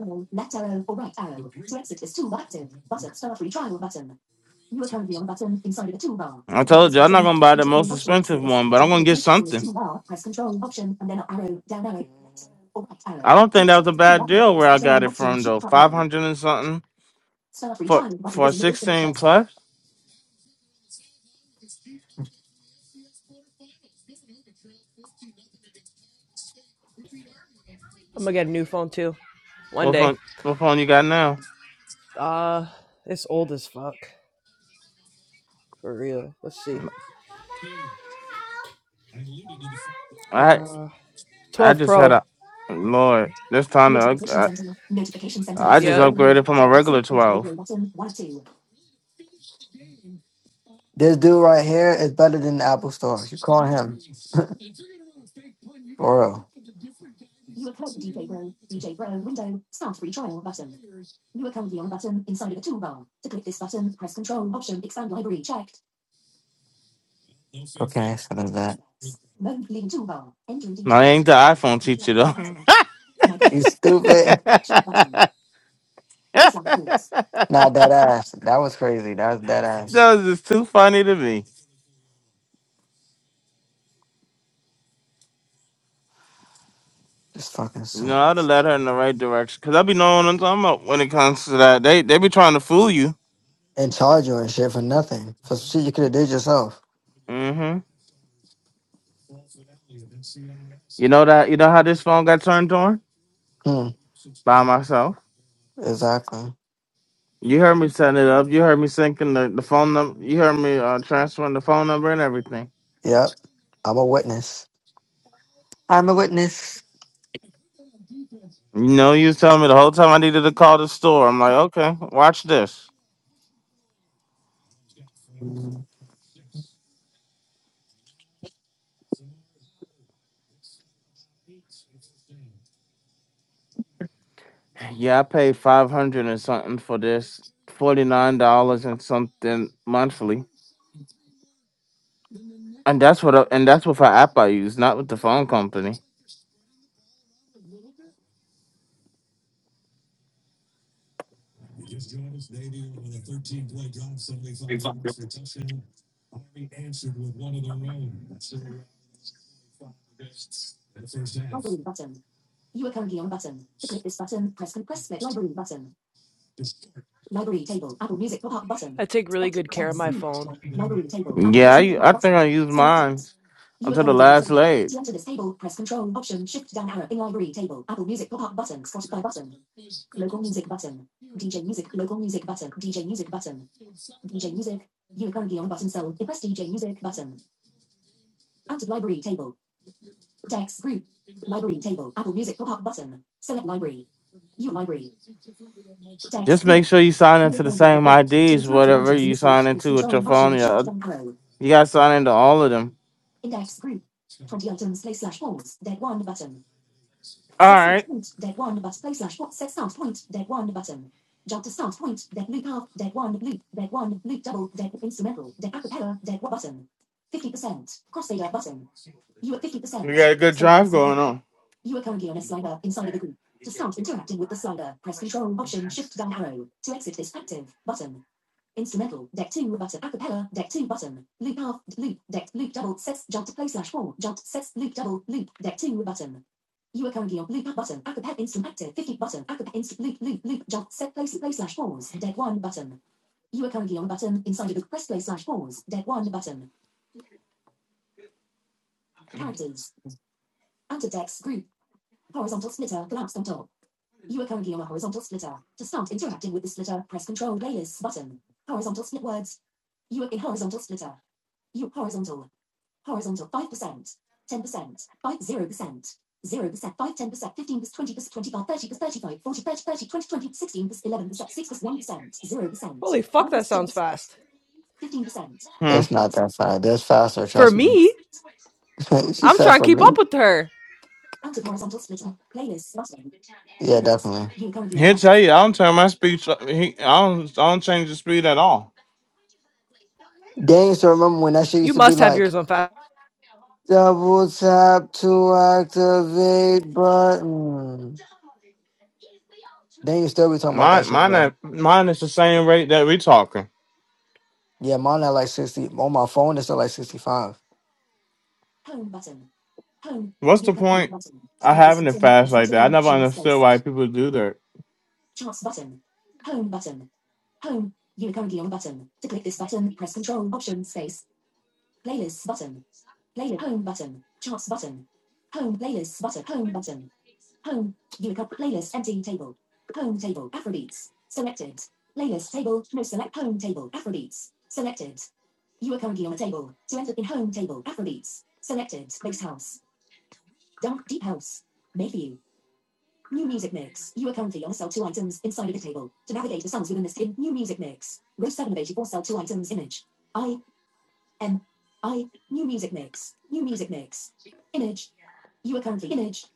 C: I told you I'm not gonna buy the most expensive one, but I'm gonna get something. I don't think that was a bad deal where I got it from though. Five hundred and something for for a sixteen plus.
I: I'm gonna get a new phone too. One
C: What
I: day.
C: phone what phone you got now?
I: Uh, it's old as fuck. For real. Let's see.
C: I
I: Uh,
C: I
I: 12
C: just had
I: Pro.
C: a Lord, this time to, up- I, I just
I: Yeah.
C: upgraded from a regular twelve.
A: This dude right here is better than the Apple Store. You call him for real. Okay, so there's that.
C: No, I ain't the iPhone teacher though.
A: You stupid.
C: that
A: Nah, that ass. That was crazy. That was that ass.
C: was just too funny to me.
A: Just fucking
C: No,
A: suck.
C: I'd have led her in the right direction. Cause I be knowing what I'm talking about when it comes to that. They they be trying to fool you.
A: And charge you and shit for nothing. For some shit you could have did yourself.
C: hmm You know that you know how this phone got turned on?
A: Hmm.
C: By myself.
A: Exactly.
C: You heard me setting it up. You heard me syncing the, the phone number. You heard me uh, transferring the phone number and everything.
A: Yep. I'm a witness. I'm a witness.
C: You know, you was telling me the whole time I needed to call the store. I'm like, okay, watch this.
A: Mm.
C: Yeah, I paid five hundred and something for this, forty nine dollars and something monthly. And that's what I, and that's what for app I use, not with the phone company.
A: Library table. Apple Music pop-up
I: I
A: button.
I: take really
A: Selected
I: good care of
A: tabs.
I: my phone.
A: Library table. Apple
C: Yeah, I,
A: Music
C: u-
A: pop-up
C: I think
A: button.
C: I use
A: Selected.
C: mine
A: You are
C: until the
A: currently on
C: last
A: table.
C: leg.
A: To enter this table, press Control Option Shift down arrow in Library table. Apple Music pop-up button. Spotify button. Local music button. DJ music. Local music button. DJ music button. DJ music. You are currently on button cell. Press DJ music button. Out of Library table. Text group. Library table. Apple Music pop-up button. Select Library. You library. Text.
C: Just
A: group.
C: make sure you sign into the same
A: To
C: IDs,
A: interact with
C: whatever
A: items in
C: you
A: this group,
C: sign
A: use
C: into with your
A: Control
C: phone.
A: Option
C: Yeah,
A: Shift
C: you
A: down arrow.
C: you gotta sign into all of them.
A: Index group. 20 items play slash pause. Dead one button.
C: All
A: Set start
C: right,
A: point. Dead one bus play slash pause. Set start point. Dead one button. Jump to start point. Dead loop half. Dead one loop. Dead one loop double. Dead instrumental. Dead acapella. Dead one button. 50%. Crossfader button. You at
C: we
A: 50%.
C: got a good drive
A: So
C: going on.
A: You are currently on a slider inside of the group. To start interacting with the slider, press Control Option Shift down arrow to exit this active button. Instrumental deck two button acapella deck two button loop half loop deck loop double sets jump to play slash four jump sets loop double loop deck two button. You are currently on loop up button acapella instrument active 50 button acapella Instrument loop loop loop jump set play play slash pause deck one button. You are currently on a button inside of the press play slash pause deck one button. Characters out of group Horizontal splitter, collapsed on top. You are currently on a horizontal splitter. To start interacting with the splitter, press Control Layers button. Horizontal split words. You are in horizontal splitter. You horizontal. Horizontal 5%, 10%, five zero percent 0%, five ten percent 15 percent, 20%, 25, 30 percent, 35, 40 30 30 20 20 16 percent, 11%, 6 percent, 1%, 0%,
I: Holy fuck,
A: 5
I: that sounds
A: 0%,
I: fast.
A: 15%.
C: Hmm.
A: It's not that fast. That's faster,
I: For
A: trust me.
I: me,
A: she
I: I'm
A: said
I: trying to
A: for
I: keep
A: me.
I: up with her.
A: Yeah, definitely.
C: He'll tell you I don't turn my speed. tr- He, I don't I don't change the speed at all.
A: They used to remember when that shit
I: You
A: used to be
I: must have
A: like
I: yours on fast.
A: double tap to activate button. They you still be talking about
C: Mine
A: that shit,
C: mine
A: bro.
C: at- mine is the same rate that we talking.
A: Yeah, mine at like sixty on my phone. It's at like sixty-five.
C: What's the point? I having it fast like that. I never understood why people do that.
A: Home. View cup playlist empty table. Home table Afrobeats. Selected. Playlist table. No select home table Afrobeats. Selected. You are currently on a table. To enter in home table Afrobeats. Selected. Mixed house. Dark deep house. Made for you. New music mix. You are currently on sell two items inside of the table. To navigate the songs within the skin, new music mix. Row 7 of 84 sell two items image. I M I new music mix. New music mix. Image. You are currently image.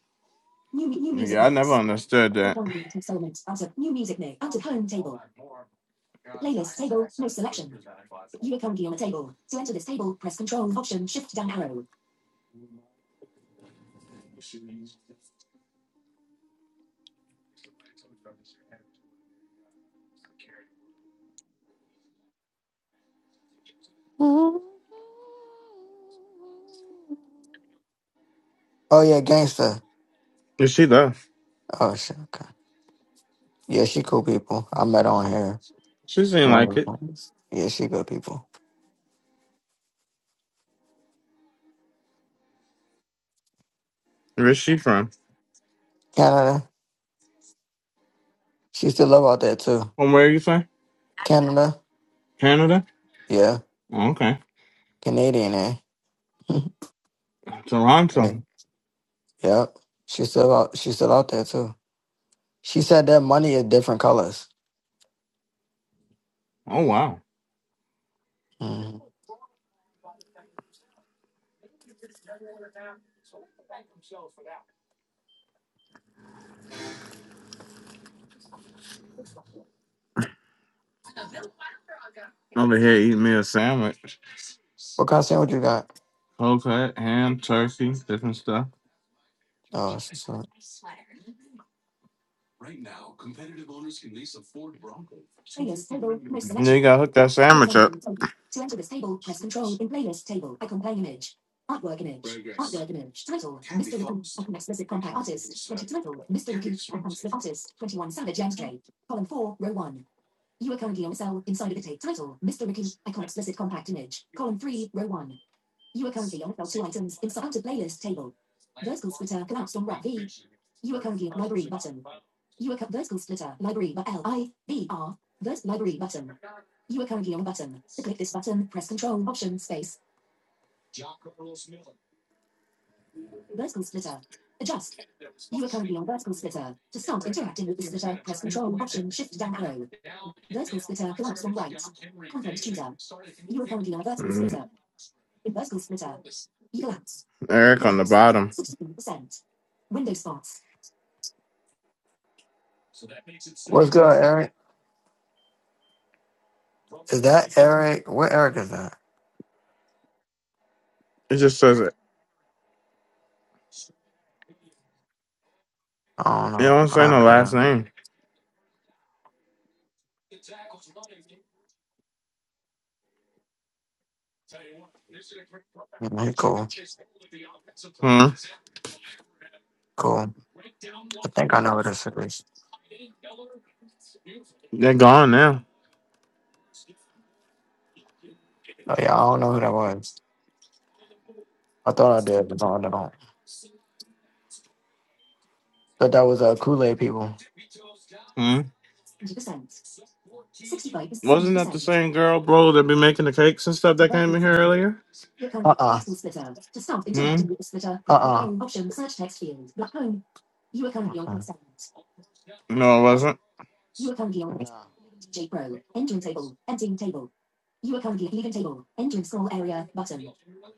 A: New new music
C: Yeah, I never
A: mix.
C: understood that.
A: Rectangular New music menu. Enter home table. Playlist table. No selection. You Ukongi on a table. To enter this table, press Control Option Shift down arrow. Oh yeah, gangsta.
C: Yeah, She left.
A: Oh shit. Okay. Yeah, she cool people. I met her on here.
C: She seemed
A: One
C: like
A: of
C: it.
A: the ones. Yeah, she good people.
C: Where's she from?
A: Canada. She still love out there too.
C: From where you say?
A: Canada.
C: Canada?
A: Yeah.
C: Oh, okay.
A: Canadian. Eh? yeah.
C: Toronto.
A: Yep. She still out. She still out there too. She said that money is different colors.
C: Oh wow.
A: hmm
C: Over here eating me a sandwich.
A: What kind of sandwich you got?
C: Whole cut, ham, turkey, different stuff.
A: Oh, she's not. Playlist table. No
C: And then
A: selection.
C: you gotta hook that sandwich up.
A: To enter this table, press Control in Playlist table. Icon playing image. Artwork image. Artwork image. Title: Mr. Ricky. an explicit compact artist. Twenty title: Mr. Ricky. an explicit artist. Twenty-one Savage and Drake. Column four, row one. You are currently on a cell inside of the tape. Title, Mr. Riku, icon explicit compact image, column 3, row 1. You are currently on a cell 2 items inside the playlist table. Vertical splitter collapsed on wrap V. You are currently on library button. You are cu- vertical splitter library but L I B R verse library button. You are currently on a button. To click this button, press Control Option Space. Vertical splitter. Adjust. You are currently on vertical splitter. To start interacting with the splitter, press Control Option Shift down arrow. Vertical splitter collapsed on right. Content chooser. You are currently on a vertical
C: Mm,
A: splitter. In vertical splitter. You collapse.
C: Eric on the
A: Collapse.
C: bottom.
A: 16%. Window spots. What's good, Eric? Is that Eric? Where Eric is that?
C: It just says it.
A: I don't
C: You
A: know.
C: don't say
A: I
C: no
A: better.
C: last name.
A: He cool.
C: Hmm.
A: Cool. I think I know who this is.
C: They're gone now.
A: Oh yeah, I don't know who that was. I thought I did, but no, I don't. Thought that was uh, Kool Aid people.
C: Hmm.
A: 20%. 65 to 70
C: Wasn't that the
A: percent.
C: same girl, bro, that be making the cakes and stuff that
A: Develop
C: came
A: with
C: in here
A: signal.
C: earlier?
A: Recurrent Uh-uh. splitter. To start
C: Hmm.
A: interacting with the splitter, Uh-uh. option search text field. Black home. You are currently on uh consent.
C: No, it wasn't.
A: Button. You are currently on No. DJ Pro. Entering table. Emptying table. You are currently leaving table. Entering scroll area button.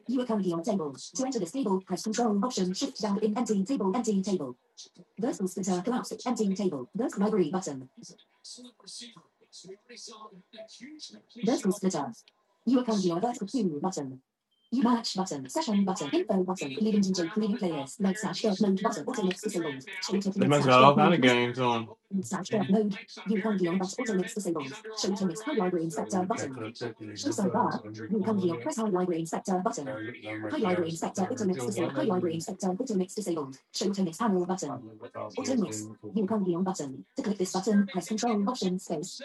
A: You are currently on table. To enter this table, press control option shift down in emptying table. Emptying table. Versal splitter collapse. Emptying table. Versal library button. Vertical splitters. You are currently on a vertical preview button. You match button, session button, info button, leading DJ, leaving playlist, night slash dark mode button, auto mix disabled, show it to
C: They
A: night
C: must
A: slash
C: got
A: dark
C: all kind
A: mode,
C: of games on.
A: night slash dark mode, you currently on that auto mix disabled, show it to mix high library inspector button, show sidebar, you currently on press high library inspector button, high library inspector auto mix disabled, high library inspector auto mix disabled, show to mix panel button, auto mix, you currently on button, to click this button, press control option space,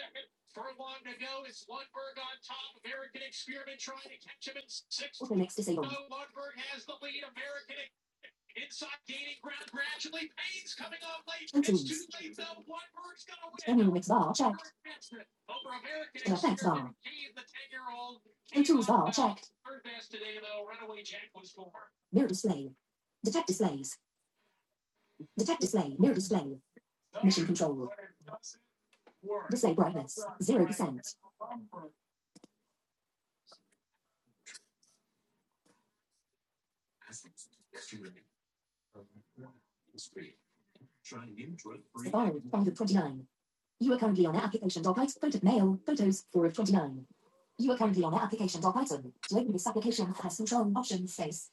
A: show tunes, act, mission control. Display brightness, 0%. Safari, 5 of 29. You are currently on application.python. Photo, mail, photos, 4 of 29. You are currently on application.python. To open this application, press control, option, space.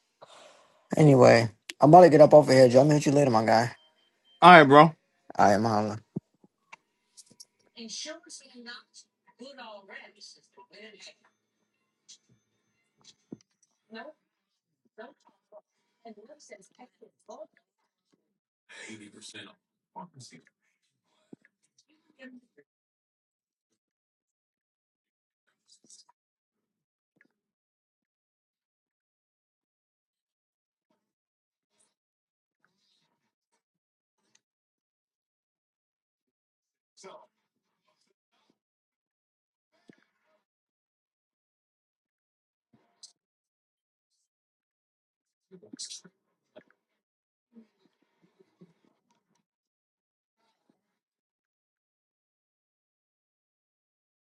A: Anyway, I'm about to get up off here, Joe. I'm gonna hit you later, my guy.
C: All right, bro.
A: I am hollering.